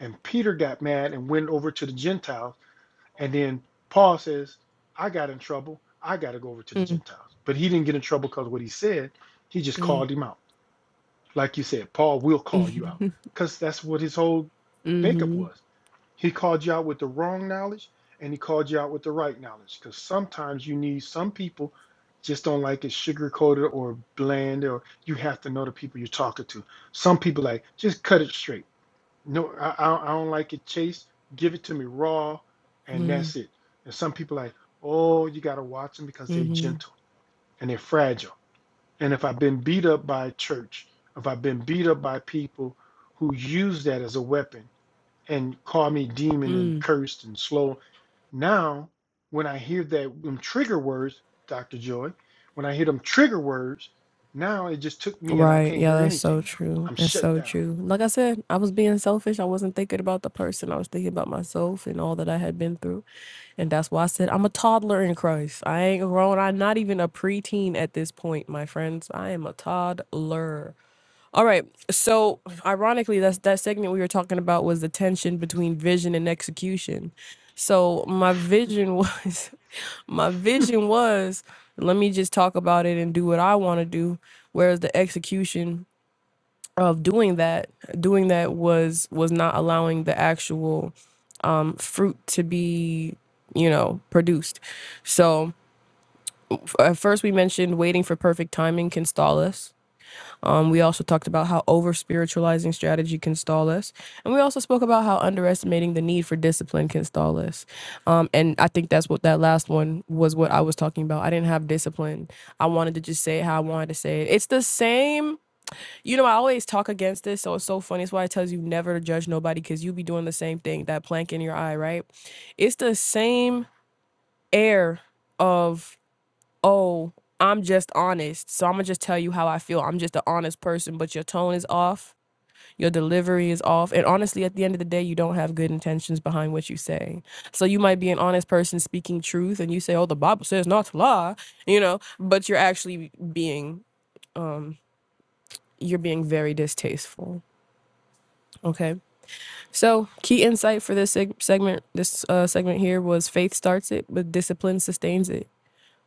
[SPEAKER 2] And Peter got mad and went over to the Gentiles. And then Paul says, I got in trouble. I got to go over to the Gentiles. But he didn't get in trouble because what he said, he just
[SPEAKER 1] Mm-hmm.
[SPEAKER 2] called him out. Like you said, Paul will call you out
[SPEAKER 1] Mm-hmm.
[SPEAKER 2] because that's what his whole makeup
[SPEAKER 1] Mm-hmm.
[SPEAKER 2] was. He called you out with the wrong knowledge and he called you out with the right knowledge because sometimes you need some people just don't like it sugar coated or bland or you have to know the people you're talking to. Some people like just cut it straight. No, I, I, I don't like it chased. Give it to me raw and that's it. And some people like, oh, you got to watch them because they're
[SPEAKER 1] Mm-hmm.
[SPEAKER 2] gentle and they're fragile. And if I've been beat up by church, if I've been beat up by people who use that as a weapon, and call me demon and
[SPEAKER 1] Mm.
[SPEAKER 2] cursed and slow. Now, when I hear that them trigger words, Dr. Joy, when I hear them trigger words, now it just took me and I
[SPEAKER 1] Right.
[SPEAKER 2] can't
[SPEAKER 1] Yeah,
[SPEAKER 2] hear
[SPEAKER 1] that's so
[SPEAKER 2] anything now.
[SPEAKER 1] true.
[SPEAKER 2] I'm
[SPEAKER 1] That's
[SPEAKER 2] shut
[SPEAKER 1] so
[SPEAKER 2] down.
[SPEAKER 1] true. Like I said, I was being selfish. I wasn't thinking about the person. I was thinking about myself and all that I had been through. And that's why I said I'm a toddler in Christ. I ain't grown. I'm not even a preteen at this point, my friends. I am a toddler. All right. So ironically, that's that segment we were talking about was the tension between vision and execution. So my vision was my vision was let me just talk about it and do what I want to do. Whereas the execution of doing that, doing that was was not allowing the actual um, fruit to be, you know, produced. So f- at first we mentioned waiting for perfect timing can stall us um, we also talked about how over spiritualizing strategy can stall us. And we also spoke about how underestimating the need for discipline can stall us. Um, and I think that's what that last one was what I was talking about. I didn't have discipline. I wanted to just say it how I wanted to say it. It's the same. You know, I always talk against this. So it's so funny. It's why it tells you never to judge nobody because you be doing the same thing, that plank in your eye, right? It's the same air of oh, I'm just honest. So I'm going to just tell you how I feel. I'm just an honest person, but your tone is off. Your delivery is off. And honestly, at the end of the day, you don't have good intentions behind what you say. So you might be an honest person speaking truth and you say, oh, the Bible says not to lie, you know, but you're actually being, you're being very distasteful. Okay. So key insight for this seg- segment, this uh, segment here was faith starts it, but discipline sustains it.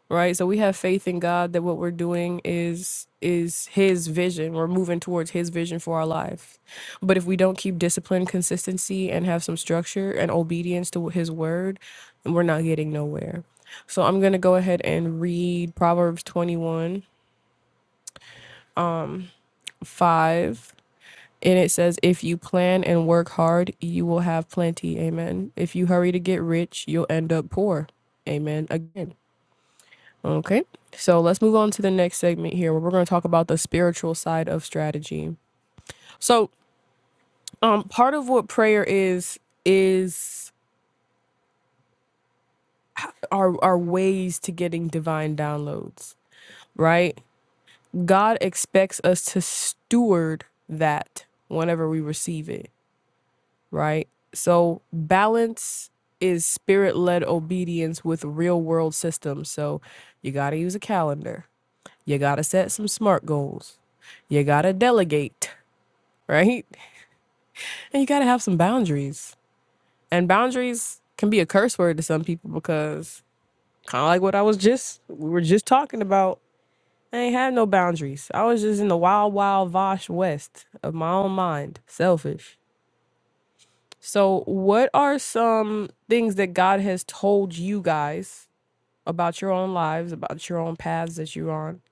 [SPEAKER 1] right so we have faith in god that what we're doing is is his vision we're moving towards his vision for our life but if we don't keep discipline consistency and have some structure and obedience to his word then we're not getting nowhere so i'm going to go ahead and read proverbs 21 5 and it says if you plan and work hard you will have plenty amen if you hurry to get rich you'll end up poor amen again Okay. So let's move on to the next segment here where we're going to talk about the spiritual side of strategy. So, um part of what prayer is is our our ways to getting divine downloads, right? God expects us to steward that whenever we receive it, right? So, balance is spirit-led obedience with real-world systems. So, you got to use a calendar. You got to set some smart goals. You got to delegate right? And you got to have some boundaries. And boundaries can be a curse word to some people because kind of like what I was just we were just talking about. I ain't had no boundaries. I was just in the wild, wild Vosh West of my own mind, selfish. So, what are some things that God has told you guys about your own lives, about your own paths that you're on,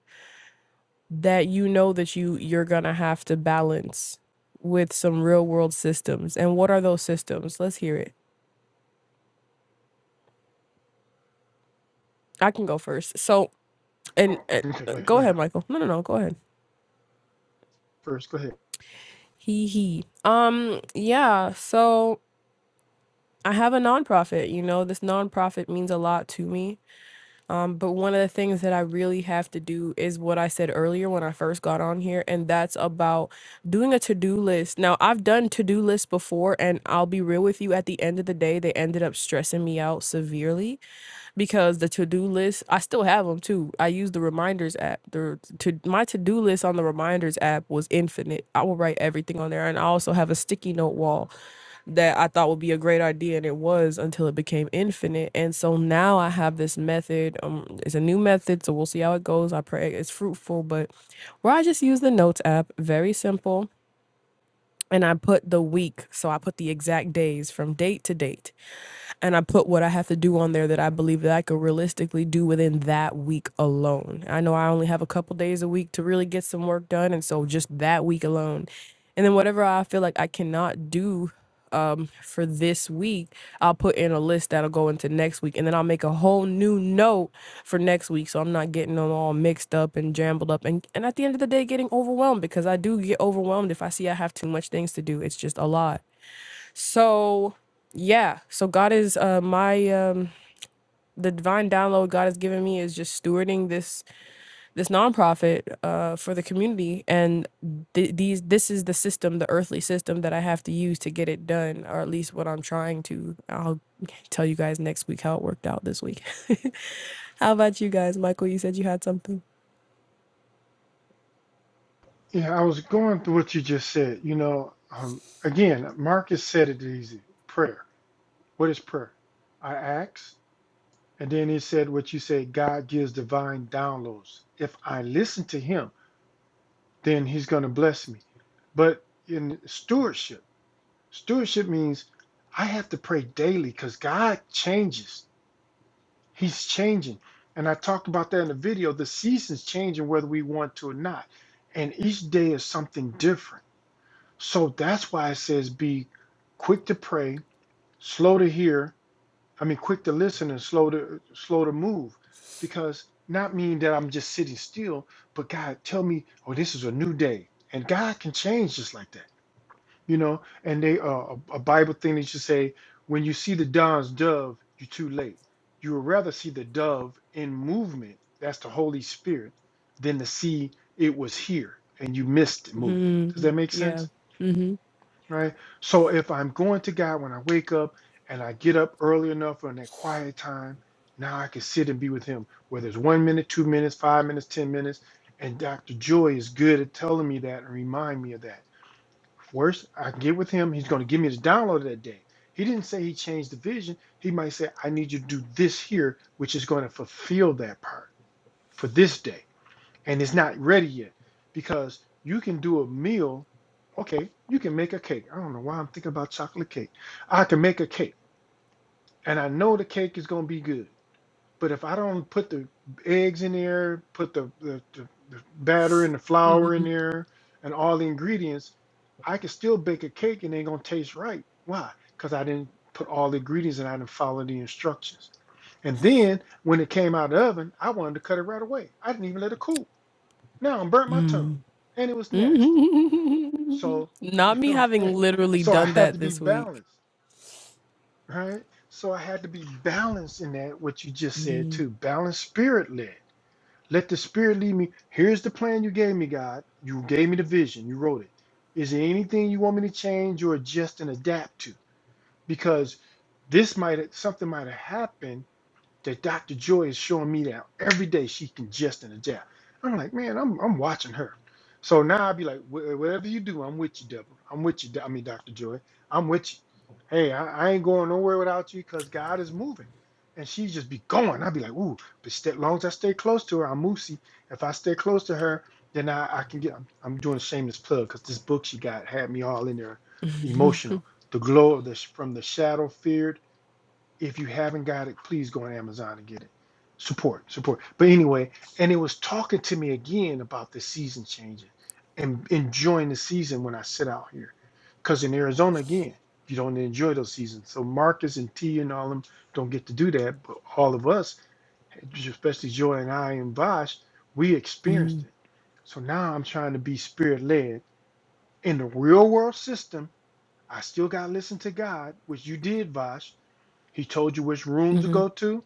[SPEAKER 1] that you know that you you're gonna have to balance with some real world systems? And what are those systems? Let's hear it. I can go first. So, and,
[SPEAKER 2] Oh,
[SPEAKER 1] uh
[SPEAKER 2] okay, go ahead,
[SPEAKER 1] go
[SPEAKER 2] go
[SPEAKER 1] ahead,
[SPEAKER 2] ahead.
[SPEAKER 1] Michael. No, no, no. Go ahead.
[SPEAKER 2] First, go ahead.
[SPEAKER 1] He, he. Um, yeah. So I have a nonprofit. You know, this nonprofit means a lot to me. Um, but one of the things that I really have to do is what I said earlier when I first got on here, and that's about doing a to do list. Now, I've done to do lists before, and I'll be real with you. At the end of the day, they ended up stressing me out severely because the to-do list i still have them too i use the reminders app the to my to-do list on the reminders app was infinite i will write everything on there and i also have a sticky note wall that i thought would be a great idea and it was until it became infinite and so now i have this method um it's a new method so we'll see how it goes i pray it's fruitful but where i just use the notes app very simple and i put the week so i put the exact days from date to date and I put what I have to do on there that I believe that I could realistically do within that week alone. I know I only have a couple days a week to really get some work done, and so just that week alone, and then whatever I feel like I cannot do um for this week i'll put in a list that'll go into next week and then i'll make a whole new note for next week so i'm not getting them all mixed up and jumbled up and and at the end of the day getting overwhelmed because i do get overwhelmed if i see i have too much things to do it's just a lot so yeah, so God is uh my um the divine download God has given me is just stewarding this this nonprofit uh for the community and th- these this is the system, the earthly system that I have to use to get it done or at least what I'm trying to. I'll tell you guys next week how it worked out this week. how about you guys, Michael? You said you had something.
[SPEAKER 2] Yeah, I was going through what you just said. You know, um, again, Marcus said it easy. Prayer. What is prayer? I ask, and then he said what you said. God gives divine downloads. If I listen to Him, then he's going to bless me. But in stewardship, stewardship means I have to pray daily because God changes. He's changing. And I talked about that in the video. The season's changing whether we want to or not. And each day is something different. So that's why it says be quick to pray, slow to hear, I mean, quick to listen and slow to slow to move, because not mean that I'm just sitting still, but God tell me, oh, this is a new day, and God can change just like that, you know. And they uh, a, a Bible thing that you say, when you see the dawn's dove, you're too late. You would rather see the dove in movement, that's the Holy Spirit, than to see it was here and you missed the movement. Does that
[SPEAKER 1] Mm,
[SPEAKER 2] make
[SPEAKER 1] yeah.
[SPEAKER 2] sense?
[SPEAKER 1] Mhm.
[SPEAKER 2] right? So if I'm going to God when I wake up and I get up early enough on that quiet time, now I can sit and be with Him, whether it's one minute, two minutes, five minutes, 10 minutes. And Dr. Joy is good at telling me that and remind me of that. Worse, I can get with Him. He's going to give me the download that day. He didn't say He changed the vision. He might say, I need you to do this here, which is going to fulfill that part for this day and it's not ready yet because you can do a meal. Okay, you can make a cake. I don't know why I'm thinking about chocolate cake. I can make a cake, and I know the cake is going to be good. But if I don't put the eggs in there, put the, the, the, the batter and the flour in
[SPEAKER 1] Mhm.
[SPEAKER 2] there, and all the ingredients, I can still bake a cake and it ain't going to taste right. Why? Because I didn't put all the ingredients and I didn't follow the instructions. And then when it came out of the oven, I wanted to cut it right away. I didn't even let it cool. Now I'm burnt my tongue, and it was nasty.
[SPEAKER 1] Mhm.
[SPEAKER 2] So,
[SPEAKER 1] Not me
[SPEAKER 2] okay,
[SPEAKER 1] having literally
[SPEAKER 2] so I
[SPEAKER 1] done
[SPEAKER 2] have to
[SPEAKER 1] that
[SPEAKER 2] be
[SPEAKER 1] this week.
[SPEAKER 2] balanced, right? So I had to be balanced in that what you just said too. Balanced, spirit led. Let the spirit lead me. Here's the plan you gave me, God. You gave me the vision. You wrote it. Is there anything you want me to change or adjust and adapt to? Because this might something might have happened that Dr. Joy is showing me that every day she can just in a jab. I'm like, man, I'm I'm watching her. So now I'd be like, "Wha- whatever you do, I'm with you, Deborah. I'm with you. Do- I mean, Dr. Joy, I'm with you. Hey, I, I ain't going nowhere without you because God is moving. And she just be going. I'd be like, ooh, but st- as long as I stay close to her, I'm moosey. If I stay close to her, then I, I can get, I'm, I'm doing a shameless plug because this book she got had me all in there emotional. The glow of the, sh- from the shadow feared if you haven't got it, please go on Amazon and get it. Support, support. But anyway, and it was talking to me again about the season changing and enjoying the season when I sit out here. Because in Arizona, again, you don't enjoy those seasons. So Marcus and T and all of them don't get to do that. But all of us, especially Joy and I and Vosh, we experienced
[SPEAKER 1] Mm-hmm.
[SPEAKER 2] it. So now I'm trying to be spirit led in the real world system. I still got to listen to God, which you did, Vosh he told you which room to go to.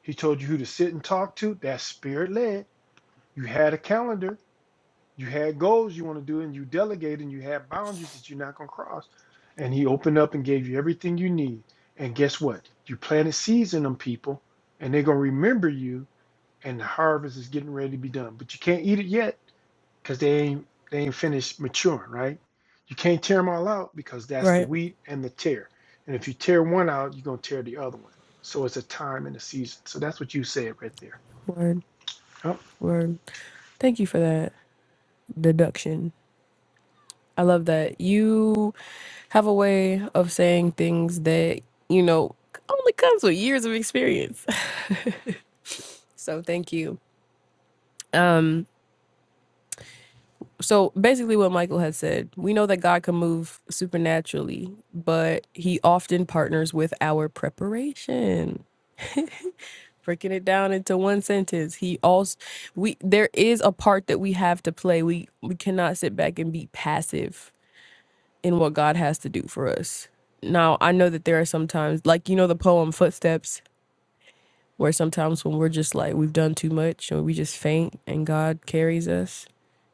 [SPEAKER 2] He told you who to sit and talk to. That's spirit led. You had a calendar. You had goals you want to do, and you delegated, and you had boundaries that you're not going to cross. And he opened up and gave you everything you need. And guess what? You planted seeds in them people, and they're going to remember you, and the harvest is getting ready to be done. But you can't eat it yet because they ain't they ain't finished maturing, right? You can't tear them all out because that's the
[SPEAKER 1] Right.
[SPEAKER 2] wheat and the tear. And if you tear one out, you're gonna tear the other one. So it's a time and a season. So that's what you said right there.
[SPEAKER 1] Word.
[SPEAKER 2] Yep.
[SPEAKER 1] Word. Thank you for that deduction. I love that. You have a way of saying things that, you know, only comes with years of experience. so thank you. Um so basically what Michael has said, we know that God can move supernaturally, but he often partners with our preparation. Breaking it down into one sentence, he also we there is a part that we have to play. We we cannot sit back and be passive in what God has to do for us. Now, I know that there are sometimes, like, you know, the poem Footsteps, where sometimes when we're just like, we've done too much and we just faint and God carries us.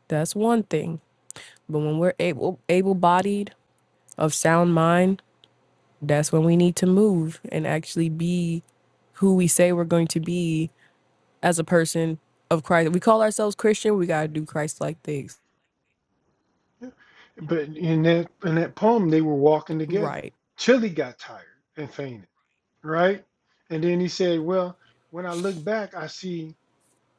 [SPEAKER 1] That's one thing. But when we're able, able bodied, of sound mind, that's when we need to move and actually be who we say we're going to be as a person of Christ. We call ourselves Christian, we got to do Christ like things.
[SPEAKER 2] But in that in that poem, they were walking together.
[SPEAKER 1] Right.
[SPEAKER 2] Chili got tired and fainted, right? And then he said, Well, when I look back, I see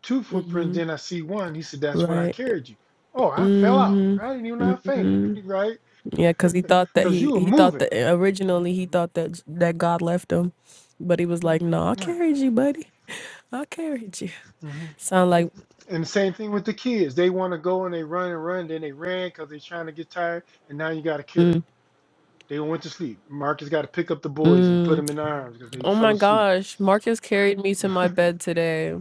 [SPEAKER 2] two
[SPEAKER 1] Mm
[SPEAKER 2] footprints,
[SPEAKER 1] hmm.
[SPEAKER 2] then I see one. He said, That's when I
[SPEAKER 1] Right.
[SPEAKER 2] carried you. Oh, I fell out.
[SPEAKER 1] Mm
[SPEAKER 2] I didn't even know I fainted,
[SPEAKER 1] hmm.
[SPEAKER 2] right?
[SPEAKER 1] Yeah, because he thought that
[SPEAKER 2] Because
[SPEAKER 1] he
[SPEAKER 2] you were
[SPEAKER 1] he thought
[SPEAKER 2] moving.
[SPEAKER 1] that eh, originally he
[SPEAKER 2] Mhm.
[SPEAKER 1] thought that that God left him, but he was like, "No, I
[SPEAKER 2] Right.
[SPEAKER 1] carried you, buddy. I carried you."
[SPEAKER 2] hmm
[SPEAKER 1] Sound like,
[SPEAKER 2] And the same thing with the kids. They want to go and they run and run, then they ran because they're trying to get tired, and now you got to carry them. They went to sleep. Marcus got to pick up the boys and put
[SPEAKER 1] mm,
[SPEAKER 2] them in arms because they
[SPEAKER 1] oh
[SPEAKER 2] fell
[SPEAKER 1] my
[SPEAKER 2] asleep.
[SPEAKER 1] gosh, Marcus carried me to my bed today.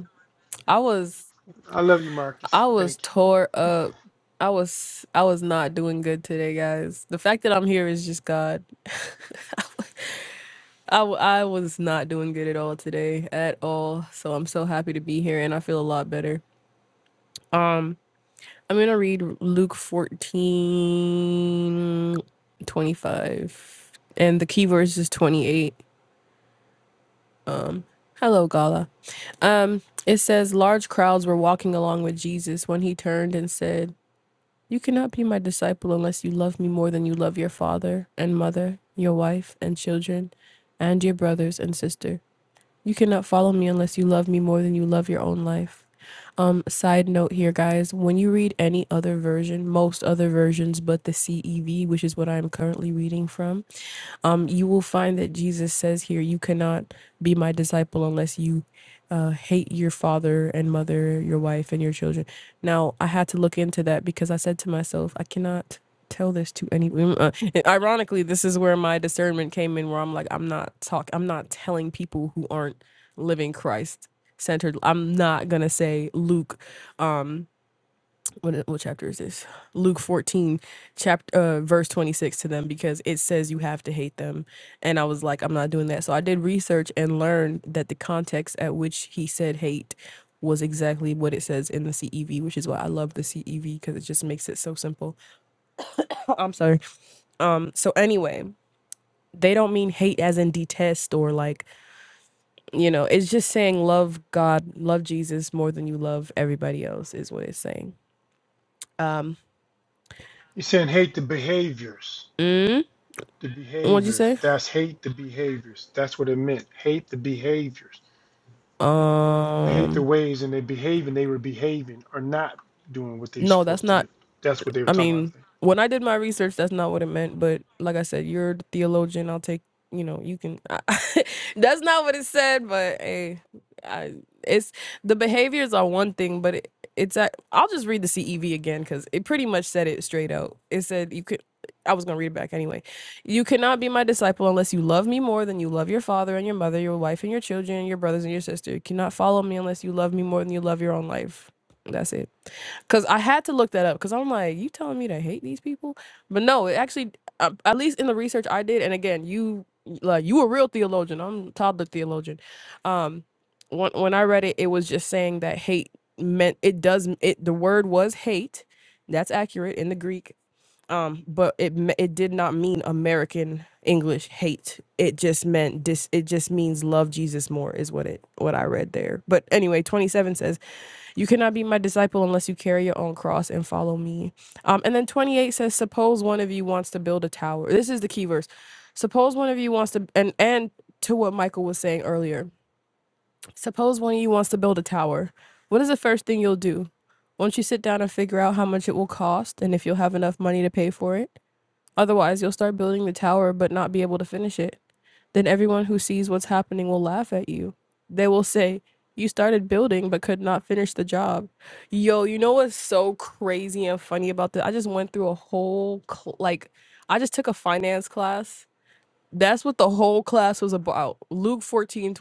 [SPEAKER 1] I was
[SPEAKER 2] I love you, Marcus.
[SPEAKER 1] I was
[SPEAKER 2] Thank you.
[SPEAKER 1] tore up. I was I was not doing good today, guys. The fact that I'm here is just God. I, w- I was not doing good at all today at all. So I'm so happy to be here and I feel a lot better. Um, I'm gonna read Luke 14 25, And the key verse is 28. Um, hello, Gala. Um, it says, Large crowds were walking along with Jesus when he turned and said, You cannot be my disciple unless you love me more than you love your father and mother, your wife and children, and your brothers and sister. You cannot follow me unless you love me more than you love your own life. Um, side note here, guys, when you read any other version, most other versions but the CEV, which is what I'm currently reading from, um, you will find that Jesus says here, You cannot be my disciple unless you uh, hate your father and mother, your wife, and your children. Now, I had to look into that because I said to myself, I cannot tell this to anyone. uh, ironically this is where my discernment came in where i'm like i'm not talk i'm not telling people who aren't living christ centered i'm not gonna say luke um what what chapter is this? Luke 14 chapter uh verse 26 to them because it says you have to hate them. And I was like I'm not doing that. So I did research and learned that the context at which he said hate was exactly what it says in the CEV, which is why I love the CEV cuz it just makes it so simple. Oh, I'm sorry. Um so anyway, they don't mean hate as in detest or like, you know, it's just saying love God, love Jesus more than you love everybody else is what it's saying. Um
[SPEAKER 2] You're saying hate the behaviors.
[SPEAKER 1] mm,
[SPEAKER 2] The
[SPEAKER 1] what'd you
[SPEAKER 2] behaviors.
[SPEAKER 1] say?
[SPEAKER 2] That's hate the behaviors. That's what it meant. Hate the behaviors. Hate the
[SPEAKER 1] Um,
[SPEAKER 2] ways and they behaving. They were behaving or not doing what they were
[SPEAKER 1] no, that's
[SPEAKER 2] supposed to
[SPEAKER 1] not.
[SPEAKER 2] do. That's what they were
[SPEAKER 1] I
[SPEAKER 2] talking about.
[SPEAKER 1] mean, when I did my research, that's not what it meant. But like I said, you're the theologian. I'll take, you know, you can. I, that's not what it said, but hey, I, it's the behaviors are one thing, but it, it's. i I'll just read the CEV again because it pretty much said it straight out. It said you could. I was gonna read it back anyway. You cannot be my disciple unless you love me more than you love your father and your mother, your wife and your children, your brothers and your sister. You cannot follow me unless you love me more than you love your own life. That's it. Cause I had to look that up. Cause I'm like, you telling me to hate these people? But no, it actually, uh, at least in the research I did, and again, you like you a real theologian. I'm a toddler theologian. Um, when when I read it, it was just saying that hate meant it does it. The word was hate. That's accurate in the Greek. Um, but it me- it did not mean American English hate. It just meant dis. It just means love Jesus more is what it what I read there. But anyway, 27 says. You cannot be my disciple unless you carry your own cross and follow me. Um, and then 28 says, Suppose one of you wants to build a tower. This is the key verse. Suppose one of you wants to, and, and to what Michael was saying earlier, suppose one of you wants to build a tower. What is the first thing you'll do? Won't you sit down and figure out how much it will cost and if you'll have enough money to pay for it? Otherwise, you'll start building the tower but not be able to finish it. Then everyone who sees what's happening will laugh at you. They will say, You started building but could not finish the job. Yo, you know what's so crazy and funny about this? I just went through a whole, cl- like, I just took a finance class. That's what the whole class was about. Luke 14:28.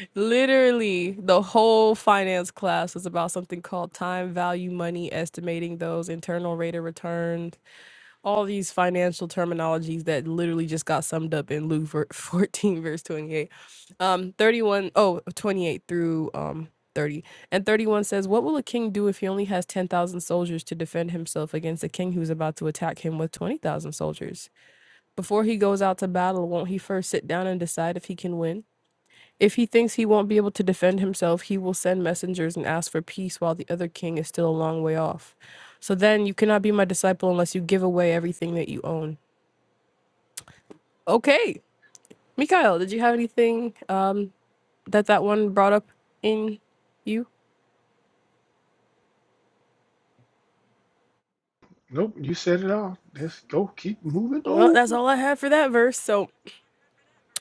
[SPEAKER 1] Literally, the whole finance class was about something called time value money, estimating those internal rate of return all these financial terminologies that literally just got summed up in Luke ver- 14 verse 28 um 31 oh twenty-eight through um 30 and 31 says what will a king do if he only has 10,000 soldiers to defend himself against a king who's about to attack him with 20,000 soldiers before he goes out to battle won't he first sit down and decide if he can win if he thinks he won't be able to defend himself, he will send messengers and ask for peace while the other king is still a long way off. So then you cannot be my disciple unless you give away everything that you own. Okay. Mikhail, did you have anything um, that that one brought up in you?
[SPEAKER 2] Nope, you said it all. Let's go. Keep moving
[SPEAKER 1] Well, that's
[SPEAKER 2] on.
[SPEAKER 1] all I had for that verse. So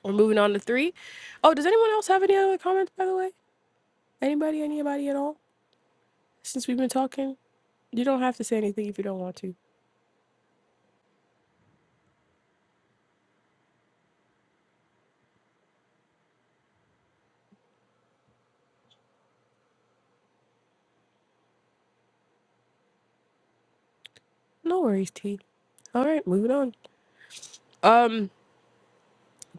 [SPEAKER 1] we're moving on to three. Oh, does anyone else have any other comments, by the way? Anybody, anybody at all? Since we've been talking, you don't have to say anything if you don't want to. No worries, T. All right, moving on. Um,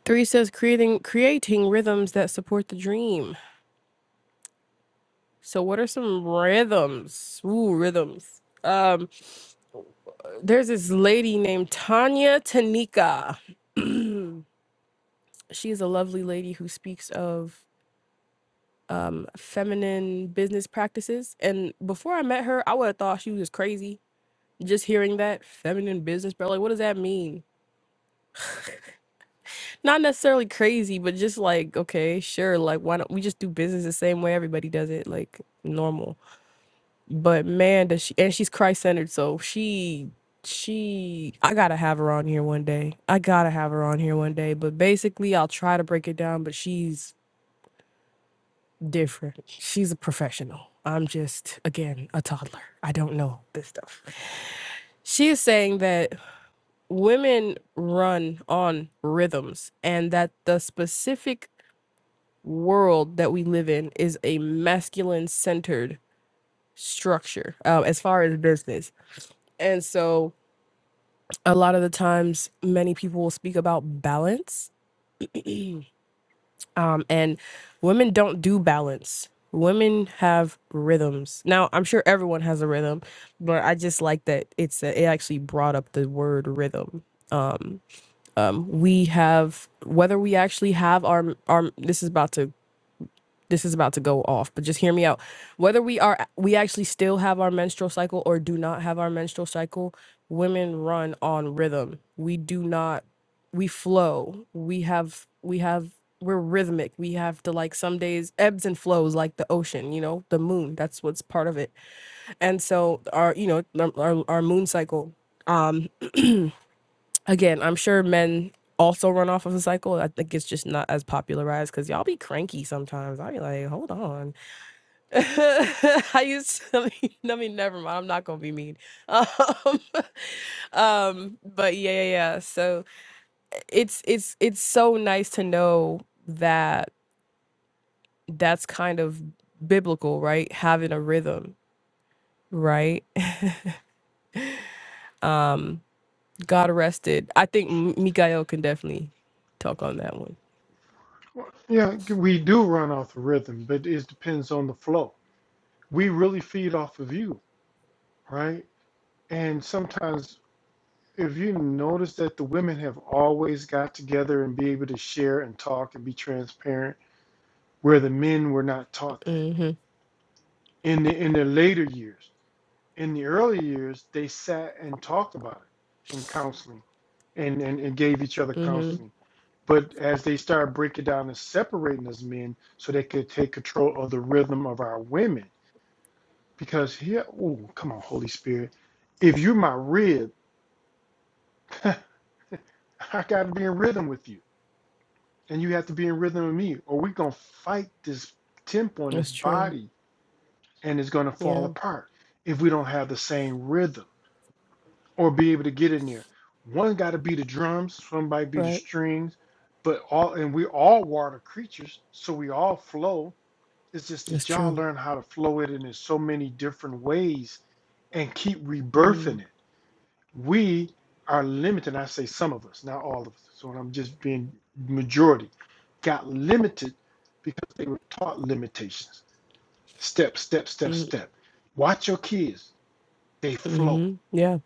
[SPEAKER 1] Three says creating creating rhythms that support the dream. So what are some rhythms? Ooh, rhythms. Um, there's this lady named Tanya Tanika. She's a lovely lady who speaks of um feminine business practices. And before I met her, I would have thought she was crazy. Just hearing that feminine business, bro, like what does that mean? Not necessarily crazy, but just like, okay, sure, like why don't we just do business the same way everybody does it, like normal but man does she and she's christ-centered so she she i gotta have her on here one day i gotta have her on here one day but basically i'll try to break it down but she's different she's a professional i'm just again a toddler i don't know this stuff she is saying that women run on rhythms and that the specific world that we live in is a masculine centered structure uh, as far as business and so a lot of the times many people will speak about balance um, and women don't do balance women have rhythms now i'm sure everyone has a rhythm but i just like that it's it actually brought up the word rhythm um, um, we have whether we actually have our our this is about to this is about to go off, but just hear me out. Whether we are we actually still have our menstrual cycle or do not have our menstrual cycle, women run on rhythm. We do not we flow. We have we have we're rhythmic. We have to like some days ebbs and flows like the ocean, you know, the moon. That's what's part of it. And so our you know our our, our moon cycle um again, I'm sure men also run off of a cycle. I think it's just not as popularized because y'all be cranky sometimes. I be like, hold on. I used to, I mean, I mean, never mind. I'm not gonna be mean. Um, um, but yeah, yeah, yeah. So it's it's it's so nice to know that that's kind of biblical, right? Having a rhythm, right? Um, God rested. I think M- Mikael can definitely talk on that one.
[SPEAKER 2] Well, yeah, we do run off the rhythm, but it depends on the flow. We really feed off of you, right? And sometimes, if you notice that the women have always got together and be able to share and talk and be transparent, where the men were not taught that
[SPEAKER 1] Mm-hmm.
[SPEAKER 2] in the in their later years. In the early years, they sat and talked about it in counseling, and and, and gave each other
[SPEAKER 1] Mm-hmm.
[SPEAKER 2] counseling But as they start breaking down and separating us men so they could take control of the rhythm of our women. Because here, oh, come on, Holy Spirit. If you're my rib, I got to be in rhythm with you. And you have to be in rhythm with me, or we're going to fight this temple in this
[SPEAKER 1] That's true.
[SPEAKER 2] body and it's going to fall
[SPEAKER 1] Yeah.
[SPEAKER 2] apart if we don't have the same rhythm or be able to get in there. One got to be the drums, somebody be the
[SPEAKER 1] Right.
[SPEAKER 2] strings, but all, and we're all water creatures, so we all flow It's just
[SPEAKER 1] That's
[SPEAKER 2] that y'all
[SPEAKER 1] true.
[SPEAKER 2] learn how to flow it in so many different ways and keep
[SPEAKER 1] Mm-hmm.
[SPEAKER 2] rebirthing it. We are limited. I say some of us, not all of us. So I'm just being majority got limited because they were taught limitations. Step, step, step, step. Watch your kids. They flow.
[SPEAKER 1] Mm-hmm. Yeah.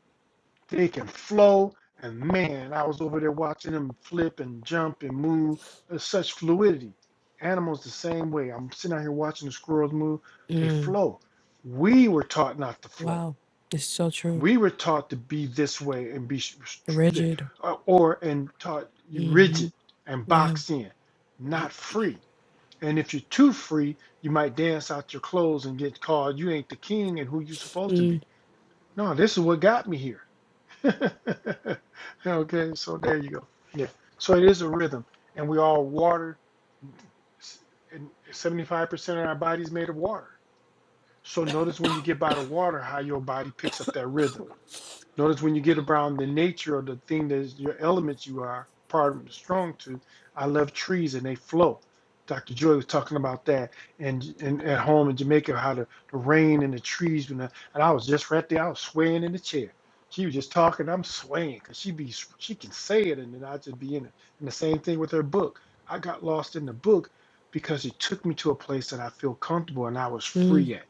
[SPEAKER 2] They can flow. And man, I was over there watching them flip and jump and move. There's such fluidity. Animals the same way. I'm sitting out here watching the squirrels move. They
[SPEAKER 1] Mm.
[SPEAKER 2] flow. We were taught not to flow.
[SPEAKER 1] Wow. It's so true.
[SPEAKER 2] We were taught to be this way and be
[SPEAKER 1] Rigid.
[SPEAKER 2] uh, or and taught you rigid and
[SPEAKER 1] Yeah.
[SPEAKER 2] boxed in, not free. And if you're too free, you might dance out your clothes and get called you ain't the king and who you supposed to
[SPEAKER 1] Mm,
[SPEAKER 2] be. No, this is what got me here. Okay, so there you go. Yeah. So it is a rhythm, and we all water, and 75% of our body is made of water. So notice when you get by the water, how your body picks up that rhythm. Notice when you get around the nature of the thing that is your elements you are, part of strong to, I love trees and they flow. Dr. Joy was talking about that and, and at home in Jamaica, how the, the rain and the trees. And, the, and I was just right there, I was swaying in the chair. She was just talking, I'm swaying because she be she can say it and then I just be in it. And the same thing with her book. I got lost in the book because it took me to a place that I feel comfortable and I was free at,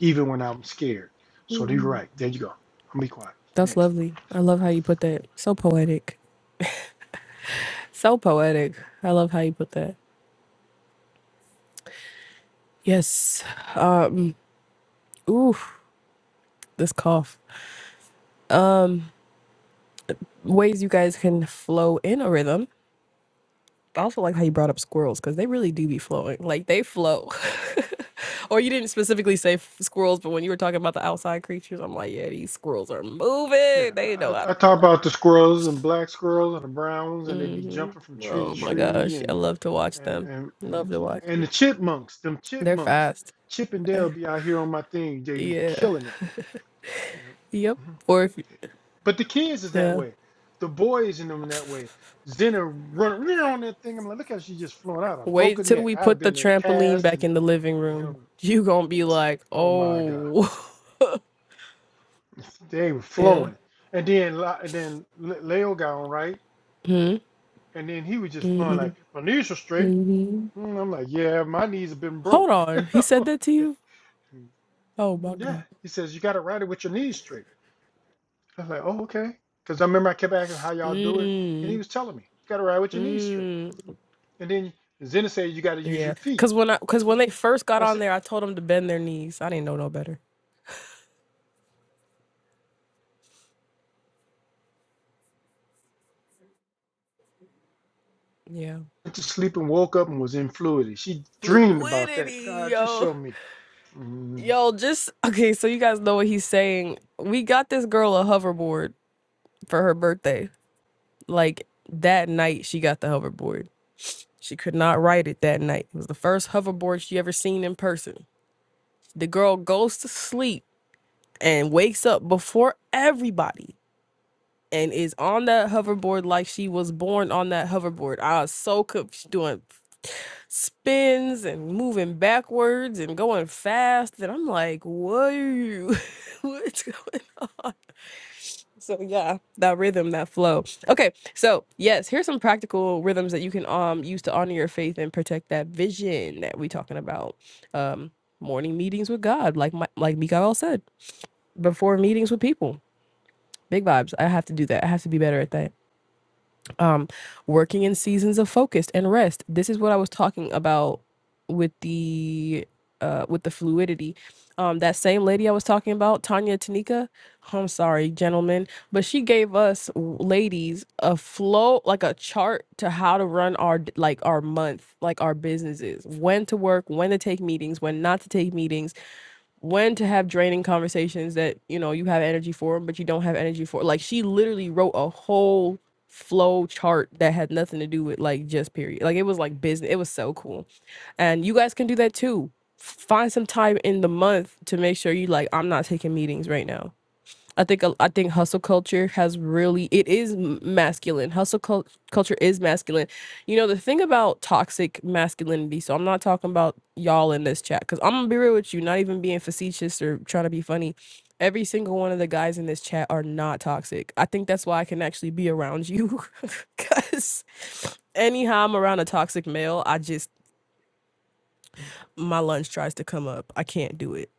[SPEAKER 2] even when I'm scared. So you're right. There you go. I'm be quiet.
[SPEAKER 1] that's
[SPEAKER 2] Next.
[SPEAKER 1] lovely. I love how you put that. So poetic. So poetic. I love how you put that. Yes. Ooh, this cough. Ways you guys can flow in a rhythm. I also like how you brought up squirrels because they really do be flowing. Like they flow. or you didn't specifically say f- squirrels, but when you were talking about the outside creatures, I'm like, yeah, these squirrels are
[SPEAKER 2] Yeah,
[SPEAKER 1] moving. They
[SPEAKER 2] I,
[SPEAKER 1] know how
[SPEAKER 2] I
[SPEAKER 1] to
[SPEAKER 2] talk
[SPEAKER 1] flow.
[SPEAKER 2] about the squirrels and black squirrels and the browns, and they be jumping from tree to
[SPEAKER 1] Oh my
[SPEAKER 2] tree,
[SPEAKER 1] gosh. I
[SPEAKER 2] and
[SPEAKER 1] love to watch
[SPEAKER 2] and
[SPEAKER 1] them.
[SPEAKER 2] and
[SPEAKER 1] Love
[SPEAKER 2] and,
[SPEAKER 1] to watch
[SPEAKER 2] and
[SPEAKER 1] them.
[SPEAKER 2] the chipmunks, them
[SPEAKER 1] They're
[SPEAKER 2] chipmunks,
[SPEAKER 1] fast.
[SPEAKER 2] Chip and Dale be out here on my thing, they be
[SPEAKER 1] Yeah.
[SPEAKER 2] killing it. you know.
[SPEAKER 1] Yep.
[SPEAKER 2] Mhm.
[SPEAKER 1] Or if.
[SPEAKER 2] But the kids is that
[SPEAKER 1] Yeah.
[SPEAKER 2] way, the boys in them that way. Zena run, run on that thing. I'm like, look how she just flown out. I broke
[SPEAKER 1] Wait
[SPEAKER 2] her
[SPEAKER 1] till
[SPEAKER 2] neck.
[SPEAKER 1] we
[SPEAKER 2] I'd have
[SPEAKER 1] put the
[SPEAKER 2] been there
[SPEAKER 1] trampoline
[SPEAKER 2] cast
[SPEAKER 1] back
[SPEAKER 2] and
[SPEAKER 1] in the living
[SPEAKER 2] and
[SPEAKER 1] room.
[SPEAKER 2] him.
[SPEAKER 1] You gonna be like,
[SPEAKER 2] Oh my God,
[SPEAKER 1] oh,
[SPEAKER 2] they were
[SPEAKER 1] yeah.
[SPEAKER 2] flowing. And then La- and then Le- Leo got on right.
[SPEAKER 1] Hmm.
[SPEAKER 2] And then he was just flowing
[SPEAKER 1] hmm
[SPEAKER 2] like, my knees are straight.
[SPEAKER 1] hmm
[SPEAKER 2] Mm, I'm like, yeah, my knees have been
[SPEAKER 1] Hold
[SPEAKER 2] broke.
[SPEAKER 1] on. He said that to
[SPEAKER 2] okay.
[SPEAKER 1] you? Oh my
[SPEAKER 2] Yeah.
[SPEAKER 1] god.
[SPEAKER 2] He says, you got to ride it with your knees straight. I was like, oh, okay. Because I remember I kept asking how y'all do it. And he
[SPEAKER 1] Mm.
[SPEAKER 2] was telling me, you got to ride with your knees straight.
[SPEAKER 1] Mm.
[SPEAKER 2] And then Zena said, you got to use
[SPEAKER 1] Yeah.
[SPEAKER 2] your feet.
[SPEAKER 1] Cause when I, cause when they first got
[SPEAKER 2] I
[SPEAKER 1] on
[SPEAKER 2] said,
[SPEAKER 1] there, I told them to bend their knees. I didn't know no better. Yeah.
[SPEAKER 2] went to sleep and woke up and was in fluidity. She dreamed about that.
[SPEAKER 1] Fluidity,
[SPEAKER 2] God, just
[SPEAKER 1] yo.
[SPEAKER 2] show me. Mm.
[SPEAKER 1] Yo, just okay, so you guys know what he's saying. We got this girl a hoverboard for her birthday. like that night she got the hoverboard. She could not ride it that night. It was the first hoverboard she ever seen in person. The girl goes to sleep and wakes up before everybody and is on that hoverboard like she was born on that hoverboard. I was so confused doing spins and moving backwards and going fast and I'm like, what are you what's going on? So yeah, that rhythm, that flow. Okay, so yes, here's some practical rhythms that you can um use to honor your faith and protect that vision that we talking about. Um, morning meetings with God, like my, like Mikael said, before meetings with people. Big vibes. I have to do that. I have to be better at that um working in seasons of focus and rest this is what i was talking about with the uh with the fluidity um that same lady i was talking about tanya tanika i'm sorry gentlemen but she gave us w- ladies a flow like a chart to how to run our d- like our month like our businesses when to work when to take meetings when not to take meetings when to have draining conversations that you know you have energy for but you don't have energy for like she literally wrote a whole flow chart that had nothing to do with like just period like it was like business it was so cool and you guys can do that too find some time in the month to make sure you like i'm not taking meetings right now I think a- I think hustle culture has really it is m- masculine. Hustle cul- culture is masculine. You know the thing about toxic masculinity. So I'm not talking about y'all in this chat because I'm gonna be real with you. Not even being facetious or trying to be funny. Every single one of the guys in this chat are not toxic. I think that's why I can actually be around you because anyhow I'm around a toxic male, I just my lunch tries to come up. I can't do it.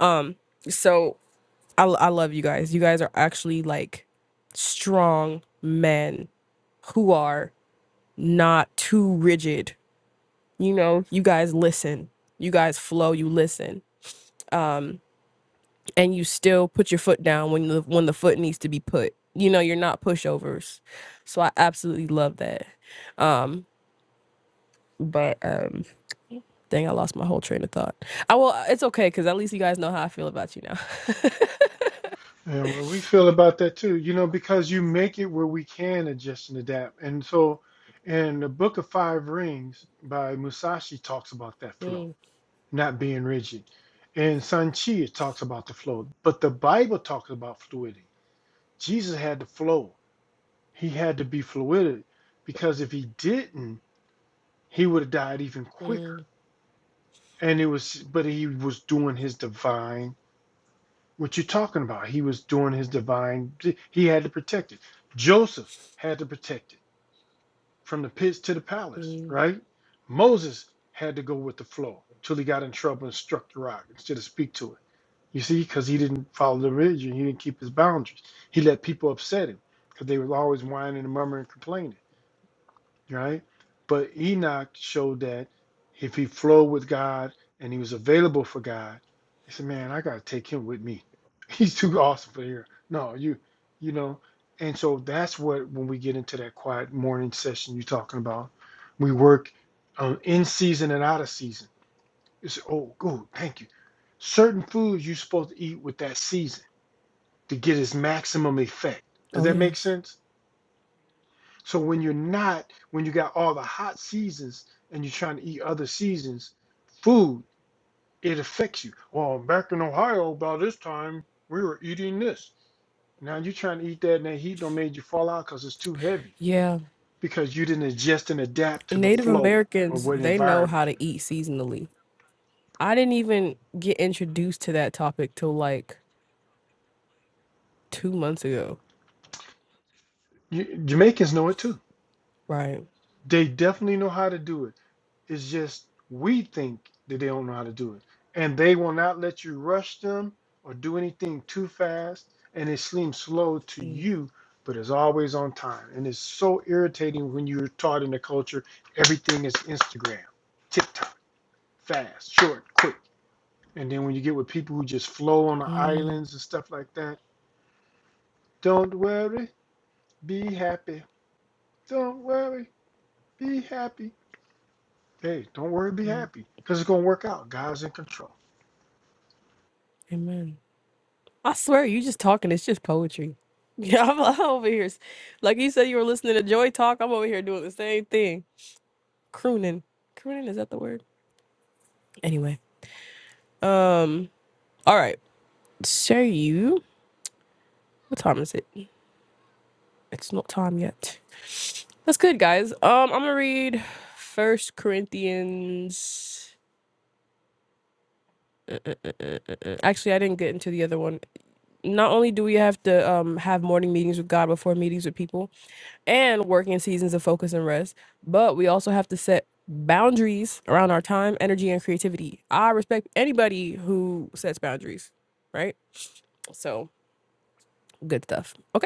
[SPEAKER 1] Um. So I, I love you guys. You guys are actually like strong men who are not too rigid. You know, you guys listen. You guys flow, you listen. Um and you still put your foot down when the when the foot needs to be put. You know, you're not pushovers. So I absolutely love that. Um but um dang, I lost my whole train of thought. I will it's okay cuz at least you guys know how I feel about you now.
[SPEAKER 2] And what we feel about that too, you know, because you make it where we can adjust and adapt. And so, in the book of Five Rings by Musashi talks about that flow, not being rigid. And Sun Chi it talks about the flow, but the Bible talks about fluidity. Jesus had to flow. He had to be fluid because if he didn't, he would have died even quicker. And it was, but he was doing his divine What you talking about? He was doing his divine. He had to protect it. Joseph had to protect it from the pits to the palace,
[SPEAKER 1] Mhm.
[SPEAKER 2] right? Moses had to go with the flow till he got in trouble and struck the rock instead of speak to it. You see, because he didn't follow the religion, he didn't keep his boundaries. He let people upset him because they were always whining and murmuring and complaining right? But Enoch showed that if he flowed with God and he was available for God, he said, "Man, I gotta take him with me. He's too awesome for here." No, you, you know, and so that's what when we get into that quiet morning session you're talking about, we work um, in season and out of season. It's oh, good, thank you. Certain foods you're supposed to eat with that season to get its maximum effect. Does
[SPEAKER 1] Oh
[SPEAKER 2] that make
[SPEAKER 1] yes.
[SPEAKER 2] sense? So when you're not, when you got all the hot seasons and you're trying to eat other seasons, food, it affects you. Well, back in Ohio, about this time, we were eating this. Now you're trying to eat that and that heat don't made you fall out because it's too heavy
[SPEAKER 1] Yeah.
[SPEAKER 2] because you didn't adjust and adapt to the
[SPEAKER 1] Native
[SPEAKER 2] flow of
[SPEAKER 1] Americans,
[SPEAKER 2] what
[SPEAKER 1] they know
[SPEAKER 2] environment
[SPEAKER 1] how to eat seasonally. I didn't even get introduced to that topic till like two months ago.
[SPEAKER 2] you, you Jamaicans know it too.
[SPEAKER 1] Right.
[SPEAKER 2] They definitely know how to do it. It's just we think that they don't know how to do it. And they will not let you rush them or do anything too fast. And it seems slow to
[SPEAKER 1] Mm,
[SPEAKER 2] you, but it's always on time. And it's so irritating when you're taught in the culture everything is Instagram, TikTok, fast, short, quick. And then when you get with people who just flow on the
[SPEAKER 1] mm,
[SPEAKER 2] islands and stuff like that, don't worry, be happy. Don't worry, be happy. Hey, don't worry, be
[SPEAKER 1] mm.
[SPEAKER 2] happy. Because it's going to work out. God's in control.
[SPEAKER 1] Amen. I swear, you just talking. It's just poetry. Yeah, I'm, I'm over here. s- Like you said, you were listening to Joy talk. I'm over here doing the same thing. Crooning. Crooning, is that the word? Anyway. Um. All right. So you, what time is it? It's not time yet. That's good, guys. Um, I'm gonna read First Corinthians. Actually, I didn't get into the other one. Not only do we have to um have morning meetings with God before meetings with people and working seasons of focus and rest, but we also have to set boundaries around our time, energy, and creativity. I respect anybody who sets boundaries, right? So good stuff. Okay.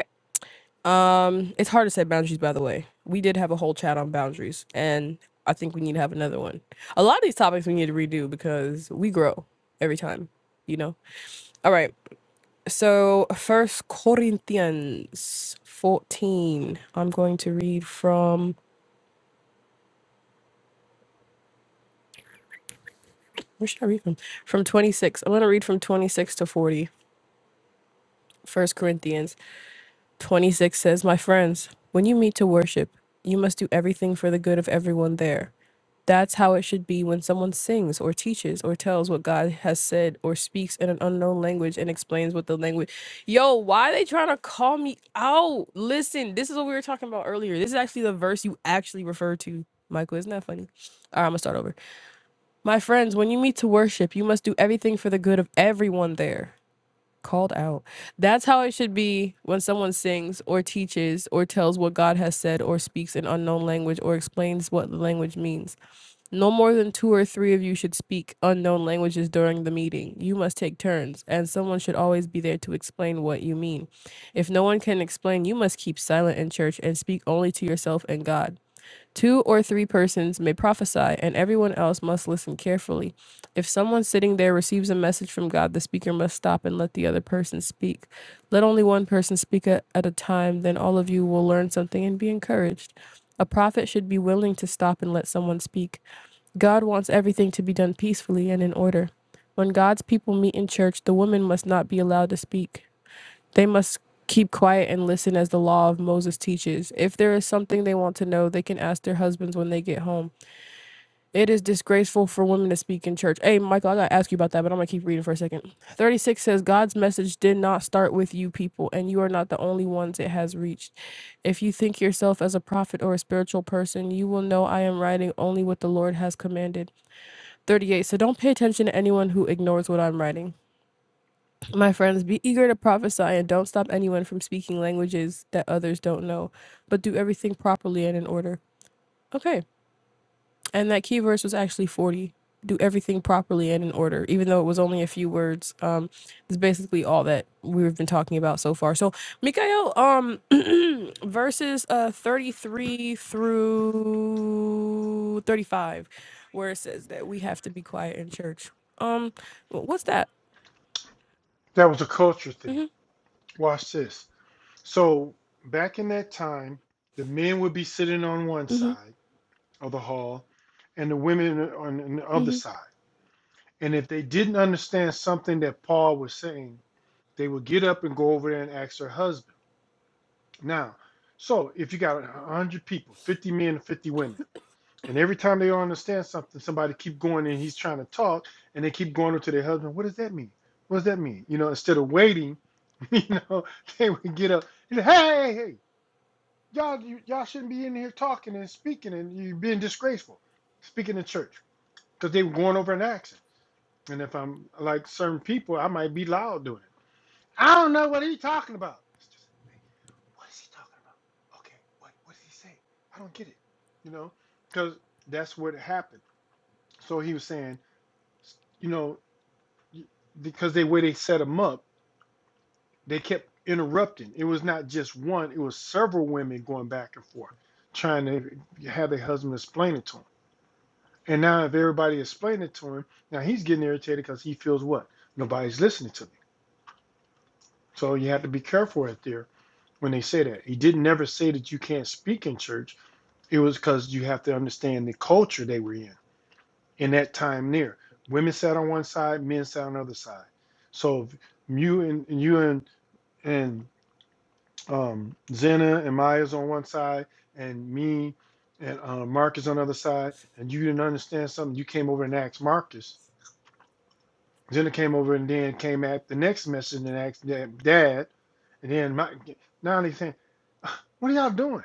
[SPEAKER 1] Um, it's hard to set boundaries, by the way. We did have a whole chat on boundaries, and I think we need to have another one. A lot of these topics we need to redo because we grow every time, you know? All right. So, First Corinthians 14. I'm going to read from, where should I read from? From 26. I'm going to read from 26 to 40. First Corinthians 26 says, My friends, when you meet to worship, you must do everything for the good of everyone there. That's how it should be when someone sings or teaches or tells what God has said or speaks in an unknown language and explains what the language. Yo, why are they trying to call me out? Listen, this is what we were talking about earlier. This is actually the verse you actually referred to, Michael. Isn't that funny? All right, I'm going to start over. My friends, when you meet to worship, you must do everything for the good of everyone there. Called out. That's how it should be when someone sings or teaches or tells what God has said or speaks in unknown language or explains what the language means. No more than two or three of you should speak unknown languages during the meeting. You must take turns, and someone should always be there to explain what you mean. If no one can explain, you must keep silent in church and speak only to yourself and God. Two or three persons may prophesy, and everyone else must listen carefully. If someone sitting there receives a message from God, the speaker must stop and let the other person speak. Let only one person speak at a time, then all of you will learn something and be encouraged. A prophet should be willing to stop and let someone speak. God wants everything to be done peacefully and in order. When God's people meet in church, the woman must not be allowed to speak. They must keep quiet and listen as the law of Moses teaches. If there is something they want to know, they can ask their husbands when they get home. It is disgraceful for women to speak in church. Hey, Michael, I got to ask you about that, but I'm going to keep reading for a second. 36 says, God's message did not start with you people, and you are not the only ones it has reached. If you think yourself as a prophet or a spiritual person, you will know I am writing only what the Lord has commanded. 38. So don't pay attention to anyone who ignores what I'm writing. My friends, be eager to prophesy and don't stop anyone from speaking languages that others don't know, but do everything properly and in order. Okay. And that key verse was actually 40. Do everything properly and in order, even though it was only a few words. Um, it's basically all that we've been talking about so far. So, Mikael, um, verses uh 33 through 35, where it says that we have to be quiet in church. Um, wh- what's that?
[SPEAKER 2] That was a culture thing.
[SPEAKER 1] Mm-hmm,
[SPEAKER 2] Watch this. So back in that time, the men would be sitting on one
[SPEAKER 1] mm-hmm,
[SPEAKER 2] side of the hall and the women on the other
[SPEAKER 1] mm-hmm.
[SPEAKER 2] side. And if they didn't understand something that Paul was saying, they would get up and go over there and ask their husband. Now, so if you got 100 people, 50 men and 50 women, And every time they don't understand something, somebody keep going and he's trying to talk, and they keep going to their husband. What does that mean? What does that mean? You know, instead of waiting, you know, they would get up. And, say, hey, hey, hey, y'all, you, y'all shouldn't be in here talking and speaking, and you are being disgraceful, speaking in church, because they were going over an accent. And if I'm like certain people, I might be loud doing it. I don't know what he's talking about. It's just, "Hey, what is he talking about? Okay, what what did he say? I don't get it. You know, because that's what happened. So he was saying, you know, because the way they set him up, they kept interrupting. It was not just one; it was several women going back and forth, trying to have their husband explain it to him. And now, if everybody explained it to him, now he's getting irritated because he feels what nobody's listening to me. So you have to be careful out there when they say that. He didn't never say that you can't speak in church. It was because you have to understand the culture they were in. in that time near. Women sat on one side, men sat on the other side. So if you and and you and and um, Zena and Maya's on one side, and me and uh, Marcus on the other side, and you didn't understand something, you came over and asked Marcus Jenna came over and then came at the next message and asked Dad, and then my now they saying, "What are y'all doing?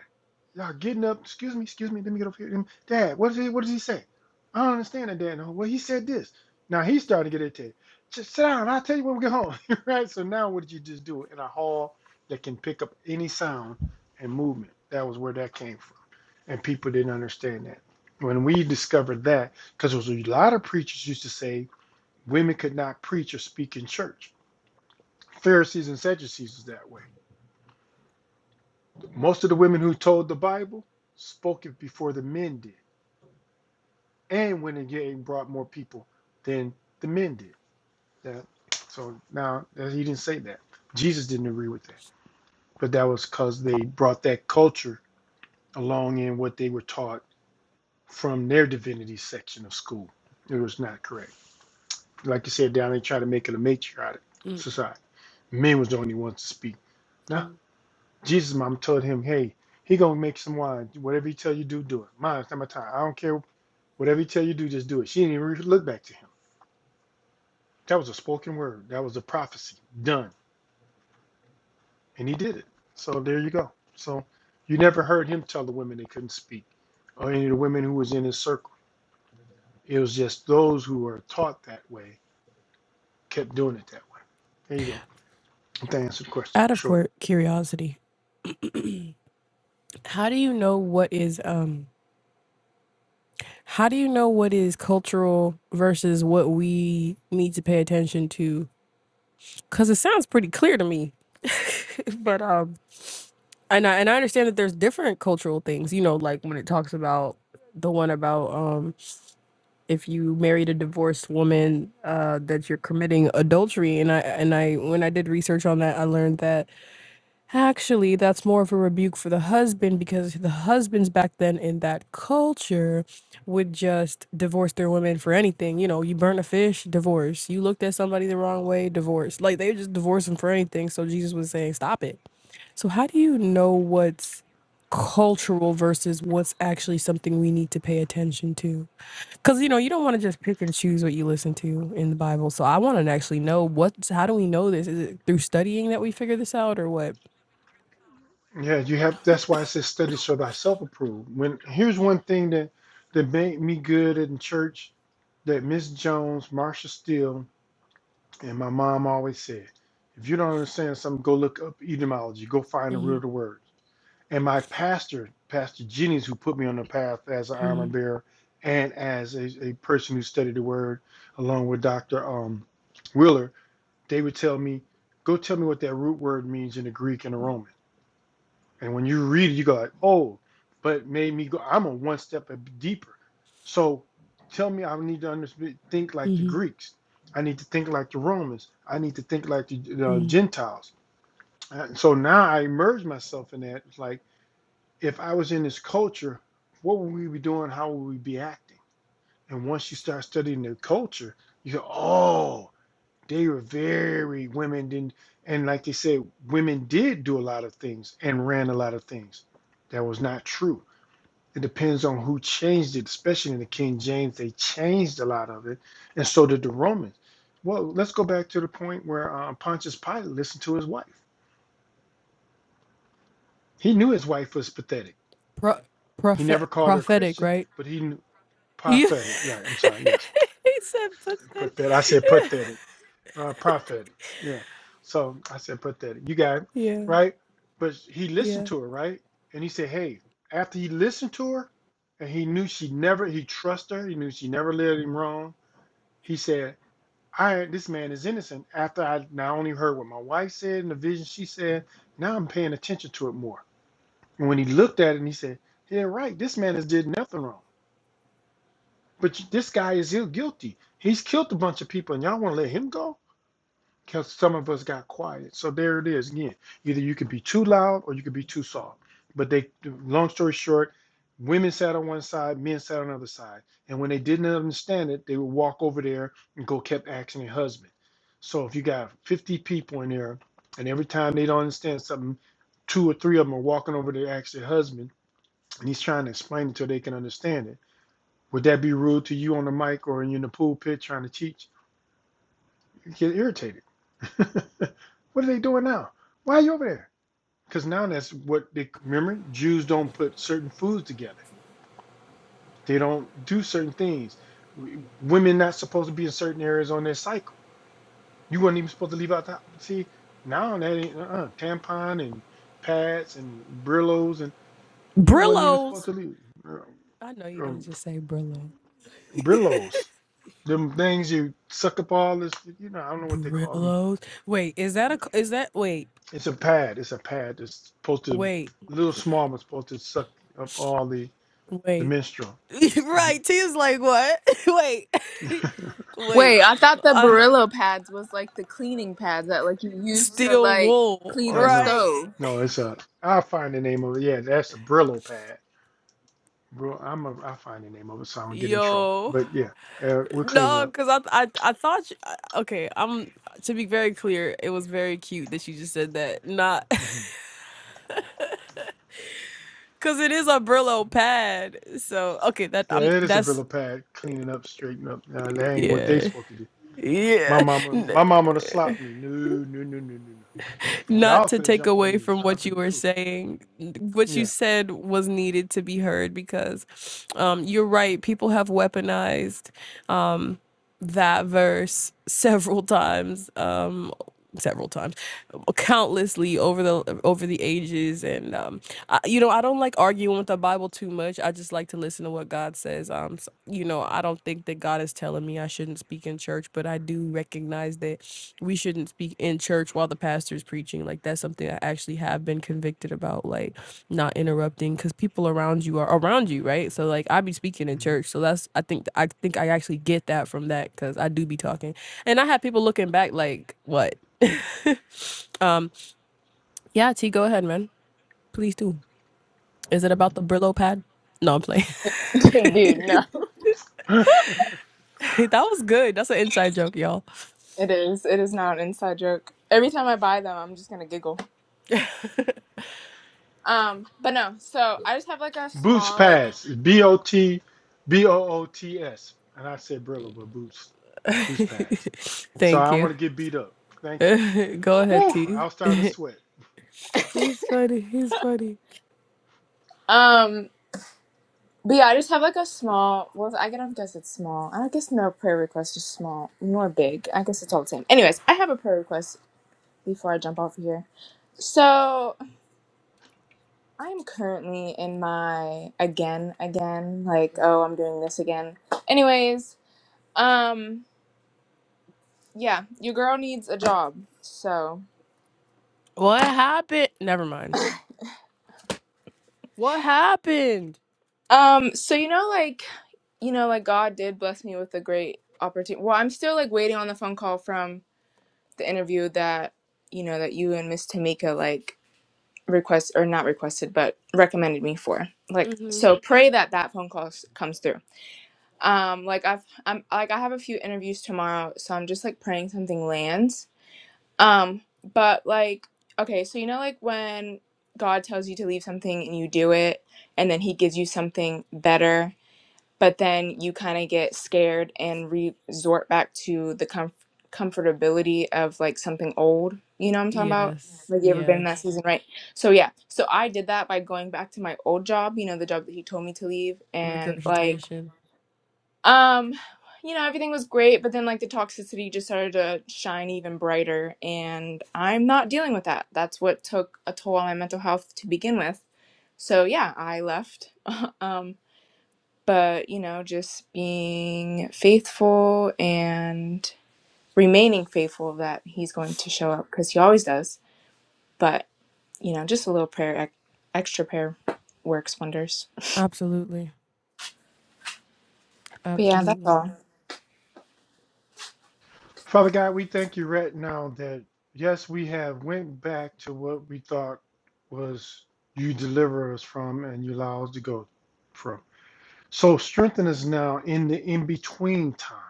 [SPEAKER 2] Y'all getting up? Excuse me, excuse me. Let me get over here. Dad, what did he? What does he say? I don't understand that, Dad. No, well, he said this. Now he's starting to get irritated. Just sit down. I'll tell you when we get home, right? So now, what did you just do in a hall that can pick up any sound and movement? That was where that came from, and people didn't understand that. When we discovered that, because there was a lot of preachers used to say Women could not preach or speak in church. Pharisees and Sadducees was that way. Most of the women who told the Bible spoke it before the men did, and went and brought more people than the men did. That, so now uh, he didn't say that. Jesus didn't agree with that, but that was because they brought that culture along in what they were taught from their divinity section of school. It was not correct. Like you said, down they try to make it a matriarchal
[SPEAKER 1] Mm-hmm.
[SPEAKER 2] society. Men was the only ones to speak. No, Jesus' mom told him, "Hey, he gonna make some wine. Whatever he tell you do, do it. Mine, it's not my time. I don't care. Whatever he tell you do, just do it." She didn't even look back to him. That was a spoken word. That was a prophecy done, and he did it. So there you go. So you never heard him tell the women they couldn't speak, or any of the women who was in his circle. It was just those who were taught that way kept doing it that way. There you go. That answered the question.
[SPEAKER 1] Out of
[SPEAKER 2] Short.
[SPEAKER 1] cour- curiosity, how do you know what is um how do you know what is cultural versus what we need to pay attention to? Cuz it sounds pretty clear to me. but um and I and I understand that there's different cultural things, you know, like when it talks about the one about um if you married a divorced woman uh that you're committing adultery and I and I when I did research on that I learned that Actually, that's more of a rebuke for the husband because the husbands back then in that culture would just divorce their women for anything. You know, you burn a fish, divorce. You looked at somebody the wrong way, divorce. Like they would just divorce them for anything. So Jesus was saying, stop it. So, how do you know what's cultural versus what's actually something we need to pay attention to? Because, you know, you don't want to just pick and choose what you listen to in the Bible. So, I want to actually know what's, how do we know this? Is it through studying that we figure this out or what?
[SPEAKER 2] Yeah, you have. That's why it says study so thyself approved. When here's one thing that that made me good in church that Miss Jones, Marsha Steele, and my mom always said: if you don't understand something, go look up etymology. Go find the root of the word. And my pastor, Pastor Jennings, who put me on the path as an armor bearer and as a, a person who studied the word, along with Doctor um, Wheeler, they would tell me, go tell me what that root word means in the Greek and the Roman. And when you read it, you go like, oh, but it made me go, I'm a one step deeper. So tell me I need to understand, think like the
[SPEAKER 1] Mhm,
[SPEAKER 2] Greeks. I need to think like the Romans. I need to think like the, the
[SPEAKER 1] mhm.
[SPEAKER 2] Gentiles. And so now I immerse myself in that. It's like, if I was in this culture, what would we be doing? How would we be acting? And once you start studying the culture, you go, oh. They were very women didn't, and like they said, women did do a lot of things and ran a lot of things. That was not true. It depends on who changed it, especially in the King James. They changed a lot of it, and so did the Romans. Well, let's go back to the point where uh, Pontius Pilate listened to his wife. He knew his wife was pathetic.
[SPEAKER 1] Pro-
[SPEAKER 2] He never
[SPEAKER 1] prophet
[SPEAKER 2] called her a
[SPEAKER 1] prophetic,
[SPEAKER 2] Christian,
[SPEAKER 1] right?
[SPEAKER 2] but he knew
[SPEAKER 1] Yeah.
[SPEAKER 2] pathetic. Right. I'm sorry. Yes.
[SPEAKER 1] he said pathetic.
[SPEAKER 2] Put that. I said pathetic. uh, prophet. Yeah. So I said, put that. You got it,
[SPEAKER 1] yeah,
[SPEAKER 2] right? But he listened
[SPEAKER 1] yeah.
[SPEAKER 2] to her, right? And he said, hey, after he listened to her, and he knew she never, he trusted her. He knew she never led him wrong. He said, I this man is innocent. After I not only heard what my wife said and the vision she said, now I'm paying attention to it more. And when he looked at it, and he said, yeah, right. This man has did nothing wrong. But this guy is ill guilty. He's killed a bunch of people, and y'all want to let him go? because some of us got quiet. So there it is again. Either you could be too loud or you could be too soft. But they, long story short, women sat on one side, men sat on the other side. And when they didn't understand it, they would walk over there and go kept asking their husband. So if you got 50 people in there and every time they don't understand something, two or three of them are walking over there to ask their husband and he's trying to explain it so they can understand it. Would that be rude to you on the mic or in the pool pit trying to teach? You get irritated. what are they doing now? Why are you over there? Because now that's what they remember. Jews don't put certain foods together. They don't do certain things. Women not supposed to be in certain areas on their cycle. You weren't even supposed to leave out the See, now that ain't uh-uh, tampon and pads and Brillos and you weren't even supposed
[SPEAKER 1] Brillos.
[SPEAKER 2] to leave uh,
[SPEAKER 1] I know you didn't
[SPEAKER 2] um,
[SPEAKER 1] just say Brillo.
[SPEAKER 2] Brillos. Them things you suck up all this. You know, I don't know what they call them.
[SPEAKER 1] Brillos. Wait, is that a c- is that wait,
[SPEAKER 2] It's a pad. It's a pad. It's supposed to,
[SPEAKER 1] wait,
[SPEAKER 2] a little small, but supposed to suck up all the the
[SPEAKER 1] wait.
[SPEAKER 2] menstrual. hmm
[SPEAKER 1] right, Tia's like what? wait.
[SPEAKER 3] Wait,
[SPEAKER 1] wait.
[SPEAKER 3] I thought the
[SPEAKER 1] Un-
[SPEAKER 3] Brillo pads was like the cleaning pads that like you use to
[SPEAKER 1] steel
[SPEAKER 3] like
[SPEAKER 1] wool,
[SPEAKER 3] clean
[SPEAKER 2] no,
[SPEAKER 3] the
[SPEAKER 2] no,
[SPEAKER 1] right?
[SPEAKER 3] stove.
[SPEAKER 2] no. It's a. I'll find the name of it. Yeah, that's a Brillo pad. Bro, I'm a. I'll find the name of it so I don't get in trouble.
[SPEAKER 1] Yo.
[SPEAKER 2] But yeah, uh, we'll clean it
[SPEAKER 1] No,
[SPEAKER 2] up.
[SPEAKER 1] because I, I I thought you, I- okay. I'm to be very clear. It was very cute that you just said that. Not
[SPEAKER 2] hmm
[SPEAKER 1] because it is a Brillo pad. So okay, that
[SPEAKER 2] Yeah,
[SPEAKER 1] I'm
[SPEAKER 2] it is a
[SPEAKER 1] that's
[SPEAKER 2] Brillo pad. Cleaning up, straighten up. Uh, that ain't what they
[SPEAKER 1] yeah
[SPEAKER 2] supposed to do. My
[SPEAKER 1] yeah.
[SPEAKER 2] mama,
[SPEAKER 1] N-
[SPEAKER 2] my mama to slap me. No, no, no, no, no, no.
[SPEAKER 1] Not
[SPEAKER 2] Y'all
[SPEAKER 1] to
[SPEAKER 2] finna
[SPEAKER 1] take
[SPEAKER 2] jump on
[SPEAKER 1] away
[SPEAKER 2] me,
[SPEAKER 1] from
[SPEAKER 2] so I
[SPEAKER 1] what
[SPEAKER 2] better
[SPEAKER 1] you
[SPEAKER 2] be
[SPEAKER 1] were
[SPEAKER 2] cool.
[SPEAKER 1] saying. n- What you
[SPEAKER 2] Yeah.
[SPEAKER 1] said was needed to be heard because, um, you're right. People have weaponized. that verse several times um several times countlessly over the over the ages and um I, you know i don't like arguing with the bible too much i just like to listen to what god says um s- you know i don't think that god is telling me i shouldn't speak in church but i do recognize that we shouldn't speak in church while the pastor's preaching like that's something i actually have been convicted about like not interrupting because people around you are around you right so like i be speaking in church so that's i think i think i actually get that from that because i do be talking and i have people looking back like what um yeah t go ahead man please do is it about the brillo pad no i'm playing
[SPEAKER 3] Dude, no.
[SPEAKER 2] hmm
[SPEAKER 1] that was good that's an inside joke y'all
[SPEAKER 3] It is. It is not an inside joke. Every time I buy them, I'm just gonna giggle. Um, but no, so I just have like a
[SPEAKER 2] Boots
[SPEAKER 3] small like
[SPEAKER 2] Pass, B O T B O O T S. And I said Brillo, but Boots, Boots Pass. So I
[SPEAKER 1] thank
[SPEAKER 2] don't
[SPEAKER 1] you
[SPEAKER 2] want to get beat up. Thank you.
[SPEAKER 1] go ahead
[SPEAKER 2] Whew, I
[SPEAKER 1] t
[SPEAKER 2] was starting to sweat.
[SPEAKER 1] he's funny he's funny
[SPEAKER 3] um But yeah, I just have like a small. Well, I don't guess it's small. I don't guess no prayer request is small nor big. I guess it's all the same. Anyways, I have a prayer request before I jump off of here. So I'm currently in my again, again, like oh, I'm doing this again. Anyways, um, yeah, your girl needs a job. So,
[SPEAKER 1] what happened never mind what happened
[SPEAKER 3] um, so you know, like you know, like God did bless me with a great opportunity. Well, I'm still like waiting on the phone call from the interview that you know that you and Miss Tamika like request or not requested but recommended me for like
[SPEAKER 1] hmm
[SPEAKER 3] so pray that that phone call comes through um like i've i'm like i have a few interviews tomorrow so i'm just like praying something lands um but like okay so you know like when god tells you to leave something and you do it and then he gives you something better but then you kind of get scared and resort back to the comf- comfortability of like something old. You know what I'm talking about?
[SPEAKER 1] yes
[SPEAKER 3] Like you ever been in that
[SPEAKER 1] yes
[SPEAKER 3] season, right? So yeah, so I did that by going back to my old job. You know, the job that he told me to leave, and like,
[SPEAKER 1] Regurgitation.
[SPEAKER 3] um, you know, everything was great, but then like the toxicity just started to shine even brighter, and I'm not dealing with that. That's what took a toll on my mental health to begin with. So yeah, I left. um but you know just being faithful and remaining faithful that he's going to show up because he always does but you know just a little prayer ex- extra prayer works wonders
[SPEAKER 1] Absolutely.
[SPEAKER 3] but yeah that's
[SPEAKER 1] Absolutely.
[SPEAKER 3] all
[SPEAKER 2] Father God, we thank you right now that yes, we have went back to what we thought was you deliver us from and you allow us to go from. So strengthen us now in the in between times.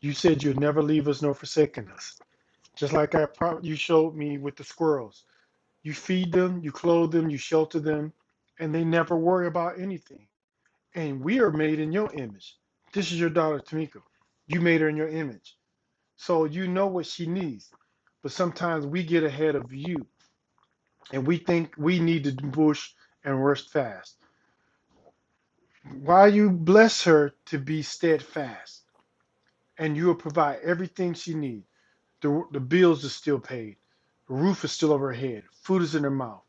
[SPEAKER 2] You said you'd never leave us nor forsaken us. Just like I pro- you showed me with the squirrels You feed them, you clothe them, you shelter them, and they never worry about anything. And we are made in your image. This is your daughter, Tamika. You made her in your image. So you know what she needs. But sometimes we get ahead of you and we think we need to push and rush fast. Why you bless her to be steadfast and you will provide everything she needs. The, the bills are still paid, the roof is still over her head, food is in her mouth.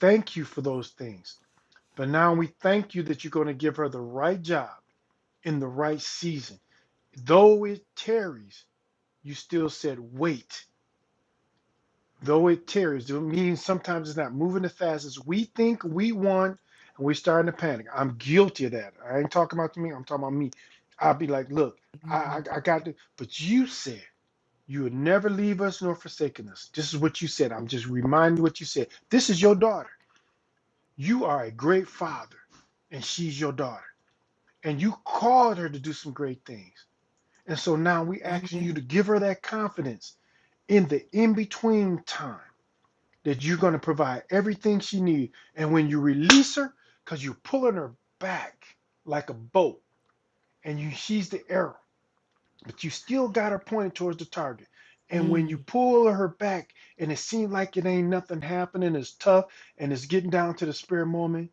[SPEAKER 2] Thank you for those things But now we thank you that you're going to give her the right job in the right season. Though it tarries, you still said wait. Though it tarries, it means sometimes it's not moving as fast as we think we want, and we're starting to panic. I'm guilty of that. I ain't talking about me, I'm talking about me. I'll be like, look, I,
[SPEAKER 1] Mm.
[SPEAKER 2] I, I got to, but you said you would never leave us nor forsaken us. This is what you said. I'm just reminding you what you said. This is your daughter. You are a great father, and she's your daughter. and you called her to do some great things. And so now we asking you
[SPEAKER 1] Amen.
[SPEAKER 2] to give her that confidence in the in between time that you're going to provide everything she needs. And when you release her, because you're pulling her back like a boat and you she's the arrow, but you still got her pointed towards the target. And when you
[SPEAKER 1] Mm.
[SPEAKER 2] pull her back and it seems like it ain't nothing happening, it's tough and it's getting down to the spare moment.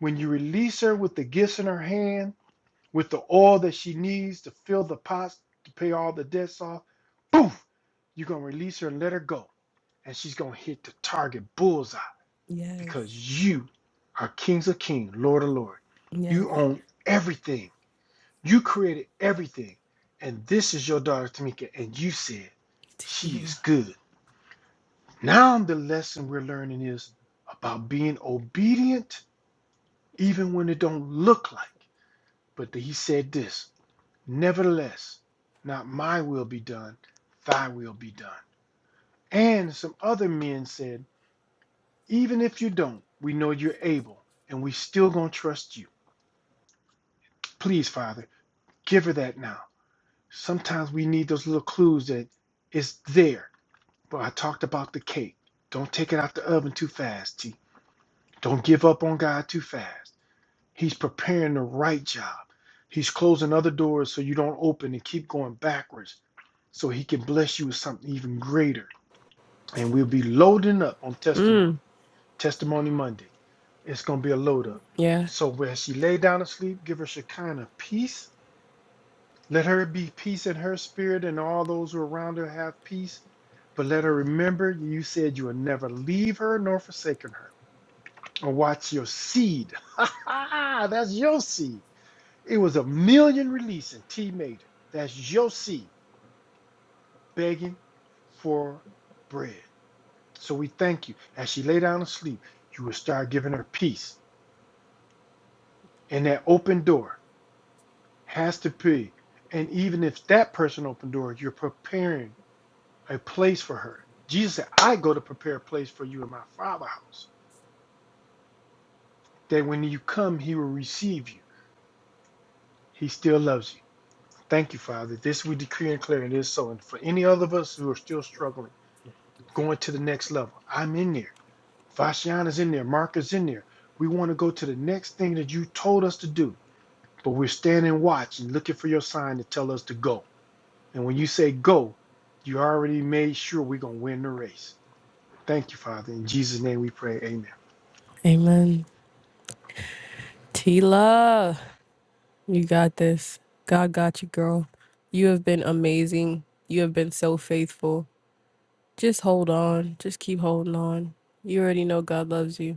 [SPEAKER 2] When you release her with the gifts in her hand with the oil that she needs to fill the pots to pay all the debts off. Poof, you're gonna release her and let her go. And she's gonna hit the target bullseye
[SPEAKER 1] Yes.
[SPEAKER 2] because you are kings of kings, Lord of Lord.
[SPEAKER 1] Yes.
[SPEAKER 2] You own everything. You created everything. And this is your daughter Tamika. And you said she is
[SPEAKER 1] Tila.
[SPEAKER 2] good. Now the lesson we're learning is about being obedient even when it don't look like. But he said this. Nevertheless, not my will be done, thy will be done. And some other men said, Even if you don't, we know you're able, and we still gonna trust you. Please, Father, give her that now. Sometimes we need those little clues that it's there. But I talked about the cake. Don't take it out the oven too fast, T. Don't give up on God too fast. He's preparing the right job. He's closing other doors so you don't open and keep going backwards so he can bless you with something even greater. And we'll be loading up on
[SPEAKER 1] Mm.
[SPEAKER 2] testimony. Testimony Monday. It's going to be a load up.
[SPEAKER 1] Yeah.
[SPEAKER 2] So when she lay down to sleep, give her Shekinah peace. Let her be peace in her spirit and all those who are around her have peace. But let her remember you said you would never leave her nor forsaken her. And watch your seed. Ha ha! That's your seed it was a million release and T made it. That's your seed begging for bread. So we thank you. As she lay down to sleep, you will start giving her peace. And that open door has to be. And even if that person opened door, you're preparing a place for her. Jesus said, I go to prepare a place for you in my Father's house. That when you come, he will receive you. He still loves you. Thank you, Father. This we decree and declare, and it is so. And for any other of us who are still struggling, going to the next level. I'm in there. Vashiana's in there. Marcus in there. We want to go to the next thing that you told us to do, but we're standing watch and looking for your sign to tell us to go. And when you say go, you already made sure we're going to win the race. Thank you, Father. In Jesus' name we pray. Amen.
[SPEAKER 1] Amen. Tila, you got this. God got you, girl. You have been amazing. You have been so faithful. Just hold on. Just keep holding on. You already know God loves you.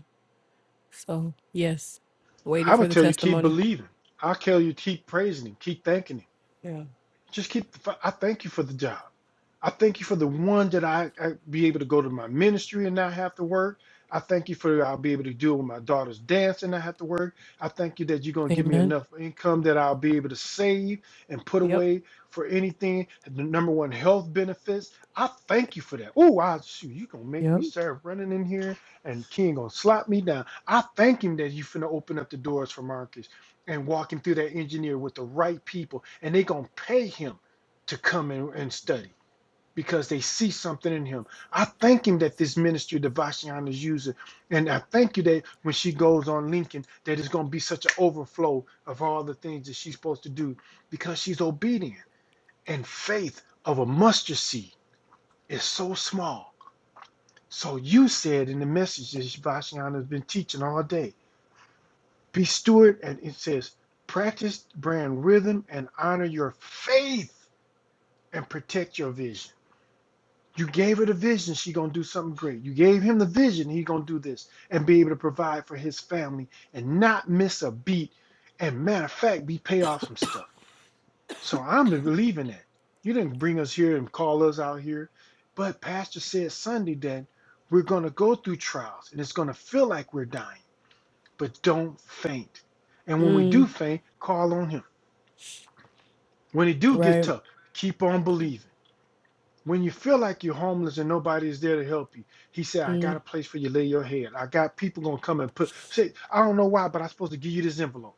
[SPEAKER 1] So, yes. Waiting
[SPEAKER 2] I
[SPEAKER 1] for
[SPEAKER 2] would
[SPEAKER 1] the
[SPEAKER 2] tell you, keep
[SPEAKER 1] testimony.
[SPEAKER 2] believing. I'll tell you, keep praising Him, keep thanking Him.
[SPEAKER 1] Yeah.
[SPEAKER 2] Just keep, I thank you for the job. I thank you for the one that I, I be able to go to my ministry and not have to work. I thank you for I'll be able to do with my daughter's dance and not have to work. I thank you that you're gonna give me
[SPEAKER 1] Amen.
[SPEAKER 2] enough income that I'll be able to save and put
[SPEAKER 1] Yep.
[SPEAKER 2] away for anything. The number one health benefits. I thank you for that. Oh, I shoot, you gonna make
[SPEAKER 1] Yep.
[SPEAKER 2] me start running in here and King gonna slap me down. I thank him that you finna open up the doors for Marcus and walk him through that engineer with the right people, and they gonna pay him to come in and study because they see something in him. I thank him that this ministry that Vashion is using. And I thank you that when she goes on LinkedIn, that it's going to be such an overflow of all the things that she's supposed to do because she's obedient. And faith of a mustard seed is so small. So you said in the message that Vashion has been teaching all day, be steward. And it says, practice brand rhythm and honor your faith and protect your vision. You gave her the vision, she gonna do something great. You gave him the vision, he gonna do this and be able to provide for his family and not miss a beat. And matter of fact, be pay off some stuff. So I'm believing that. You didn't bring us here and call us out here. But Pastor said Sunday that we're gonna go through trials and it's gonna feel like we're dying, but don't faint. And when we
[SPEAKER 1] Mm.
[SPEAKER 2] do faint, call on him. When it do get
[SPEAKER 1] Right.
[SPEAKER 2] tough, keep on believing. When you feel like you're homeless and nobody is there to help you, he said, I got
[SPEAKER 1] Mm.
[SPEAKER 2] a place for you to lay your head. I got people gonna come and put say, I don't know why, but I'm supposed to give you this envelope.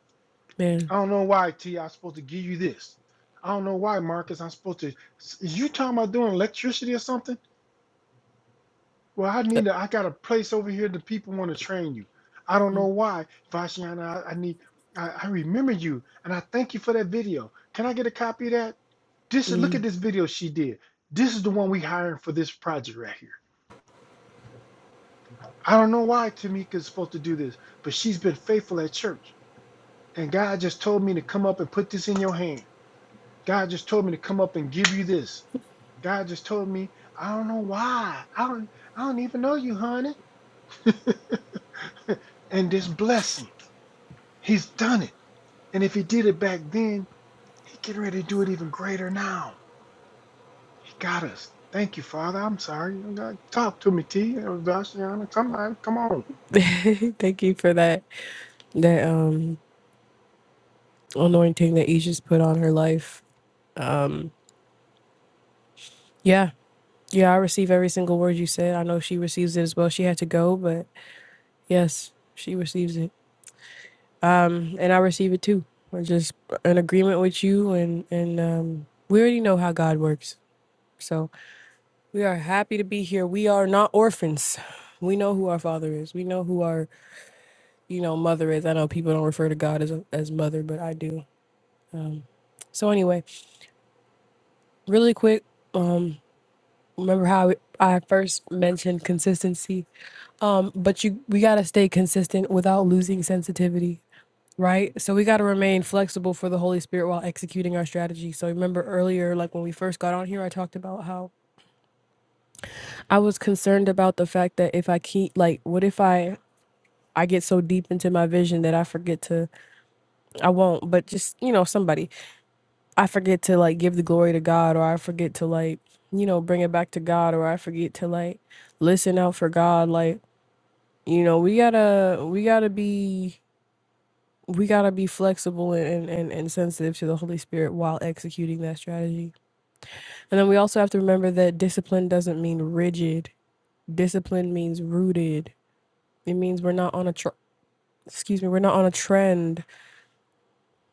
[SPEAKER 1] Man.
[SPEAKER 2] I don't know why, T, I'm supposed to give you this. I don't know why, Marcus, I'm supposed to is you talking about doing electricity or something? Well, I need to, I got a place over here that people want to train you. I don't know why, Vashiana, I, I need I, I remember you and I thank you for that video. Can I get a copy of that? This look at
[SPEAKER 1] Mm.
[SPEAKER 2] this video she did. This is the one we hiring for this project right here. I don't know why Tamika's supposed to do this, but she's been faithful at church. And God just told me to come up and put this in your hand. God just told me to come up and give you this. God just told me, I don't know why. I don't I don't even know you, honey. and this blessing. He's done it. And if he did it back then, he getting ready to do it even greater now. He got us. Thank you, Father. I'm sorry. Talk to me, T. Vashiana. Somebody, come on.
[SPEAKER 1] Thank you for that that um anointing that you just put on her life. Yeah. Yeah, I receive every single word you said. I know she receives it as well. She had to go, but yes, she receives it. And I receive it too. We're just in agreement with you and and um we already know how God works. So, we are happy to be here. We are not orphans. We know who our father is. We know who our, you know, mother is. I know people don't refer to God as as mother, but I do. Um, so anyway, really quick Remember how I first mentioned consistency? Um, but you we gotta stay consistent without losing sensitivity, right? So we gotta remain flexible for the Holy Spirit while executing our strategy. So remember earlier, like when we first got on here, I talked about how I was concerned about the fact that if I keep like, what if I I get so deep into my vision that I forget to I won't, but just you know, somebody I forget to like give the glory to God or I forget to like, you know, bring it back to God or I forget to like listen out for God. Like you know we gotta we gotta be we gotta be flexible and, and and sensitive to the holy spirit while executing that strategy and then we also have to remember that discipline doesn't mean rigid discipline means rooted it means we're not on a tr- excuse me we're not on a trend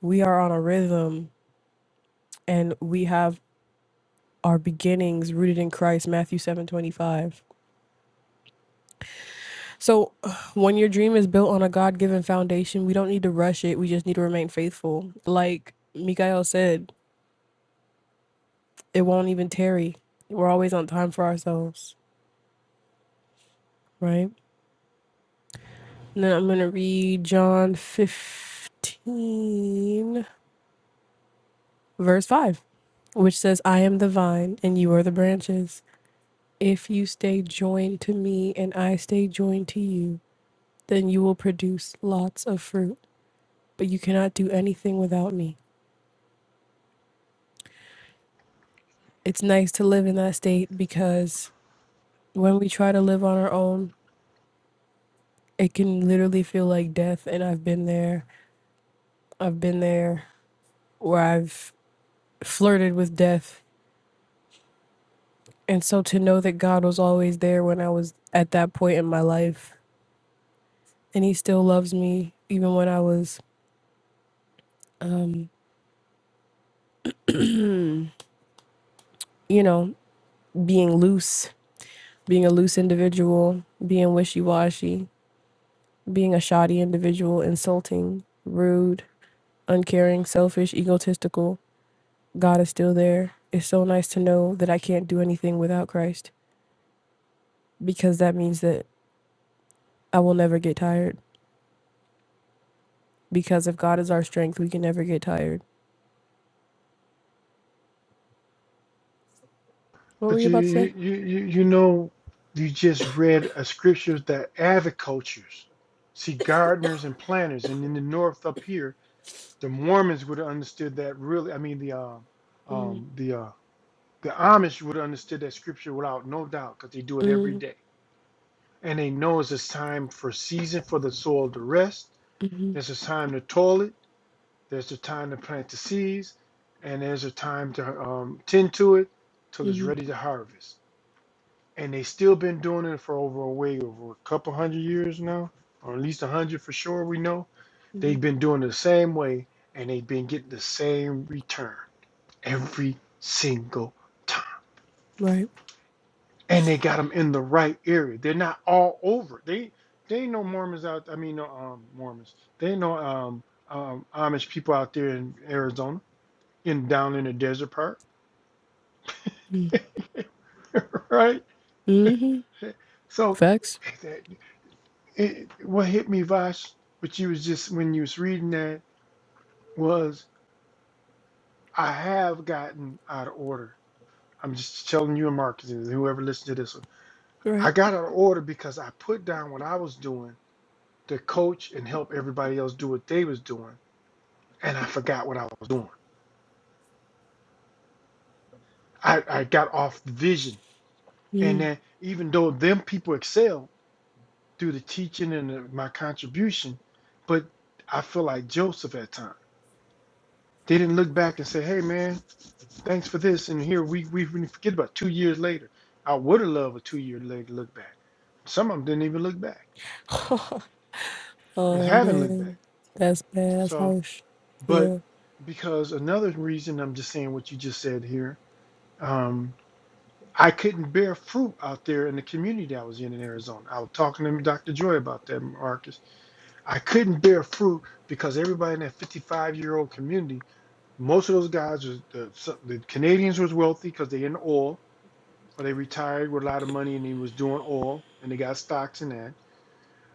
[SPEAKER 1] we are on a rhythm and we have our beginnings rooted in christ matthew seven twenty five. so when your dream is built on a god-given foundation we don't need to rush it we just need to remain faithful like mikael said it won't even tarry. We're always on time for ourselves, right? And then I'm going to read John 15, verse 5, which says, I am the vine and you are the branches. If you stay joined to me and I stay joined to you, then you will produce lots of fruit, but you cannot do anything without me. It's nice to live in that state because when we try to live on our own, it can literally feel like death. And I've been there. I've been there where I've flirted with death. And so to know that God was always there when I was at that point in my life, and He still loves me, even when I was, um, you know, being loose, being a loose individual, being wishy washy, being a shoddy individual, insulting, rude, uncaring, selfish, egotistical, God is still there. It's so nice to know that I can't do anything without Christ because that means that I will never get tired. Because if God is our strength, we can never get tired What were
[SPEAKER 2] But
[SPEAKER 1] you
[SPEAKER 2] you
[SPEAKER 1] about to say?
[SPEAKER 2] you you you know you just read a scripture that agricultures, see gardeners and planters, and in the north up here, the Mormons would have understood that really. I mean the um um the uh the Amish would have understood that scripture without no doubt because they do it every
[SPEAKER 1] Mm
[SPEAKER 2] day, and they know it's a time for season for the soil to rest. There's a time to toil it. There's a time to plant the seeds, and there's a time to um, tend to it till it's
[SPEAKER 1] hmm.
[SPEAKER 2] ready to harvest and they still been doing it for over a way over a couple hundred years now, or at least a hundred for sure. We know
[SPEAKER 1] hmm
[SPEAKER 2] they've been doing it the same way, and they've been getting the same return every single time.
[SPEAKER 1] Right.
[SPEAKER 2] And they got them in the right area. They're not all over. They they ain't no Mormons out. I mean, no um, Mormons. They ain't no um, um, Amish people out there in Arizona, in down in the desert part, right?
[SPEAKER 1] Mm-hmm.
[SPEAKER 2] So.
[SPEAKER 1] Facts.
[SPEAKER 2] it, what hit me, Vash, what you was just when you was reading that was I have gotten out of order. I'm just telling you and Marcus and whoever listened to this one.
[SPEAKER 1] Right.
[SPEAKER 2] I got out of order because I put down what I was doing to coach and help everybody else do what they was doing, and I forgot what I was doing. I, I got off vision, and
[SPEAKER 1] Mm.
[SPEAKER 2] then even though them people excel through the teaching and the, my contribution, but I feel like Joseph at times. They didn't look back and say, "Hey, man." Thanks for this. And here we we forget about two years later. I would have loved a two year later look back. Some of them didn't even look back. and
[SPEAKER 1] Oh
[SPEAKER 2] haven't looked back.
[SPEAKER 1] man, that's bad. That's
[SPEAKER 2] So,
[SPEAKER 1] harsh.
[SPEAKER 2] but
[SPEAKER 1] Yeah.
[SPEAKER 2] because another reason I'm just saying what you just said here, um, I couldn't bear fruit out there in the community I was in in Arizona. I was talking to Dr. Joy about that, Marcus. I couldn't bear fruit because everybody in that 55 year old community, most of those guys was the, some, the Canadians was wealthy because they in oil or they retired with a lot of money and he was doing oil and they got stocks in that.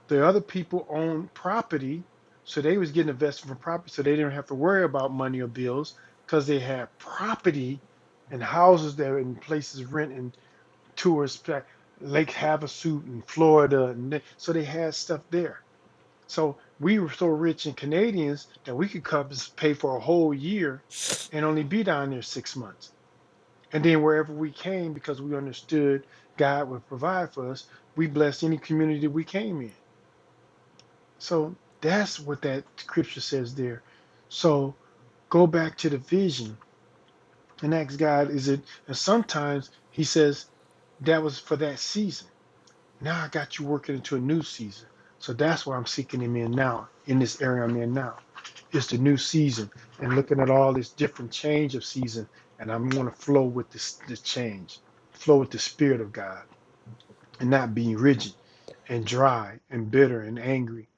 [SPEAKER 2] The other people owned property, so they was getting invested from property, so they didn't have to worry about money or bills because they had property and houses there and places rent and tourists pla- Lake Havasu in Florida, and they, so they had stuff there. So we were so rich in Canadians that we could cover pay for a whole year and only be down there six months and then wherever we came, because we understood God would provide for us, we blessed any community we came in. So that's what that scripture says there. So go back to the vision and ask God, is it? And sometimes He says that was for that season. Now I got you working into a new season. So that's what I'm seeking him in now, in this area I'm in now. It's the new season and looking at all this different change of season. And I'm going to flow with this, this change, flow with the spirit of God and not being rigid and dry and bitter and angry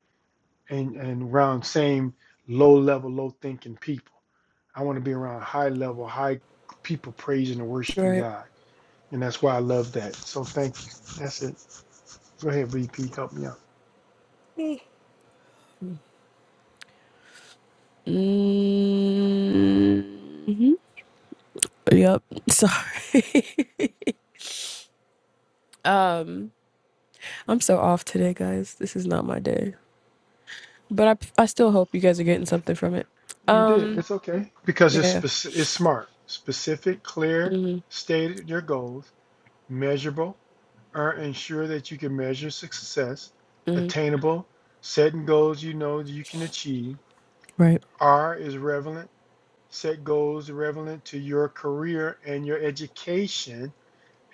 [SPEAKER 2] and, and around same low level, low thinking people. I want to be around high level, high people praising and worshiping
[SPEAKER 1] Right.
[SPEAKER 2] God. And that's why I love that. So thank you. That's it. Go ahead, VP. Help me out.
[SPEAKER 1] Mm. Yep. Sorry. I'm so off today, guys. This is not my day. But I, I still hope you guys are getting something from it.
[SPEAKER 2] We did.
[SPEAKER 1] Um.
[SPEAKER 2] It's okay because it's
[SPEAKER 1] Yeah.
[SPEAKER 2] speci- it's smart, specific, clear,
[SPEAKER 1] Mm-hmm.
[SPEAKER 2] stated your goals, measurable, or ensure that you can measure success, attainable, setting goals you know that you can achieve.
[SPEAKER 1] Right.
[SPEAKER 2] R is relevant. Set goals relevant to your career and your education,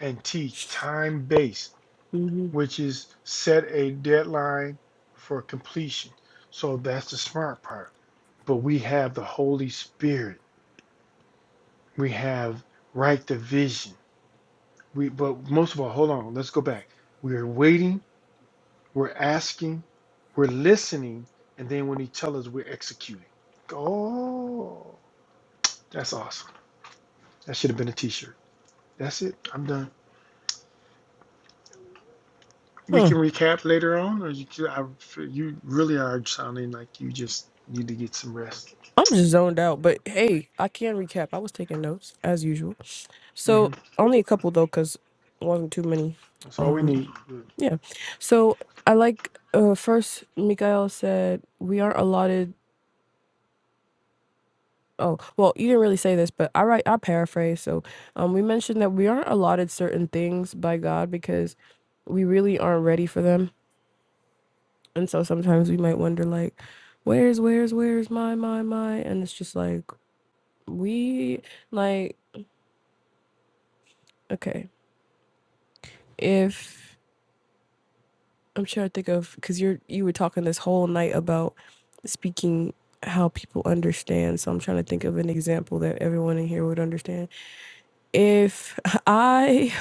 [SPEAKER 2] and T time based, which is set a deadline for completion. So that's the smart part. But we have the Holy Spirit we have right the vision. We but most of all, hold on, let's go back. We're waiting, we're asking, we're listening, and then when he tells us we're executing. Oh that's awesome. That should have been a t-shirt. That's it. I'm done. We
[SPEAKER 1] Huh.
[SPEAKER 2] can recap later on, or you could- I, you really are sounding like you just need to get some rest.
[SPEAKER 1] I'm just zoned out. But hey, I can recap. I was taking notes as usual.
[SPEAKER 2] hmm
[SPEAKER 1] So only a couple though, cause it wasn't too many.
[SPEAKER 2] That's all we
[SPEAKER 1] Um,
[SPEAKER 2] need.
[SPEAKER 1] yeah. So I like uh first Mikael said we aren't allotted. Oh well, you didn't really say this, but I write I paraphrase. So um, we mentioned that we aren't allotted certain things by God because we really aren't ready for them, and so sometimes we might wonder like, where's where's where's my my my, and it's just like we like okay if I'm trying to think of because you're you were talking this whole night about speaking how people understand. So I'm trying to think of an example that everyone in here would understand. If I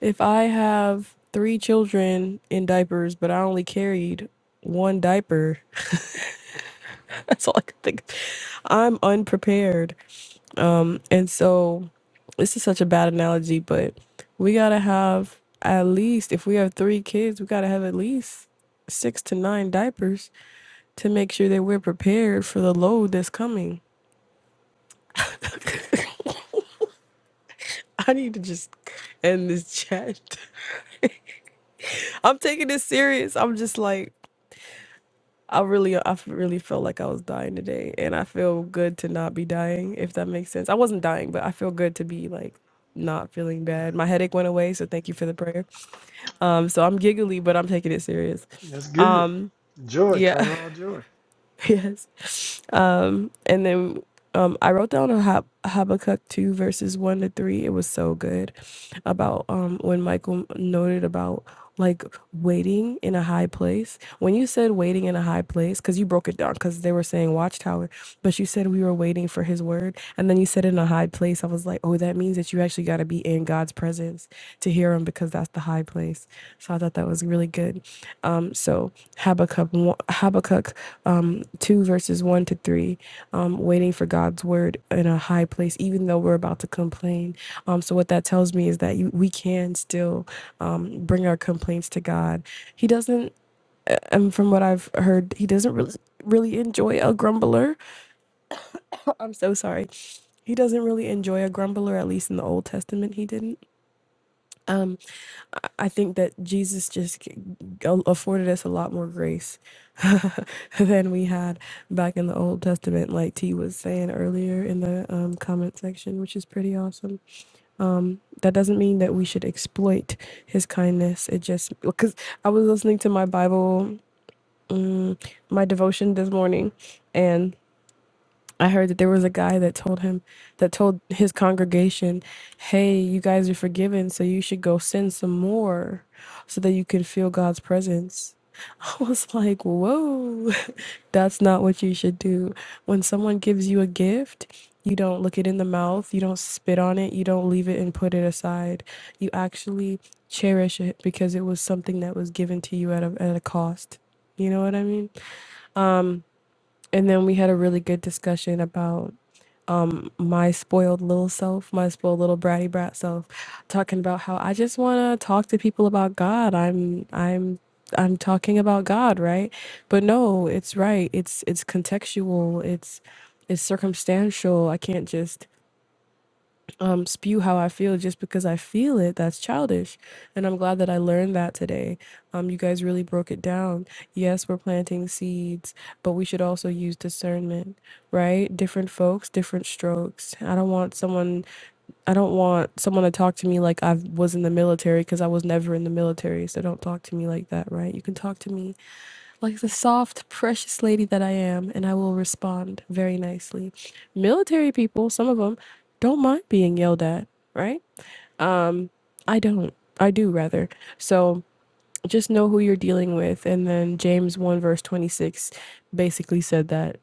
[SPEAKER 1] if I have three children in diapers, but I only carried one diaper, that's all I can think. of. I'm unprepared. Um, and so this is such a bad analogy, but we gotta have at least if we have three kids, we gotta have at least six to nine diapers to make sure that we're prepared for the load that's coming. I need to just end this chat. I'm taking this serious. I'm just like I really I really felt like I was dying today and I feel good to not be dying if that makes sense. I wasn't dying, but I feel good to be like not feeling bad. My headache went away, so thank you for the prayer. Um so I'm giggly, but I'm taking it serious.
[SPEAKER 2] That's good. Joy, kind
[SPEAKER 1] Yeah.
[SPEAKER 2] of all joy.
[SPEAKER 1] yes. Um, and then um, I wrote down a Hab- Habakkuk 2 verses 1 to 3. It was so good about um, when Michael noted about like waiting in a high place. When you said waiting in a high place, because you broke it down, because they were saying watchtower, but you said we were waiting for his word. And then you said in a high place, I was like, oh, that means that you actually got to be in God's presence to hear him because that's the high place. So I thought that was really good. Um, so Habakkuk, Habakkuk um, 2, verses 1 to 3, um, waiting for God's word in a high place, even though we're about to complain. Um, so what that tells me is that you, we can still um, bring our complaints to God. He doesn't, and from what I've heard, he doesn't really, really enjoy a grumbler. I'm so sorry. He doesn't really enjoy a grumbler, at least in the Old Testament, he didn't. Um, I think that Jesus just afforded us a lot more grace than we had back in the Old Testament, like T was saying earlier in the um, comment section, which is pretty awesome. That doesn't mean that we should exploit his kindness. It just, because I was listening to my Bible, my devotion this morning, and I heard that there was a guy that told him, that told his congregation, hey, you guys are forgiven, so you should go sin some more so that you can feel God's presence I was like, whoa, that's not what you should do. When someone gives you a gift, you don't look it in the mouth, you don't spit on it, you don't leave it and put it aside. You actually cherish it because it was something that was given to you at a, at a cost. You know what I mean? And then we had a really good discussion about my spoiled little self, my spoiled little bratty brat self, talking about how I just want to talk to people about God. I'm I'm I'm talking about God, right? But no, it's right. It's it's contextual. It's it's circumstantial. I can't just um, spew how I feel just because I feel it. That's childish. And I'm glad that I learned that today. Um, you guys really broke it down. Yes, we're planting seeds, but we should also use discernment, right? Different folks, different strokes. I don't want someone, I don't want someone to talk to me like I was in the military because I was never in the military. So don't talk to me like that, right? You can talk to me like the soft, precious lady that I am, and I will respond very nicely. Military people, some of them, don't mind being yelled at, right? Um, I don't. I do rather. So just know who you're dealing with. And then James 1, verse 26 basically said that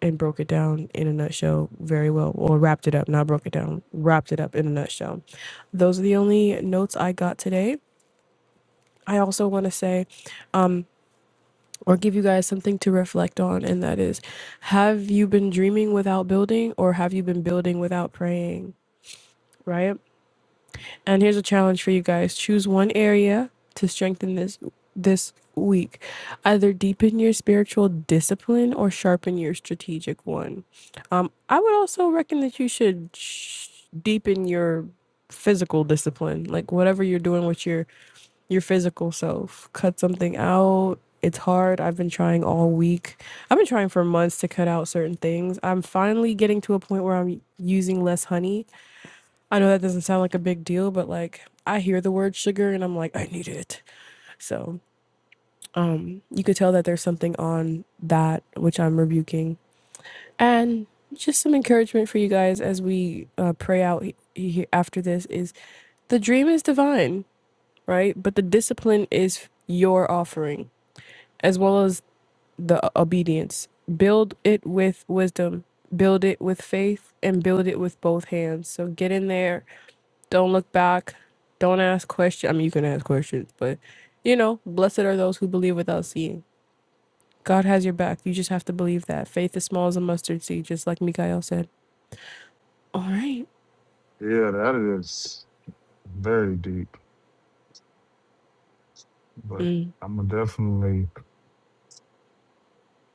[SPEAKER 1] and broke it down in a nutshell very well, or wrapped it up, not broke it down, wrapped it up in a nutshell. Those are the only notes I got today. I also want to say, or give you guys something to reflect on, and that is have you been dreaming without building, or have you been building without praying? Right? And here's a challenge for you guys choose one area to strengthen this this week either deepen your spiritual discipline or sharpen your strategic one um i would also reckon that you should sh- deepen your physical discipline like whatever you're doing with your your physical self. Cut something out. It's hard. I've been trying all week. I've been trying for months to cut out certain things. I'm finally getting to a point where I'm using less honey. I know that doesn't sound like a big deal, but like I hear the word sugar and I'm like, I need it. So, um, you could tell that there's something on that which I'm rebuking. And just some encouragement for you guys as we uh, pray out he- he- after this is the dream is divine, right? But the discipline is your offering. as well as the obedience. Build it with wisdom, build it with faith, and build it with both hands. So get in there. Don't look back. Don't ask questions. I mean, you can ask questions, but you know, blessed are those who believe without seeing. God has your back. You just have to believe that. Faith is small as a mustard seed, just like Mikael said. All right.
[SPEAKER 5] Yeah, that is very deep, but
[SPEAKER 1] Mm.
[SPEAKER 5] I'm gonna definitely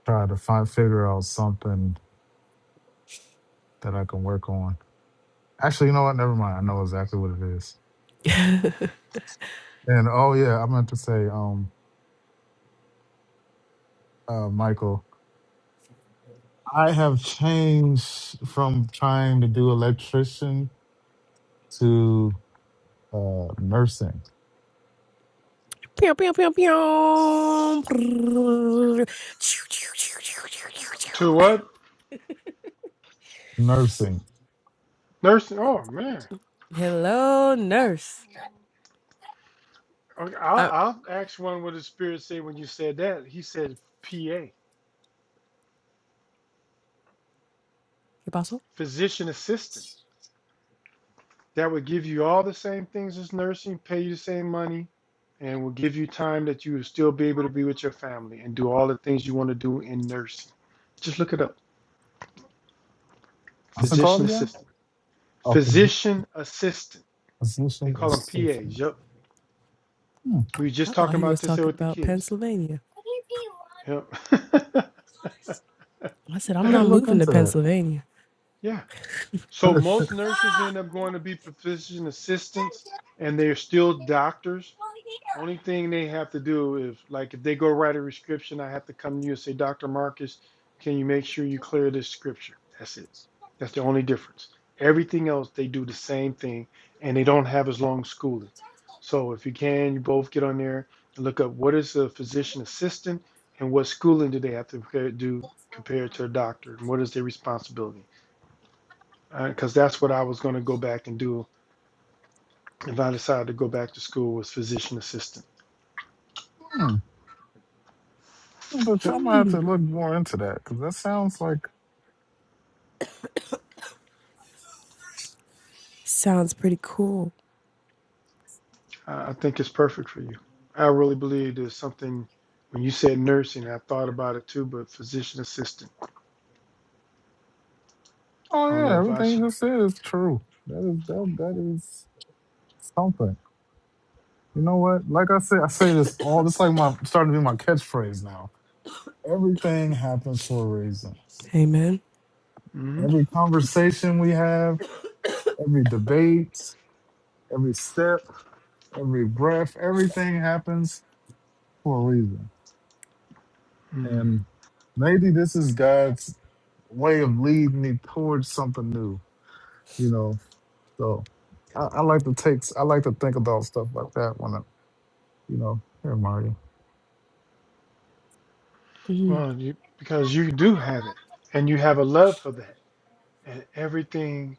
[SPEAKER 5] try to find figure out something that I can work on. Actually, you know what? Never mind. I know exactly what it is. And oh yeah, I meant to say, um, uh, Michael. I have changed from trying to do electrician to uh, nursing.
[SPEAKER 1] Pew, pew, pew, pew.
[SPEAKER 2] To what?
[SPEAKER 5] Nursing.
[SPEAKER 2] Nursing. Oh man.
[SPEAKER 1] Hello, nurse.
[SPEAKER 2] Okay,
[SPEAKER 1] I,
[SPEAKER 2] I'll, I'll ask one what the spirit said when you said that. He said PA,
[SPEAKER 1] ¿Qué pasó?
[SPEAKER 2] physician assistant. That would give you all the same things as nursing, pay you the same money, and will give you time that you will still be able to be with your family and do all the things you want to do in nursing. Just look it up.
[SPEAKER 5] What's it called
[SPEAKER 2] Physician
[SPEAKER 5] again?
[SPEAKER 2] assistant.
[SPEAKER 5] A phy-
[SPEAKER 2] Physician assistant. They
[SPEAKER 5] physician
[SPEAKER 2] call them PAs.
[SPEAKER 5] assistant.
[SPEAKER 2] Yep.
[SPEAKER 5] Hmm.
[SPEAKER 2] We were just
[SPEAKER 1] I thought
[SPEAKER 2] talking
[SPEAKER 1] he
[SPEAKER 2] about
[SPEAKER 1] was
[SPEAKER 2] this there
[SPEAKER 1] talking
[SPEAKER 2] with the
[SPEAKER 1] about
[SPEAKER 2] kids.
[SPEAKER 1] Pennsylvania.
[SPEAKER 2] Yep.
[SPEAKER 1] I said, I'm
[SPEAKER 5] I'll have to
[SPEAKER 1] not
[SPEAKER 5] look
[SPEAKER 1] moving to
[SPEAKER 5] into that.
[SPEAKER 1] Pennsylvania.
[SPEAKER 2] yeah. So most nurses end up going to be physician assistants and they're still doctors. Only thing they have to do is like if they go write a prescription, I have to come to you and say, Dr. Marcus, can you make sure you clear this scripture? That's it. That's the only difference. Everything else they do the same thing and they don't have as long schooling. So if you can, you both get on there and look up what is a physician assistant and what schooling do they have to compare- do compared to a doctor and what is their responsibility because right, that's what I was going to go back and do if I decided to go back to school was physician assistant.
[SPEAKER 5] hmm. I'm gonna try-
[SPEAKER 2] Yep,
[SPEAKER 5] I'm gonna have to look more into that because that sounds like,
[SPEAKER 1] Sounds pretty cool.
[SPEAKER 2] I think it's perfect for you. I really believe there's something when you said nursing, I thought about it too, but physician assistant.
[SPEAKER 5] oh
[SPEAKER 2] I don't
[SPEAKER 5] yeah,
[SPEAKER 2] know if I
[SPEAKER 5] everything
[SPEAKER 2] should.
[SPEAKER 5] you just said is true. That is that, that is something. You know what? Like I said, I say this all. This like my starting to be my catchphrase now. Everything happens for a reason.
[SPEAKER 1] Hey, man.
[SPEAKER 2] Mm-hmm.
[SPEAKER 5] Every conversation we have, every debate, every step, every breath, everything happens for a reason.
[SPEAKER 2] Mm.
[SPEAKER 5] And maybe this is God's way of leading me towards something new, you know. So I, I like to take, I like to think about stuff like that when I, you know, here, Mario.
[SPEAKER 1] Mhm.
[SPEAKER 2] Well, you because you do have it, and you have a love for that, and everything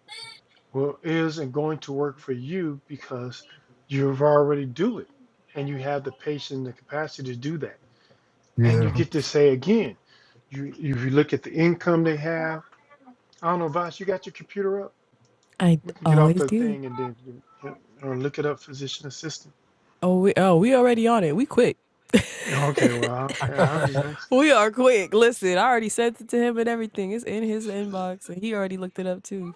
[SPEAKER 2] will is and going to work for you because you've already do it, and you have the patience and the capacity to do that. And you
[SPEAKER 5] Yeah.
[SPEAKER 2] get to say again, you if you look at the income they have. I don't know, Vosh, you got your computer up?
[SPEAKER 1] I
[SPEAKER 2] We can get off
[SPEAKER 1] always
[SPEAKER 2] the
[SPEAKER 1] do.
[SPEAKER 2] thing and then do- yep, or look it up, physician assistant.
[SPEAKER 1] Oh, we, oh, we already on it. We quick.
[SPEAKER 2] Okay, well, okay, I'll just
[SPEAKER 5] oh,
[SPEAKER 2] ask.
[SPEAKER 1] We are quick. Listen, I already sent it to him and everything. It's in his inbox, and he already looked it up too.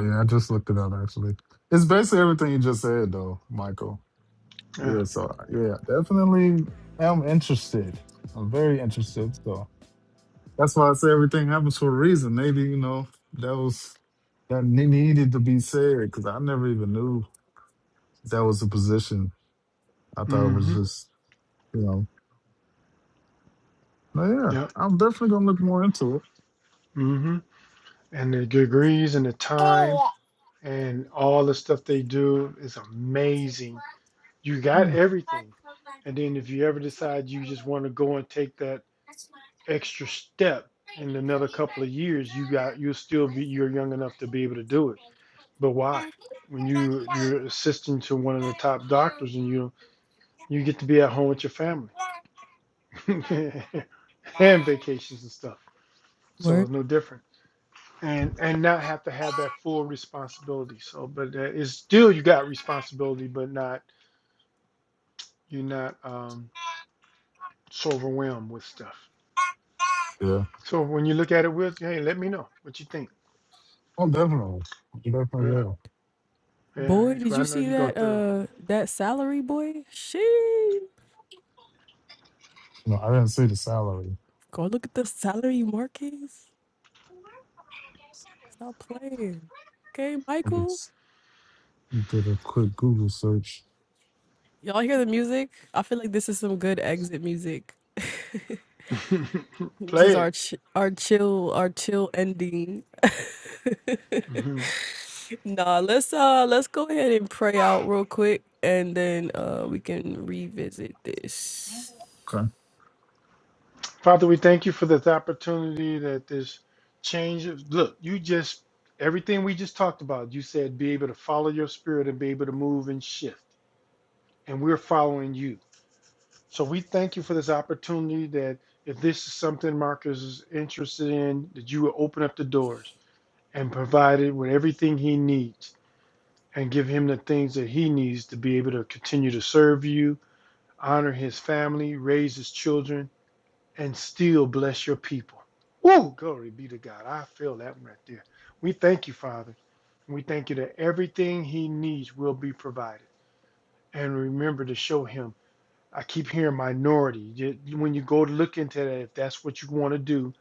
[SPEAKER 5] yeah. I just looked it up, actually. It's basically everything you just said, though, Michael.
[SPEAKER 2] Yeah.
[SPEAKER 5] Yeah, so yeah, definitely am interested. I'm very interested. So that's why I say everything happens for a reason. Maybe, you know, that was that ne- needed to be said because I never even knew that was a position. I thought it was
[SPEAKER 2] Mm-hmm.
[SPEAKER 5] just, you know, but yeah,
[SPEAKER 2] Yep.
[SPEAKER 5] I'm definitely gonna look more into it.
[SPEAKER 2] Mm-hmm. And the degrees and the time and all the stuff they do is amazing. You got
[SPEAKER 5] Mm,
[SPEAKER 2] everything. And then if you ever decide you just want to go and take that extra step in another couple of years, you got you'll still be you're young enough to be able to do it. But why? When you you're assistant to one of the top doctors and you you get to be at home with your family and vacations and stuff. So
[SPEAKER 1] Word,
[SPEAKER 2] it's no different. And and not have to have that full responsibility. So but uh, it's still you got responsibility but not you're not um so overwhelmed with stuff.
[SPEAKER 5] yeah,
[SPEAKER 2] So when you look at it with hey, let me know what you think.
[SPEAKER 5] oh, definitely, definitely
[SPEAKER 2] Yeah.
[SPEAKER 5] will.
[SPEAKER 1] boy,
[SPEAKER 2] Yeah,
[SPEAKER 1] did
[SPEAKER 2] 'cause
[SPEAKER 1] you
[SPEAKER 2] I know
[SPEAKER 1] see
[SPEAKER 2] you're going
[SPEAKER 1] that?
[SPEAKER 2] to throw.
[SPEAKER 1] Uh, that salary, boy. She
[SPEAKER 5] You know, I didn't see the salary.
[SPEAKER 1] go look at the salary markets. Stop playing. Okay,
[SPEAKER 5] I
[SPEAKER 1] Michael.
[SPEAKER 5] just did a quick Google search.
[SPEAKER 1] Y'all hear the music? I feel like this is some good exit music. Which is
[SPEAKER 2] Play
[SPEAKER 1] our
[SPEAKER 2] it.
[SPEAKER 1] ch our chill our chill ending.
[SPEAKER 2] hmm
[SPEAKER 1] Nah, let's uh let's go ahead and pray out real quick and then uh we can revisit this.
[SPEAKER 5] Okay.
[SPEAKER 2] Father, we thank you for this opportunity that this change. of- Look, you just, everything we just talked about, you said be able to follow your spirit and be able to move and shift. And we're following you. So we thank you for this opportunity that if this is something Marcus is interested in, that you will open up the doors and provide it with everything he needs and give him the things that he needs to be able to continue to serve you, honor his family, raise his children and still bless your people. Ooh, Glory be to God. I feel that one right there. We thank you, Father. We thank you that everything he needs will be provided. And remember to show him. I keep hearing minority. When you go to look into that, if that's what you want to do,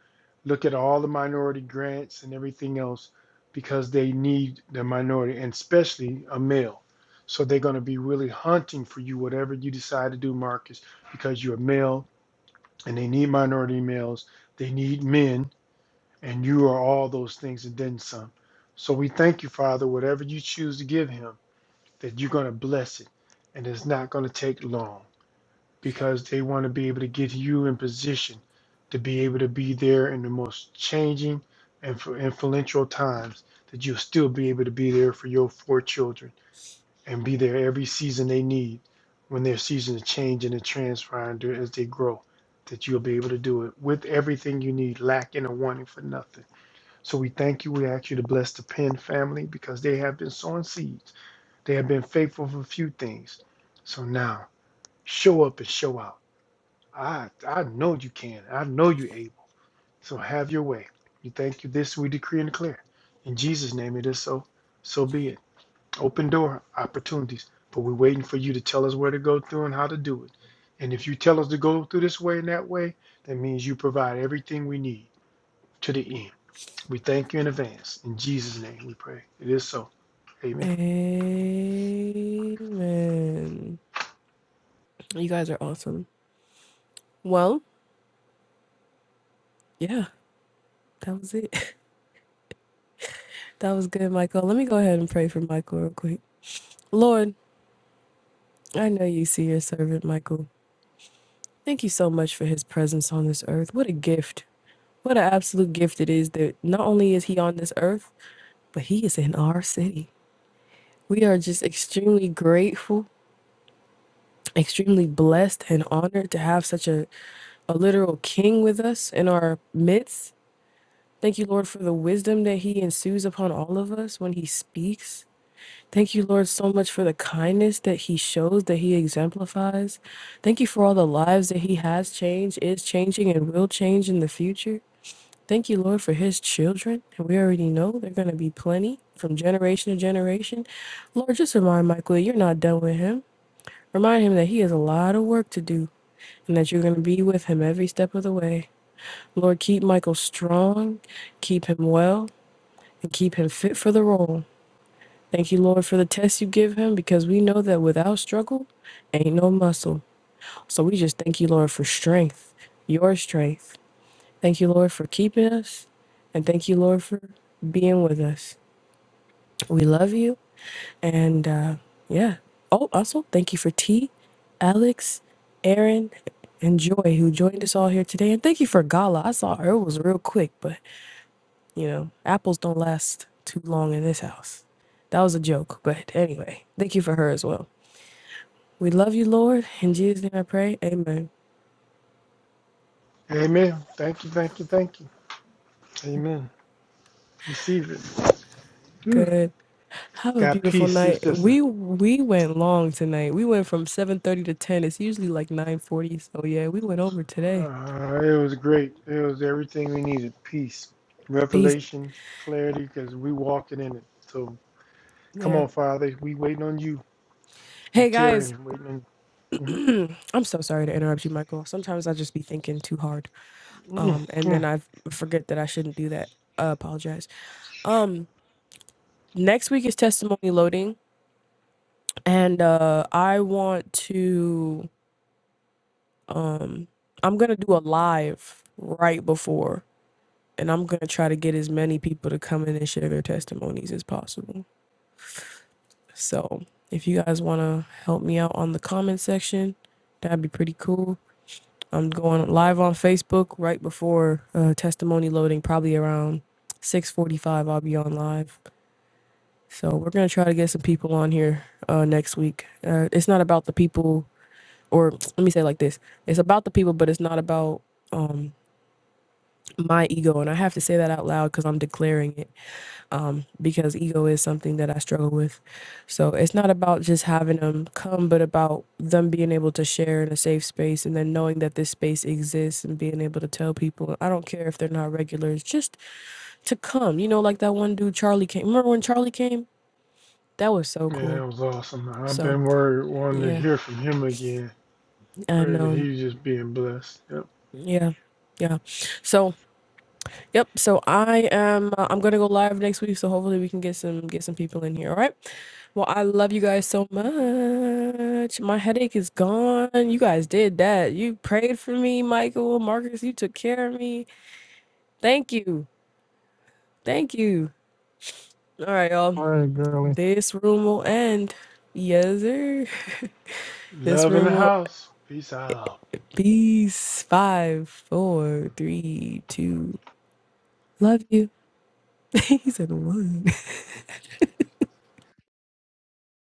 [SPEAKER 2] look at all the minority grants and everything else because they need the minority, and especially a male. So they're going to be really hunting for you, whatever you decide to do, Marcus, because you're a male and they need minority males. They need men, and you are all those things and then some. So we thank you, Father, whatever you choose to give him, that you're going to bless it, and it's not going to take long because they want to be able to get you in position to be able to be there in the most changing and for influential times that you'll still be able to be there for your four children and be there every season they need when their seasons change and are transferring as they grow. That you'll be able to do it with everything you need, lacking or wanting for nothing. So we thank you. We ask you to bless the Penn family because they have been sowing seeds. They have been faithful for a few things. So now show up and show out. I I know you can. I know you're able. So have your way. We thank you. This we decree and declare. In Jesus' name it is so. So be it. Open door opportunities, but we're waiting for you to tell us where to go through and how to do it. And if you tell us to go through this way and that way, that means you provide everything we need to the end. We thank you in advance. In Jesus' name we pray. It is so. Amen.
[SPEAKER 1] Amen. You guys are awesome. Well, yeah, that was it. That was good, Michael. Let me go ahead and pray for Michael real quick. Lord, I know you see your servant, Michael. Thank you so much for his presence on this earth. What a gift. What an absolute gift it is that not only is he on this earth, but he is in our city. We are just extremely grateful, extremely blessed, and honored to have such a, a literal king with us in our midst. Thank you, Lord, for the wisdom that he ensues upon all of us when he speaks. Thank you, Lord, so much for the kindness that he shows, that he exemplifies. Thank you for all the lives that he has changed, is changing, and will change in the future. Thank you, Lord, for his children. And we already know they're going to be plenty from generation to generation. Lord, just remind Michael you're not done with him. Remind him that he has a lot of work to do and that you're going to be with him every step of the way. Lord, keep Michael strong, keep him well, and keep him fit for the role. Thank you, Lord, for the tests you give him because we know that without struggle, ain't no muscle. So we just thank you, Lord, for strength, your strength. Thank you, Lord, for keeping us. And thank you, Lord, for being with us. We love you. And uh, yeah. Oh, also, thank you for T, Alex, Aaron, and Joy, who joined us all here today. And thank you for Gala. I saw her was real quick, but you know, apples don't last too long in this house. That was a joke. But anyway, thank you for her as well. We love you, Lord. In Jesus' name I pray. Amen.
[SPEAKER 2] Amen. Thank you, thank you, thank you. Amen. Receive it.
[SPEAKER 1] Good. Have a
[SPEAKER 2] Got
[SPEAKER 1] beautiful
[SPEAKER 2] peace. It's
[SPEAKER 1] night.
[SPEAKER 2] just a,
[SPEAKER 1] We we went long tonight. We went from 7:30 to 10. It's usually like 9:40, so yeah, we went over today.
[SPEAKER 2] uh, it was great. It was everything we needed. Peace,
[SPEAKER 1] Peace.
[SPEAKER 2] revelation, clarity, because we walking in it. So come
[SPEAKER 1] Yeah.
[SPEAKER 2] on, Father. We waiting on you. We
[SPEAKER 1] Hey
[SPEAKER 2] Terry
[SPEAKER 1] guys,
[SPEAKER 2] and waiting. In.
[SPEAKER 1] I'm so sorry to interrupt you, Michael. Sometimes I just be thinking too hard.
[SPEAKER 2] Mhm.
[SPEAKER 1] Um and then
[SPEAKER 2] Mhm.
[SPEAKER 1] I forget that I shouldn't do that. I apologize. Um next week is testimony loading and uh I want to I'm going to do a live right before. and I'm gonna try to get as many people to come in and share their testimonies as possible. So if you guys wanna help me out on the comment section, that'd be pretty cool. I'm going live on Facebook right before uh, testimony loading, probably around 6:45. I'll be on live, so we're gonna try to get some people on here uh, next week. Uh, it's not about the people, or let me say it like this: it's about the people, but it's not about my ego. And I have to say that out loud because I'm declaring it um, because ego is something that I struggle with. So it's not about just having them come, but about them being able to share in a safe space and then knowing that this space exists and being able to tell people, I don't care if they're not regulars, just to come. You know, like that one dude, Charlie came. Remember when Charlie came? That was so
[SPEAKER 2] Man,
[SPEAKER 1] cool.
[SPEAKER 2] that was awesome. I've
[SPEAKER 1] So
[SPEAKER 2] been worried, wanting to
[SPEAKER 1] yeah.
[SPEAKER 2] hear from him again.
[SPEAKER 1] And
[SPEAKER 2] Pray that
[SPEAKER 1] um,
[SPEAKER 2] he's just being blessed. Yep.
[SPEAKER 1] yeah. Yeah. So, yep. So I am, uh, I'm going to go live next week. So hopefully we can get some, get some people in here. All right. Well, I love you guys so much. My headache is gone. You guys did that. You prayed for me, Michael, Marcus. You took care of me. Thank you. Thank you. All right, y'all.
[SPEAKER 5] All right, girlie.
[SPEAKER 1] This room will end. Yes, sir. this
[SPEAKER 2] Love in the
[SPEAKER 1] room will.
[SPEAKER 2] house. Peace out.
[SPEAKER 1] Peace. Five, four, three, two. Love you. he said one.